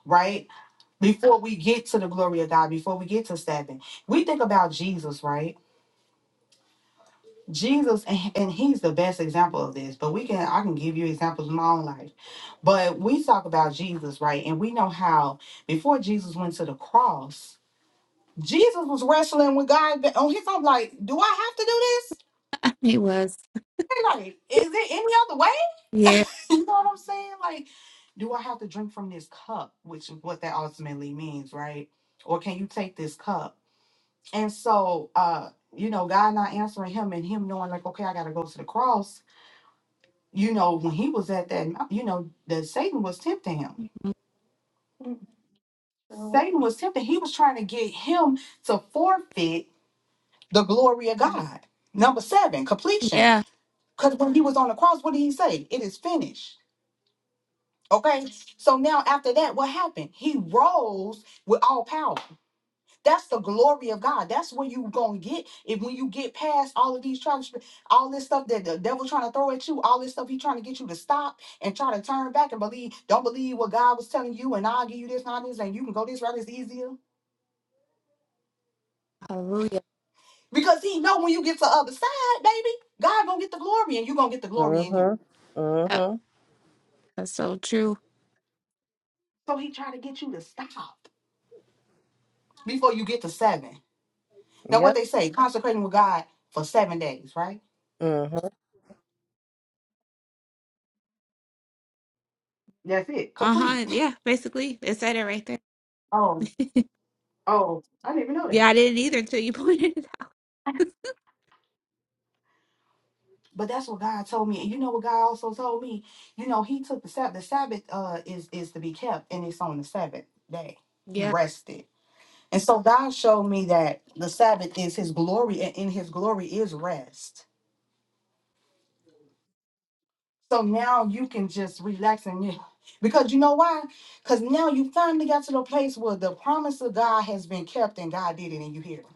S1: right? before we get to the glory of God, before we get to stabbing, we think about Jesus, right? Jesus, and, and he's the best example of this, but we can, I can give you examples in my own life. But we talk about Jesus, right? And we know how before Jesus went to the cross, Jesus was wrestling with God on his own, like, do I have to do this?
S2: he was.
S1: Like, is it any other
S2: Yeah,
S1: way? you know what I'm saying? Like, do I have to drink from this cup, which is what that ultimately means, right? Or can you take this cup? And so, uh, you know, God not answering him and him knowing like, okay, I got to go to the cross. You know, when he was at that, mount- you know, the Satan was tempting him. Mm. Satan was tempting. He was trying to get him to forfeit the glory of God. Number seven, completion.
S2: yeah,
S1: Because when he was on the cross, what did he say? It is finished. Okay. So now after that, what happened? He rose with all power. That's the glory of God. That's where you gonna get if when you get past all of these trials, all this stuff that the devil trying to throw at you, all this stuff he trying to get you to stop and try to turn back and believe, don't believe what God was telling you, and I'll give you this, not this, and you can go this route, it's easier.
S2: hallelujah.
S1: Because he know when you get to the other side, baby, God gonna get the glory and you gonna get the glory in him.
S3: Mm-hmm.
S2: Yep,
S3: Mm-hmm.
S2: that's so true.
S1: So he try to get you to stop before you get to seven. Now what
S3: Yep.
S1: they say, consecrating with God for seven days, right?
S3: Mm-hmm.
S1: That's it.
S2: Uh
S1: Complete.
S2: huh. Yeah, basically, it said it right there.
S1: Oh, oh, I didn't even know that.
S2: yeah, I didn't either until you pointed it out.
S1: But that's what God told me. And you know what God also told me? You know, he took the Sabbath. The Sabbath uh is is to be kept and it's on the seventh day. He
S2: Yeah,
S1: rested. And so God showed me that the Sabbath is his glory and in his glory is rest. So now you can just relax and you because you know why? Because now you finally got to the place where the promise of God has been kept and God did it and you hear. it.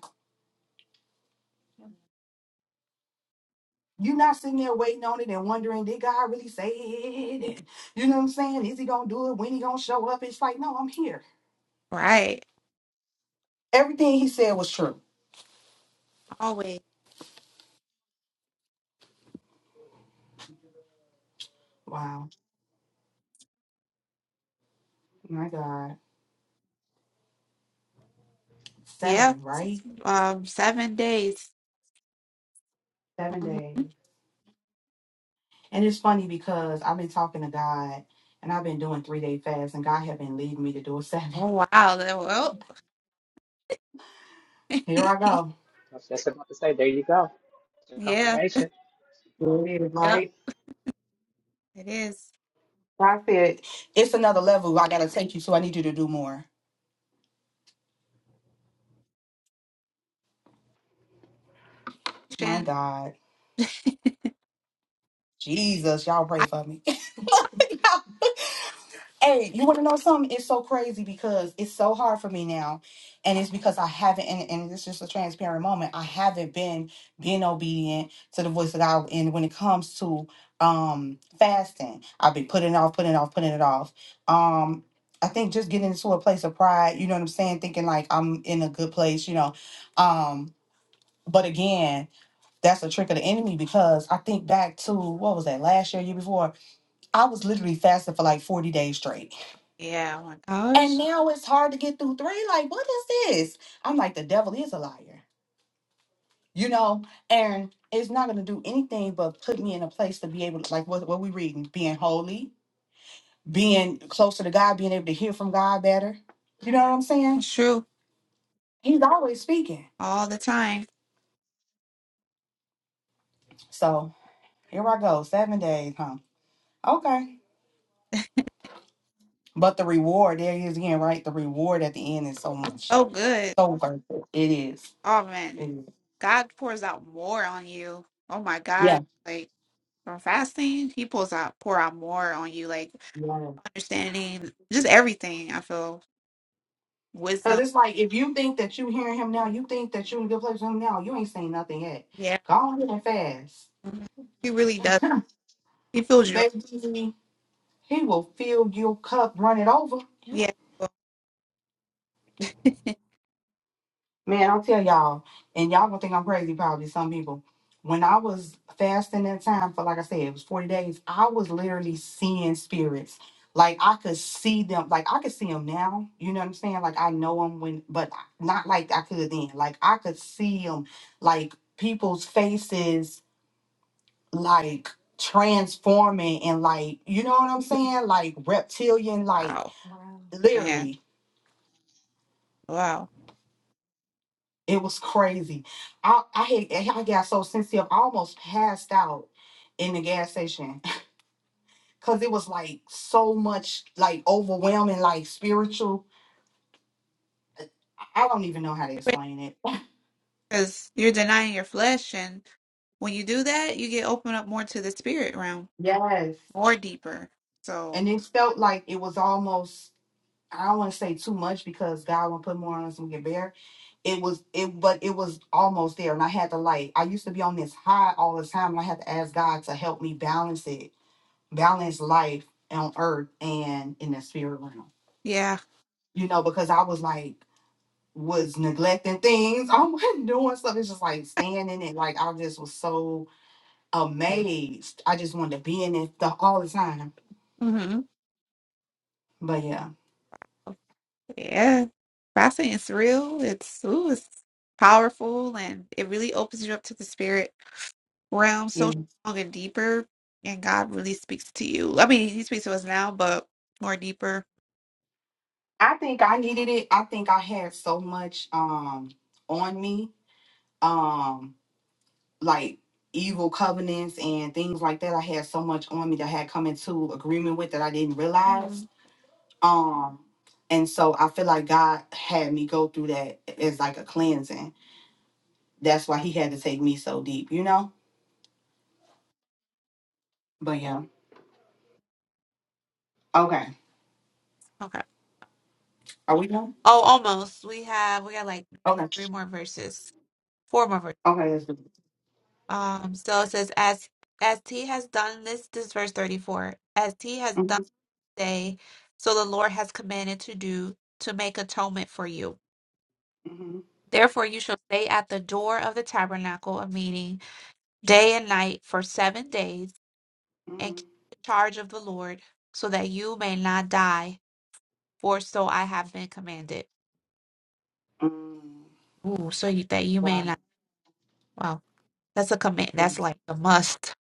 S1: You're not sitting there waiting on it and wondering, did God really say it? And you know what I'm saying? Is he gonna do it? When he gonna show up? It's like, no, I'm here.
S2: right.
S1: Everything he said was true.
S2: Always.
S1: Wow, my God.
S2: Yeah,
S1: Seven, right?
S2: um, seven days.
S1: Seven
S2: hmm
S1: days. And it's funny because I've been talking to God and I've been doing three day fasts, and God had been leading me to do a seven.
S2: Oh wow. that- Well,
S1: Here I go.
S5: was just about to say, there you go. Your
S2: yeah,
S5: confirmation.
S1: Here it is,
S2: yep,
S1: right?
S2: it is.
S1: I said, it's another level I gotta take you, so I need you to do more. My
S2: Shin-
S1: God. Jesus, y'all pray
S2: I-
S1: for me. Hey, you want to know something? It's so crazy because it's so hard for me now, and it's because I haven't. And, and it's just a transparent moment. I haven't been being obedient to the voice of God. And when it comes to um fasting, I've been putting it off, putting it off, putting it off. Um, I think just getting into a place of pride. You know what I'm saying? Thinking like I'm in a good place. You know, um. But again, that's a trick of the enemy because I think back to what was that last year, year before. I was literally fasting for like 40 days straight
S2: Yeah, oh my
S1: and
S2: gosh,
S1: now it's hard to get through three. Like, what is this? I'm like, the devil is a liar, you know? And it's not going to do anything but put me in a place to be able to, like, what, what we reading? Being holy, being closer to God, being able to hear from God better. You know what I'm saying?
S2: that's true.
S1: He's always speaking.
S2: all the time.
S1: So here I go. Seven days, huh? Okay. But the reward, there he is again, right? The reward at the end is so much.
S2: Oh, good.
S1: So worth it. It is.
S2: Oh, man.
S1: It is.
S2: God pours out more on you. Oh, my God.
S1: Yeah.
S2: Like from fasting, He pulls out, pour out more on you. Like
S1: Yeah.
S2: understanding, just everything. I feel
S1: Cause
S2: wisdom.
S1: it's like if you think that you hearing him now, you think that you in a good place with him now, you ain't saying nothing yet.
S2: Yeah.
S1: Go on here and fast.
S2: Mhm. He really does. He fills you up.
S1: Baby, he will fill your cup, run it over. Yep.
S2: Yeah.
S1: Man, I'll tell y'all, and y'all gonna think I'm crazy probably, some people. When I was fasting that time for like I said, it was 40 days, I was literally seeing spirits. Like I could see them, like I could see them now. You know what I'm saying? Like I know them when, but not like I could then. Like I could see them, like people's faces like transforming and like you know what I'm saying? Like reptilian, like
S2: wow,
S1: Wow.
S2: man.
S1: literally.
S2: Wow.
S1: It was crazy. I I had, I got so sensitive, I almost passed out in the gas station because it was like so much like overwhelming, like spiritual. I I don't even know how to explain it.
S2: Because you're denying your flesh. And when you do that, you get opened up more to the spirit realm,
S1: Yes.
S2: more deeper. So,
S1: And it felt like it was almost I don't want to say too much because God will put more on us and we get buried it was it but it was almost there and i had to like i used to be on this high all the time and i had to ask god to help me balance it balance life on earth and in the spirit realm
S2: yeah.
S1: you know because i was like was neglecting things i wasn't doing stuff it's just like staying in it like i just was so amazed i just wanted to be in it the, all the time
S2: Mm-hmm.
S1: but yeah
S2: Yeah, fasting is real. It's ooh, it's powerful, and it really opens you up to the spirit realm
S1: yeah
S2: so strong and deeper. And God really speaks to you. I mean, He speaks to us now, but more deeper.
S1: i think i needed it i think i had so much um on me um. like evil covenants and things like that. I had so much on me that I had come into agreement with that I didn't
S2: hmm
S1: realize. Um, and so I feel like God had me go through that as like a cleansing. That's why He had to take me so deep, you know. But yeah, okay.
S2: Okay.
S1: Are we done?
S2: Oh, almost. We have we got like
S1: Okay.
S2: three more verses, four more verses.
S1: Okay, that's good.
S2: Um. So it says, as as He has done this. This is verse thirty four. As He has done
S1: hmm
S2: today, so the Lord has commanded to do to make atonement for you.
S1: hmm
S2: Therefore, you shall stay at the door of the tabernacle of meeting day and night for seven days, and
S1: hmm
S2: keep the charge of the Lord, so that you may not die, for so I have been commanded.
S1: Mm.
S2: Ooh, so you, that you may
S1: Wow.
S2: not. Wow, that's a command. That's like a must.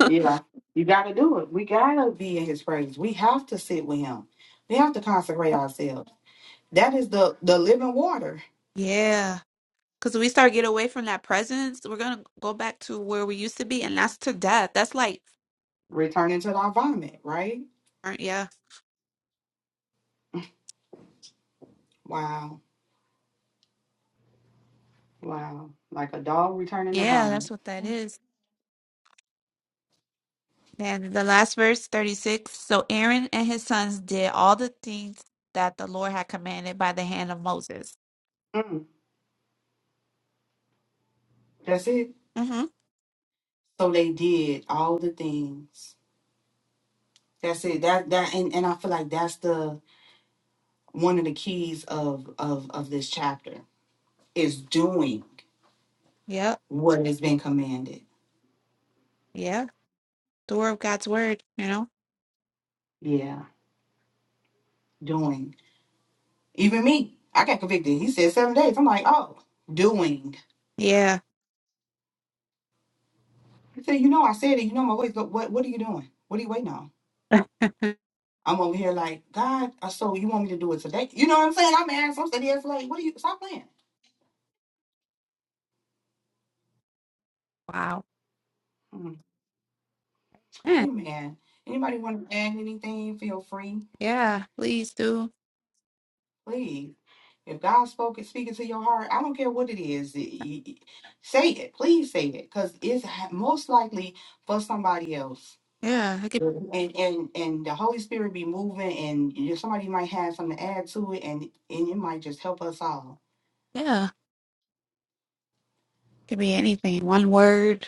S1: Yeah, you got to do it. We got to be in His presence. We have to sit with Him. We have to consecrate ourselves. That is the the living water.
S2: Yeah. Because we start get away from that presence, we're going to go back to where we used to be, and that's to death. That's like,
S1: returning to our vomit, right?
S2: aren't- yeah.
S1: Wow, wow, like a dog returning to
S2: Yeah, that's
S1: vomit.
S2: what that is. And the last verse, 36. So Aaron and his sons did all the things that the Lord had commanded by the hand of Moses.
S1: Mm, that's it.
S2: Mm-hmm.
S1: So they did all the things. That's it. That that and, and I feel like that's the one of the keys of of of this chapter is doing
S2: Yep.
S1: what has been commanded.
S2: Yeah. Door of God's word, you know?
S1: Yeah, doing. Even me, I got convicted. He said seven days. I'm like, oh, doing.
S2: Yeah.
S1: He said, you know, I said it. You know my ways. But what what are you doing? What are you waiting on? I'm over here like, God, uh, so you want me to do it today? You know what I'm saying? I'm asking. I'm sitting here like, what are you? Stop playing.
S2: wow.
S1: Mm.
S2: Man,
S1: Amen. Anybody want to add anything? Feel free,
S2: yeah. Please do.
S1: please. If God spoke it, speaking to your heart, I don't care what it is. y- y- Say it, please say it, because it's ha- most likely for somebody else.
S2: Yeah. It could,
S1: Mhm. And and and the Holy Spirit be moving, and you- somebody might have something to add to it, and and it might just help us all.
S2: yeah. It could be anything. One word.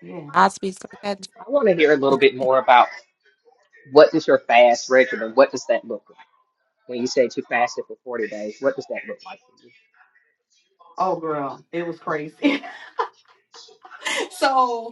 S1: Yeah.
S2: God speaks like that.
S5: I want to hear a little bit more about what does your fast regimen, what does that look like? When you said you fasted for 40 days, what does that look like for you?
S1: Oh, girl, it was crazy. so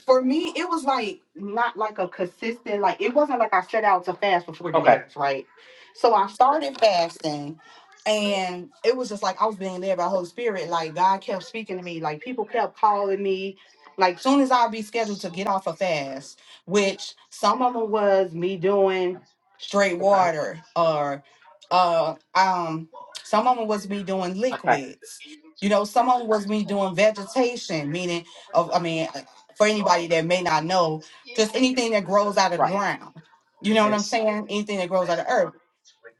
S1: for me, it was like not like a consistent, like it wasn't like I set out to fast for 40
S5: Okay.
S1: days, right? So I started fasting and it was just like I was being led by Holy Spirit. Like God kept speaking to me, like people kept calling me. Like soon as I'd be scheduled to get off a fast, which some of them was me doing straight
S5: Okay. Okay.
S1: water or uh um some of them was me doing liquids. You know, some of them was me doing vegetation, meaning of I mean for anybody that may not know, just anything that grows out of the
S5: Right.
S1: ground. You know what
S5: Mhm.
S1: I'm saying? Anything that grows out of the earth.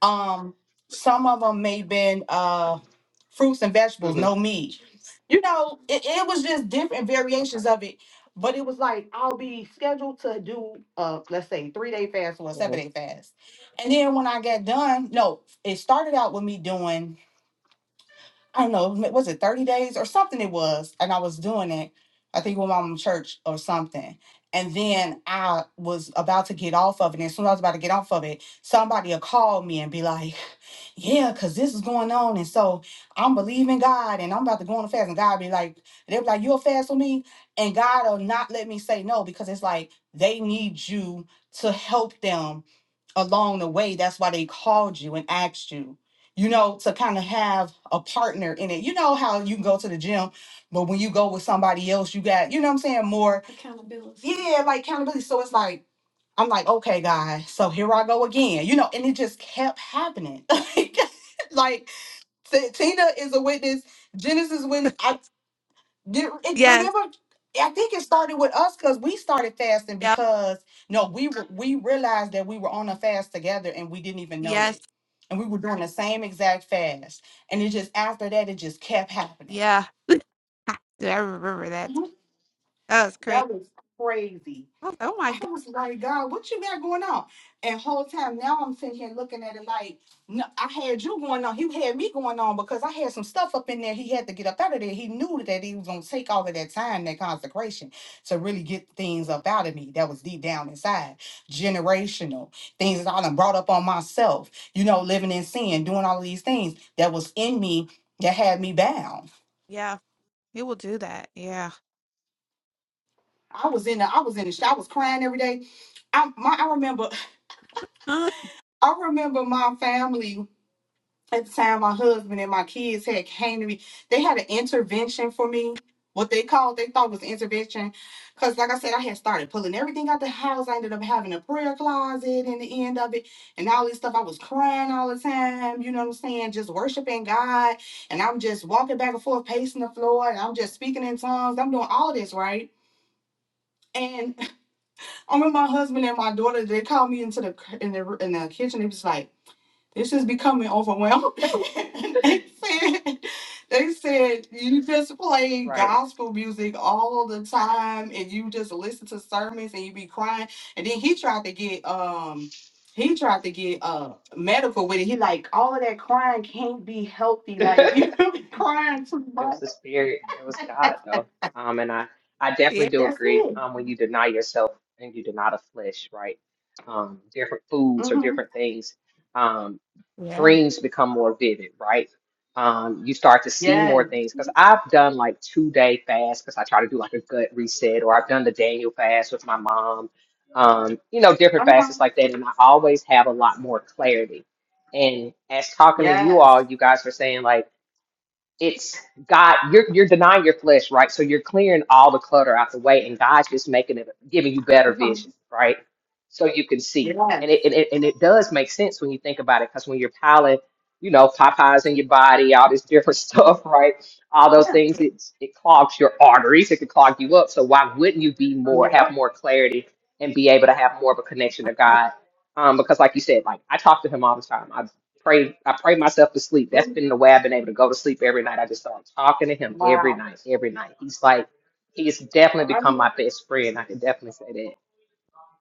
S1: Um, some of them may been uh fruits and vegetables,
S5: Mhm.
S1: no meat. You know, it, it was just different
S5: Okay.
S1: variations of it. But it was like I'll be scheduled to do uh let's say three day fast or a seven
S5: Mhm.
S1: day fast. And then when I got done, no, it started out with me doing I don't know, was it 30 days or something it was? And I was doing it, I think with my mom church or something. And then I was about to get off of it. And as soon as I was about to get off of it, somebody will call me and be like, Yeah, because this is going on. And so I'm believing God and I'm about to go on a fast. And God be like, They'll be like, You'll fast with me? And God will not let me say no because it's like they need you to help them along the way. That's why they called you and asked you, you know, to kind of have a partner in it. You know how you can go to the gym, but when you go with somebody else, you got, you know what I'm saying, more accountability. Yeah, like accountability. So it's like, I'm like, okay, guys, so here I go again, you know, and it just kept happening. like, T- Tina is a witness. Genesis
S2: too.
S1: when I. Do- it-
S2: yes.
S1: remember, I think it started with us because we started fasting
S2: Yep.
S1: because no, we re- we realized that we were on a fast together and we didn't even know
S2: Yes.
S1: it, and we were doing the same exact fast, and it just after that it just kept happening.
S2: Yeah. Dude, I remember that.
S1: Mhm.
S2: That was crazy.
S1: That was crazy.
S2: I was like, oh my
S1: I
S2: God.
S1: was like, God, what you got going on? And whole time now I'm sitting here looking at it like, no, I had you going on. He had me going on because I had some stuff up in there. He had to get up out of there. He knew that he was gonna take all of that time, that consecration, to really get things up out of me. That was deep down inside, generational
S2: Yeah.
S1: things that I done brought up on myself. You know, living in sin, doing all of these things that was in me that had me bound.
S2: Yeah. He will do that. Yeah.
S1: I was in the, I was in the, sh- I was crying every day. I, my, I remember I remember my family. at the time my husband and my kids had came to me they had an intervention for me what they called they thought was intervention because like i said i had started pulling everything out the house i ended up having a prayer closet in the end of it and all this stuff i was crying all the time you know what i'm saying just worshiping god and i'm just walking back and forth pacing the floor and i'm just speaking in tongues i'm doing all this right And. I remember my husband and my daughter. They called me into the in the in the kitchen. They was like, "This is becoming overwhelming." And they said, "They said you just play
S5: Right.
S1: gospel music all the time, and you just listen to sermons, and you be crying." And then he tried to get um he tried to get uh medical with it. He like all of that crying can't be healthy. Like you be crying too
S5: It was
S1: much.
S5: the spirit. It was God, though. Um, and I, I definitely
S2: yeah.
S5: do
S1: That's
S5: agree.
S1: it.
S5: Um, when you deny yourself and you deny the flesh, right? Um, different foods or
S1: Mm-hmm.
S5: different things. Um,
S2: Yeah.
S5: dreams become more vivid, right? Um, you start to see
S1: Yes.
S5: more things because I've done like two day fast because I try to do like a gut reset, or I've done the Daniel fast with my mom. Um, you know, different
S1: Uh-huh.
S5: fasts like that, and I always have a lot more clarity. And as talking to you all,
S1: Yes.
S5: you guys were saying like it's God, you're you're denying your flesh, right? So you're clearing all the clutter out the way, and God's just making it, giving you
S1: Uh
S5: better
S1: huh.
S5: vision, right? So you can see,
S1: Yes.
S5: and it and it, and it does make sense when you think about it, because when you're piling, you know, Popeyes in your body, all this different stuff, right? All those
S1: Yeah.
S5: things,
S2: Yes.
S5: it it clogs your arteries, it can clog you up. So why wouldn't you be more, have
S1: Yep.
S5: more clarity, and be able to have more of a connection to God? Um, because like you said, like I talk to Him all the time pray I pray myself to sleep. That's
S1: Mhm.
S5: been the way I've been able to go to sleep every night. I just start talking to him every
S1: Wow.
S5: night, every night. He's like he's definitely become
S1: Um,
S5: my best friend. I can definitely say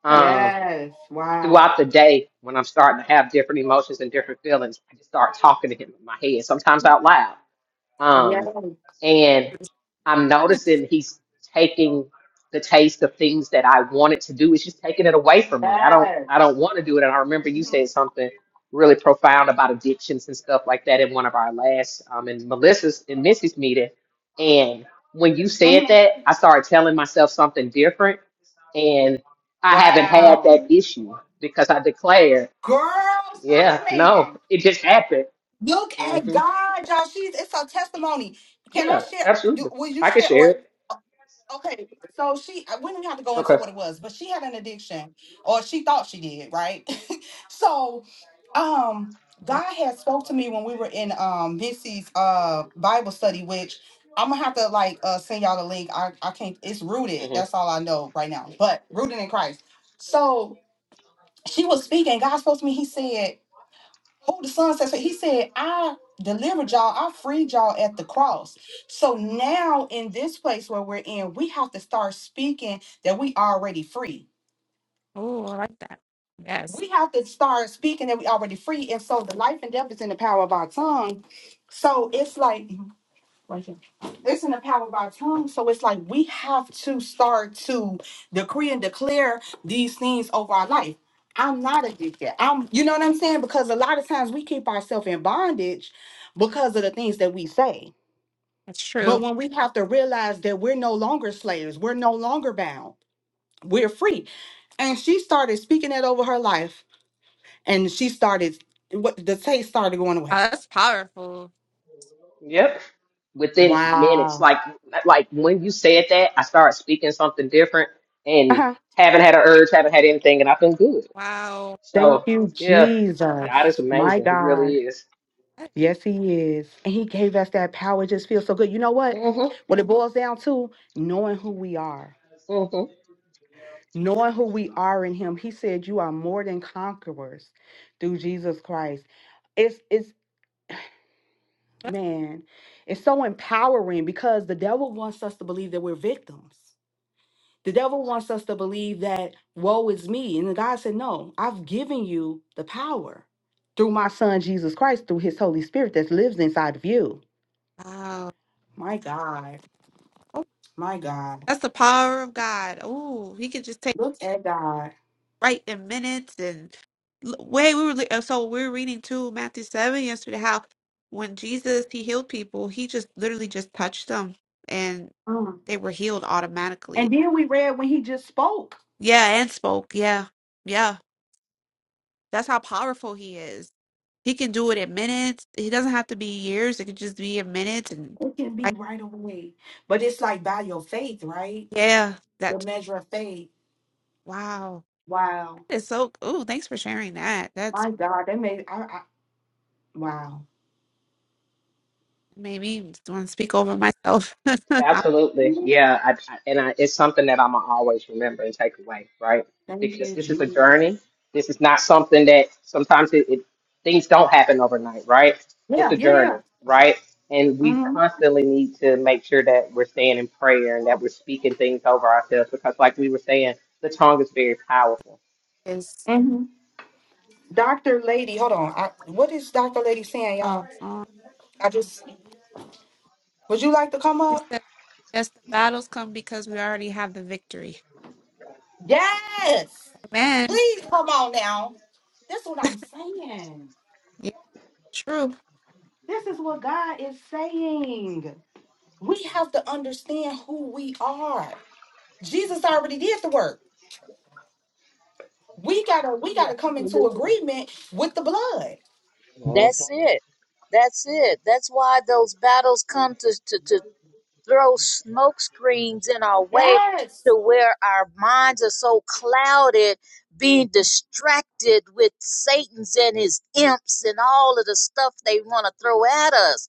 S5: that. Um
S1: yes. Wow.
S5: throughout the day when I'm starting to have different emotions and different feelings, I just start talking to him in my head, sometimes out loud.
S1: Yes.
S5: Um, and I'm noticing he's taking the taste of things that I wanted to do. It's just taking it away from me. I don't
S1: Yes.
S5: I don't want to do it. And I remember you said
S1: Mhm.
S5: something really profound about addictions and stuff like that in one of our last um in Melissa's and Missy's meeting. And when you said
S1: Mhm.
S5: that, I started telling myself something different and I haven't had
S1: Wow.
S2: Wow.
S5: that issue because I declared,
S1: Girl, stop
S5: yeah, no,
S1: playing.
S5: it just happened.
S1: Look at
S5: hmm
S1: God, y'all. She's it's a testimony. Can I
S5: Yeah,
S1: share? Do,
S5: absolutely.
S1: will you
S5: I can
S1: share?
S5: share
S1: Or
S5: it.
S1: Okay, so she, uh, We do not have to go into
S5: Okay.
S1: what it was, but she had an addiction, or she thought she did, right? so, um, God had spoke to me when we were in um Missy's uh Bible study, which I'm gonna have to like uh send y'all the link. I I can't. It's rooted.
S5: hmm
S1: That's all I know right now. But rooted in Christ. So she was speaking. God spoke to me. He said. Who the son says, so he said, I delivered y'all, I freed y'all at the cross. So now in this place where we're in, we have to start speaking that we already free.
S2: Oh, I like that. Yes,
S1: We have to start speaking that we already free. And so the life and death is in the power of our tongue. So it's like right here. It's in the power of our tongue. So it's like we have to start to decree and declare these things over our life. I'm not addicted. I'm you know what I'm saying? Because a lot of times we keep ourselves in bondage because of the things that we say.
S2: that's true.
S1: But when we have to realize that we're no longer slaves, we're no longer bound, we're free. And she started speaking that over her life. And she started what the taste started going away.
S2: Wow, that's powerful.
S5: Yep. within minutes.
S1: Wow.
S5: Like like when you said that, I started speaking something different and haven't had an urge, haven't had anything, and I've been good.
S2: Wow.
S1: Thank
S5: So
S1: you,
S5: yeah,
S1: Jesus.
S5: God is
S1: My
S5: amazing. He really
S1: God.
S5: is.
S1: Yes, he is. And he gave us that power. It just feels so good. You know what?
S5: hmm
S1: What it boils down to, knowing who we are,
S5: hmm
S1: knowing who we are in him. He said, You are more than conquerors through Jesus Christ. It's, it's, man, it's so empowering because the devil wants us to believe that we're victims. The devil wants us to believe that woe is me. And God said, No, I've given you the power through my son Jesus Christ, through his Holy Spirit that lives inside of you.
S2: Wow.
S1: My God,
S2: Oh,
S1: my God.
S2: that's the power of God. Oh, he could just take
S1: Look at God.
S2: right in minutes and L- wait, we were li- uh, so we were reading too Matthew 7 yesterday how when Jesus he healed people, he just literally just touched them and
S1: Mm.
S2: they were healed
S1: And
S2: automatically.
S1: then we read when he just spoke,
S2: Yeah, and spoke. Yeah. Yeah. That's how powerful he is. He can do it in minutes. He doesn't have to be years. It could just be in minutes. And
S1: it can be
S2: like,
S1: right away. But it's like by your faith, right?
S2: yeah,
S1: The
S2: that
S1: measure of faith.
S2: wow,
S1: Wow.
S2: that is so. Oh, thanks for sharing that. That's
S1: My God, that made I, I wow.
S2: made me just want to speak over myself. I'm
S5: Absolutely.
S1: Mhm.
S5: Yeah. I, I, and I, it's something that I'm going to always remember and take away, right?
S1: Thank
S5: Because
S1: you,
S5: this is a
S1: Jesus.
S5: journey. This is not something that sometimes it, it things don't happen overnight, right? It's
S1: Yeah,
S5: a
S1: yeah, yeah.
S5: journey, right? And we
S1: Mm-hmm.
S5: constantly need to make sure that we're staying in prayer and that we're speaking things over ourselves because, like we were saying, the tongue is very powerful.
S2: just
S1: mm-hmm. Dr. Lady, hold on. I, what is Dr. Lady saying, y'all?
S2: oh, um,
S1: I just would you like to come
S2: he
S1: up?
S2: says, yes, the battles come because we already have the victory.
S1: Yes.
S2: Amen.
S1: Please come on now. This is what I'm saying.
S2: Yeah, true.
S1: This is what God is saying. We have to understand who we are. Jesus already did the work. We gotta we
S6: Hallelujah.
S1: gotta come into
S6: Hallelujah.
S1: agreement with the blood.
S6: That's
S5: Mhm.
S6: it. That's it. That's why those battles come to, to, to throw smoke screens in our way
S1: Yes.
S6: to where our minds are so clouded, being distracted with Satan's and his imps and all of the stuff they want to throw at us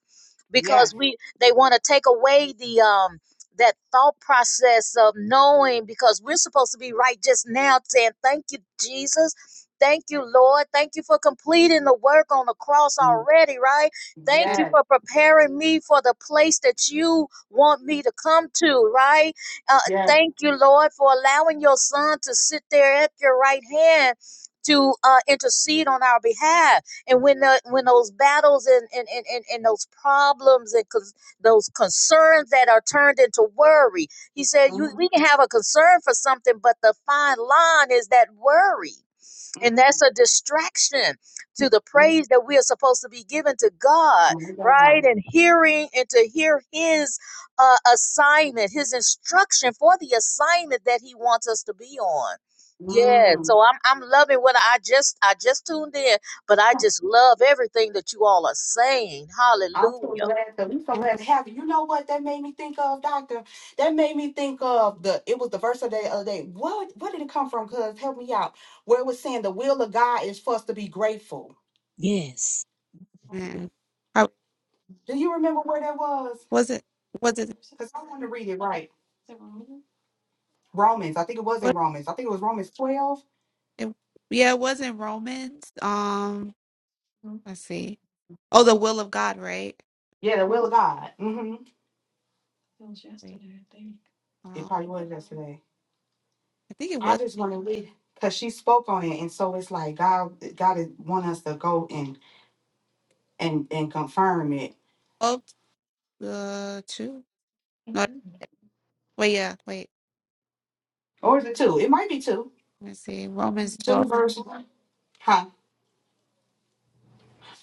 S1: Yes.
S6: because we they want to take away the um that thought process of knowing because we're supposed to be right just now saying thank you Jesus thank you Lord thank you for completing the work on the cross
S1: Mm.
S6: already right thank you
S1: Yes.
S6: for preparing me for the place that you want me to come to, right? Uh,
S1: Yes.
S6: thank you, Lord, for allowing your son to sit there at your right hand. To uh, intercede on our behalf, and when the, when those battles and and, and, and and those problems and cons- those concerns that are turned into worry, he said, you,
S1: Mhm.
S6: we can have a concern for something, but the fine line is that worry. And
S1: Mm.
S6: that's a distraction to the
S1: Mm.
S6: praise that we are supposed to be given to God,
S1: My
S6: right?
S1: God.
S6: And hearing and to hear His uh, assignment, His instruction for the assignment that He wants us to be on. Yeah,
S1: Mm.
S6: so I'm I'm loving what I just I just tuned in, but I just love everything that you all are saying.
S1: I'm so
S6: Hallelujah.
S1: glad that we so
S2: Amen.
S1: glad to have you. You know what that made me think of, Doctor? That made me think of the it was the verse of the other day. What what did it come from? Cause help me out. Where it was saying the will of God is for us to be grateful.
S6: Yes.
S2: Amen. How-
S1: Do you remember where that was?
S2: was it? Was it?
S1: Because I want to read it right. Romans. I think it was in
S2: What?
S1: Romans. I think it was Romans 12.
S2: It, yeah, it was in Romans. Um, let's see. Oh, the will of God, right?
S1: Yeah, the will of God. hmm
S2: Right.
S1: It
S2: Uh,
S1: probably was yesterday.
S2: I think it
S1: I
S2: was
S1: just want to read because she spoke on it, and so it's like God, God is want us to go in. and and confirm it.
S2: 12, uh, 2. No,
S1: Mhm.
S2: wait, yeah, wait.
S1: Or is it two? It might be two.
S2: Let me see. Romans
S1: Two
S2: 12.
S1: verses. Huh?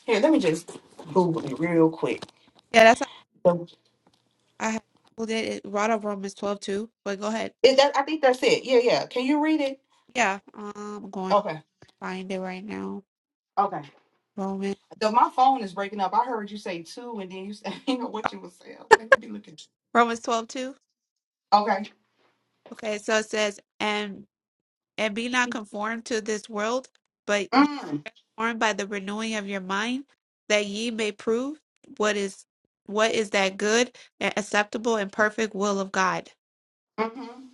S1: Here, let me just Google it real quick.
S2: Yeah, that's how
S1: So,
S2: I had Googled it. It brought up Romans 12, too. But go ahead.
S1: Is that I think that's it. Yeah, yeah. Can you read it?
S2: Yeah, um, I'm going to
S1: Okay.
S2: find it right now.
S1: Okay.
S2: Romans,
S1: Though my phone is breaking up. I heard you say two, and then you say, you know what you were saying. I'm like, let me look at you.
S2: Romans 12 2.
S1: Okay.
S2: Okay, so it says, and and be not conformed to this world, but ye
S1: Mm.
S2: formed by the renewing of your mind, that ye may prove what is what is that good and acceptable and perfect will of God.
S1: Mm-hmm.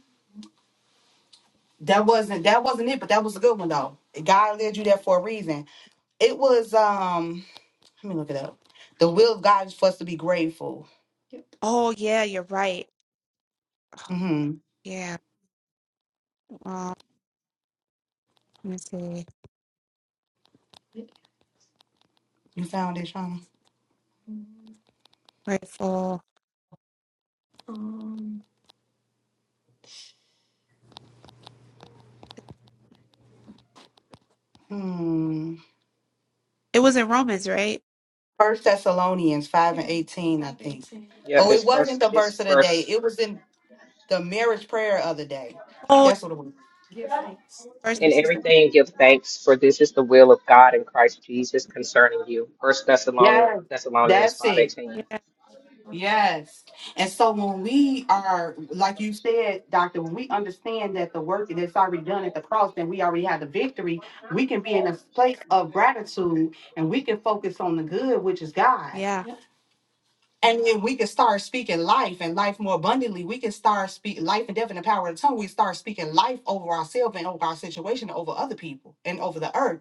S1: That wasn't that wasn't it, but that was a good one though. God led you there for a reason. It was um. Let me look it up. The will of God is for us to be grateful. Yep.
S2: Oh yeah, you're right.
S1: Mm-hmm.
S2: Yeah. Um, let me see.
S1: You found it, Shauna?
S2: Grateful.
S1: Um, hmm.
S2: It was in Romans, right?
S1: First Thessalonians five and eighteen, I think.
S5: Yep,
S1: Oh, it
S5: it's
S1: wasn't
S5: first.
S1: the
S5: It's
S1: verse of the day.
S5: first.
S1: It was in the marriage prayer of the day.
S2: Oh,
S1: That's what it was. Give thanks. For
S2: first,
S5: In
S1: this is the
S5: everything give thanks, for this is the will of God in Christ Jesus concerning you. First Thessalonians
S1: Yes.
S5: Thessalonians
S1: That's
S5: five
S1: it.
S5: eighteen.
S2: yeah,
S1: Yes. And so when we are, like you said, Doctor, when we understand that the work that's already done at the cross, then we already have the victory, we can be in a place of gratitude and we can focus on the good, which is God.
S2: yeah,
S1: And then we can start speaking life and life more abundantly, we can start speak life and death and the power of the tongue. We start speaking life over ourselves and over our situation, over other people and over the earth,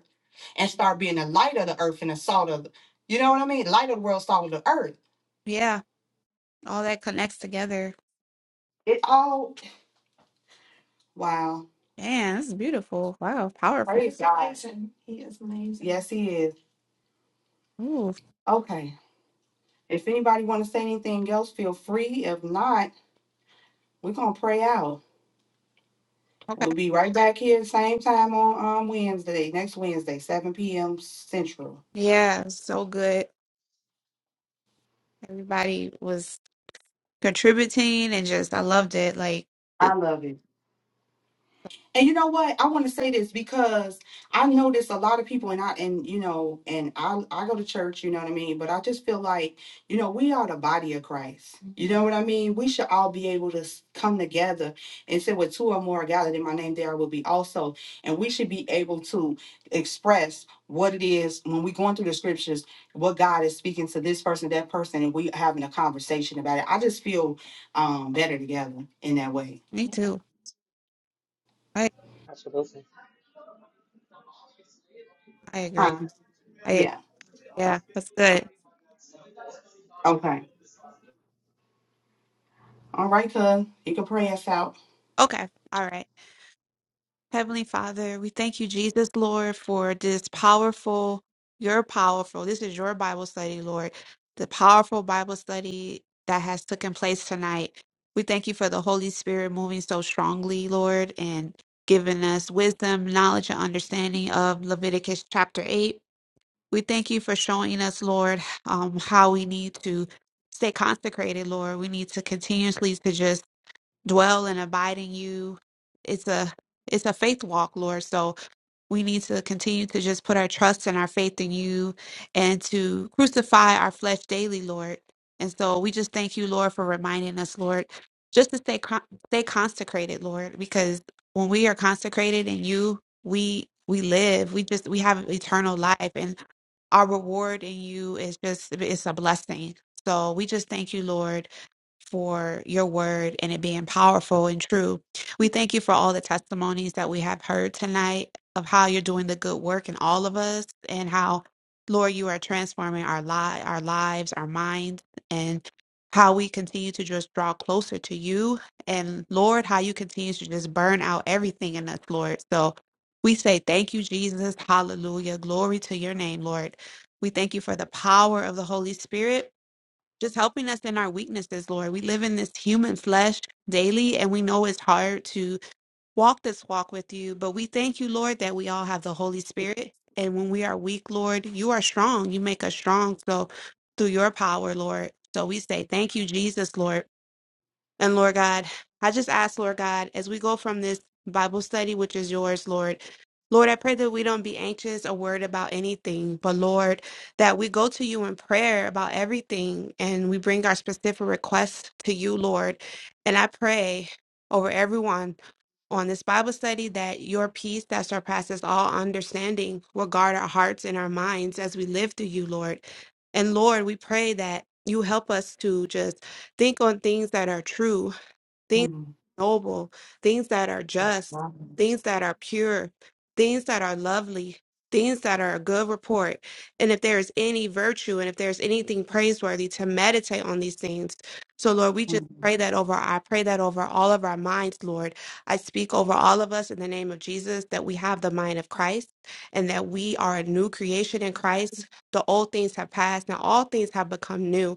S1: and start being the light of the earth and the salt of, the, you know what I mean? Light of the world, salt of the earth.
S2: yeah. All that connects together.
S1: It all wow.
S2: Man, this is beautiful. Wow, powerful.
S1: Praise He's God. amazing. He is amazing. Yes, he is.
S2: Ooh,
S1: Okay. If anybody want to say anything else, feel free. If not, we're gonna pray out.
S2: okay.
S1: We'll be right back here same time on um, Wednesday, next Wednesday, 7 p.m. Central.
S2: Yeah, so good. Everybody was contributing and just, I loved it. Like,
S1: I
S2: it-
S1: love it. And you know what? I want to say this because I notice a lot of people and I and you know, and I I go to church, you know what I mean? But I just feel like, you know, we are the body of Christ. You know what I mean? We should all be able to s- come together and say with two or more are gathered in my name there I will be also. And we should be able to express what it is when we're going through the scriptures, what God is speaking to this person, that person, and we having a conversation about it. I just feel um better together in that way.
S2: me too. I
S5: Absolutely.
S2: I agree.
S1: Yeah.
S2: I agree.
S1: Yeah.
S2: Yeah, that's good.
S1: Okay. All right, cuz. You can pray us out.
S2: Okay. All right. Heavenly Father, we thank you, Jesus, Lord, for this powerful, your powerful, this is your Bible study, Lord, the powerful Bible study that has taken place tonight. We thank you for the Holy Spirit moving so strongly, Lord, and giving us wisdom, knowledge, and understanding of Leviticus chapter 8. We thank you for showing us, Lord, um, how we need to stay consecrated, Lord. We need to continuously to just dwell and abide in you. It's a it's a faith walk, Lord. So we need to continue to just put our trust and our faith in you and to crucify our flesh daily, Lord. And so we just thank you, Lord, for reminding us, Lord, just to stay con- stay consecrated, Lord, because when we are consecrated in you, we we live. We just we have eternal life and our reward in you is just it's a blessing. So we just thank you, Lord for your word and it being powerful and true. We thank you for all the testimonies that we have heard tonight of how you're doing the good work in all of us and how Lord you are transforming our li- our lives, our minds and how we continue to just draw closer to you and Lord how you continue to just burn out everything in us, Lord. So we say thank you Jesus. Hallelujah. Glory to your name, Lord. We thank you for the power of the Holy Spirit just helping us in our weaknesses, Lord. We live in this human flesh daily, and we know it's hard to walk this walk with you. But we thank you, Lord, that we all have the Holy Spirit. And when we are weak, Lord, you are strong. You make us strong. So through your power, Lord. So we say thank you, Jesus, Lord. And Lord God, I just ask, Lord God, as we go from this Bible study, which is yours, Lord, Lord, I pray that we don't be anxious or worried about anything, but Lord, that we go to you in prayer about everything and we bring our specific requests to you, Lord. And I pray over everyone on this Bible study that your peace that surpasses all understanding will guard our hearts and our minds as we live through you, Lord. And Lord, we pray that you help us to just think on things that are true things
S1: Mm,
S2: that are noble, things that are just,
S1: wow.
S2: things that are pure, things that are lovely, things that are a good report. And if there is any virtue and if there's anything praiseworthy, to meditate on these things. So, Lord, we just
S1: Mm.
S2: pray that over. I pray that over all of our minds, Lord. I speak over all of us in the name of Jesus that we have the mind of Christ and that we are a new creation in Christ. The old things have passed. Now all things have become new.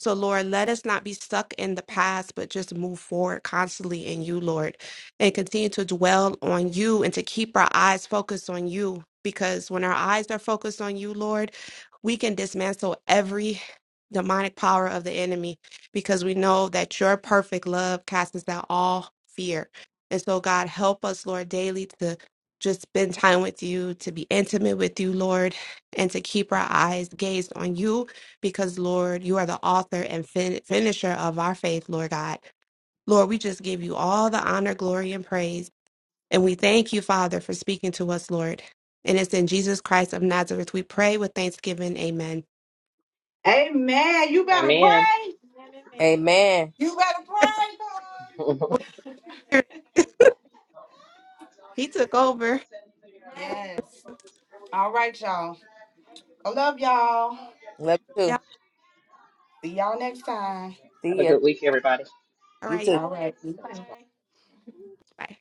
S2: So, Lord, let us not be stuck in the past, but just move forward constantly in you, Lord, and continue to dwell on you and to keep our eyes focused on you. Because when our eyes are focused on you, Lord, we can dismantle every demonic power of the enemy because we know that your perfect love casts out all fear. And so, God, help us, Lord, daily to just spend time with you, to be intimate with you, Lord, and to keep our eyes gazed on you because, Lord, you are the author and fin- finisher of our faith, Lord God. Lord, we just give you all the honor, glory, and praise. And we thank you, Father, for speaking to us, Lord. And it's in Jesus Christ of Nazareth we pray with thanksgiving. Amen.
S1: Amen. You better
S5: Amen.
S1: pray. Amen.
S3: Amen.
S1: You better pray,
S5: Have
S1: cuz.
S2: He took over.
S1: yes. All right, y'all. I love y'all.
S3: Love you
S2: Yeah.
S3: too.
S1: See y'all next time.
S3: See
S5: a
S3: ya.
S5: good week, everybody.
S2: All
S3: You too.
S2: right.
S1: All right. Bye.
S2: Bye.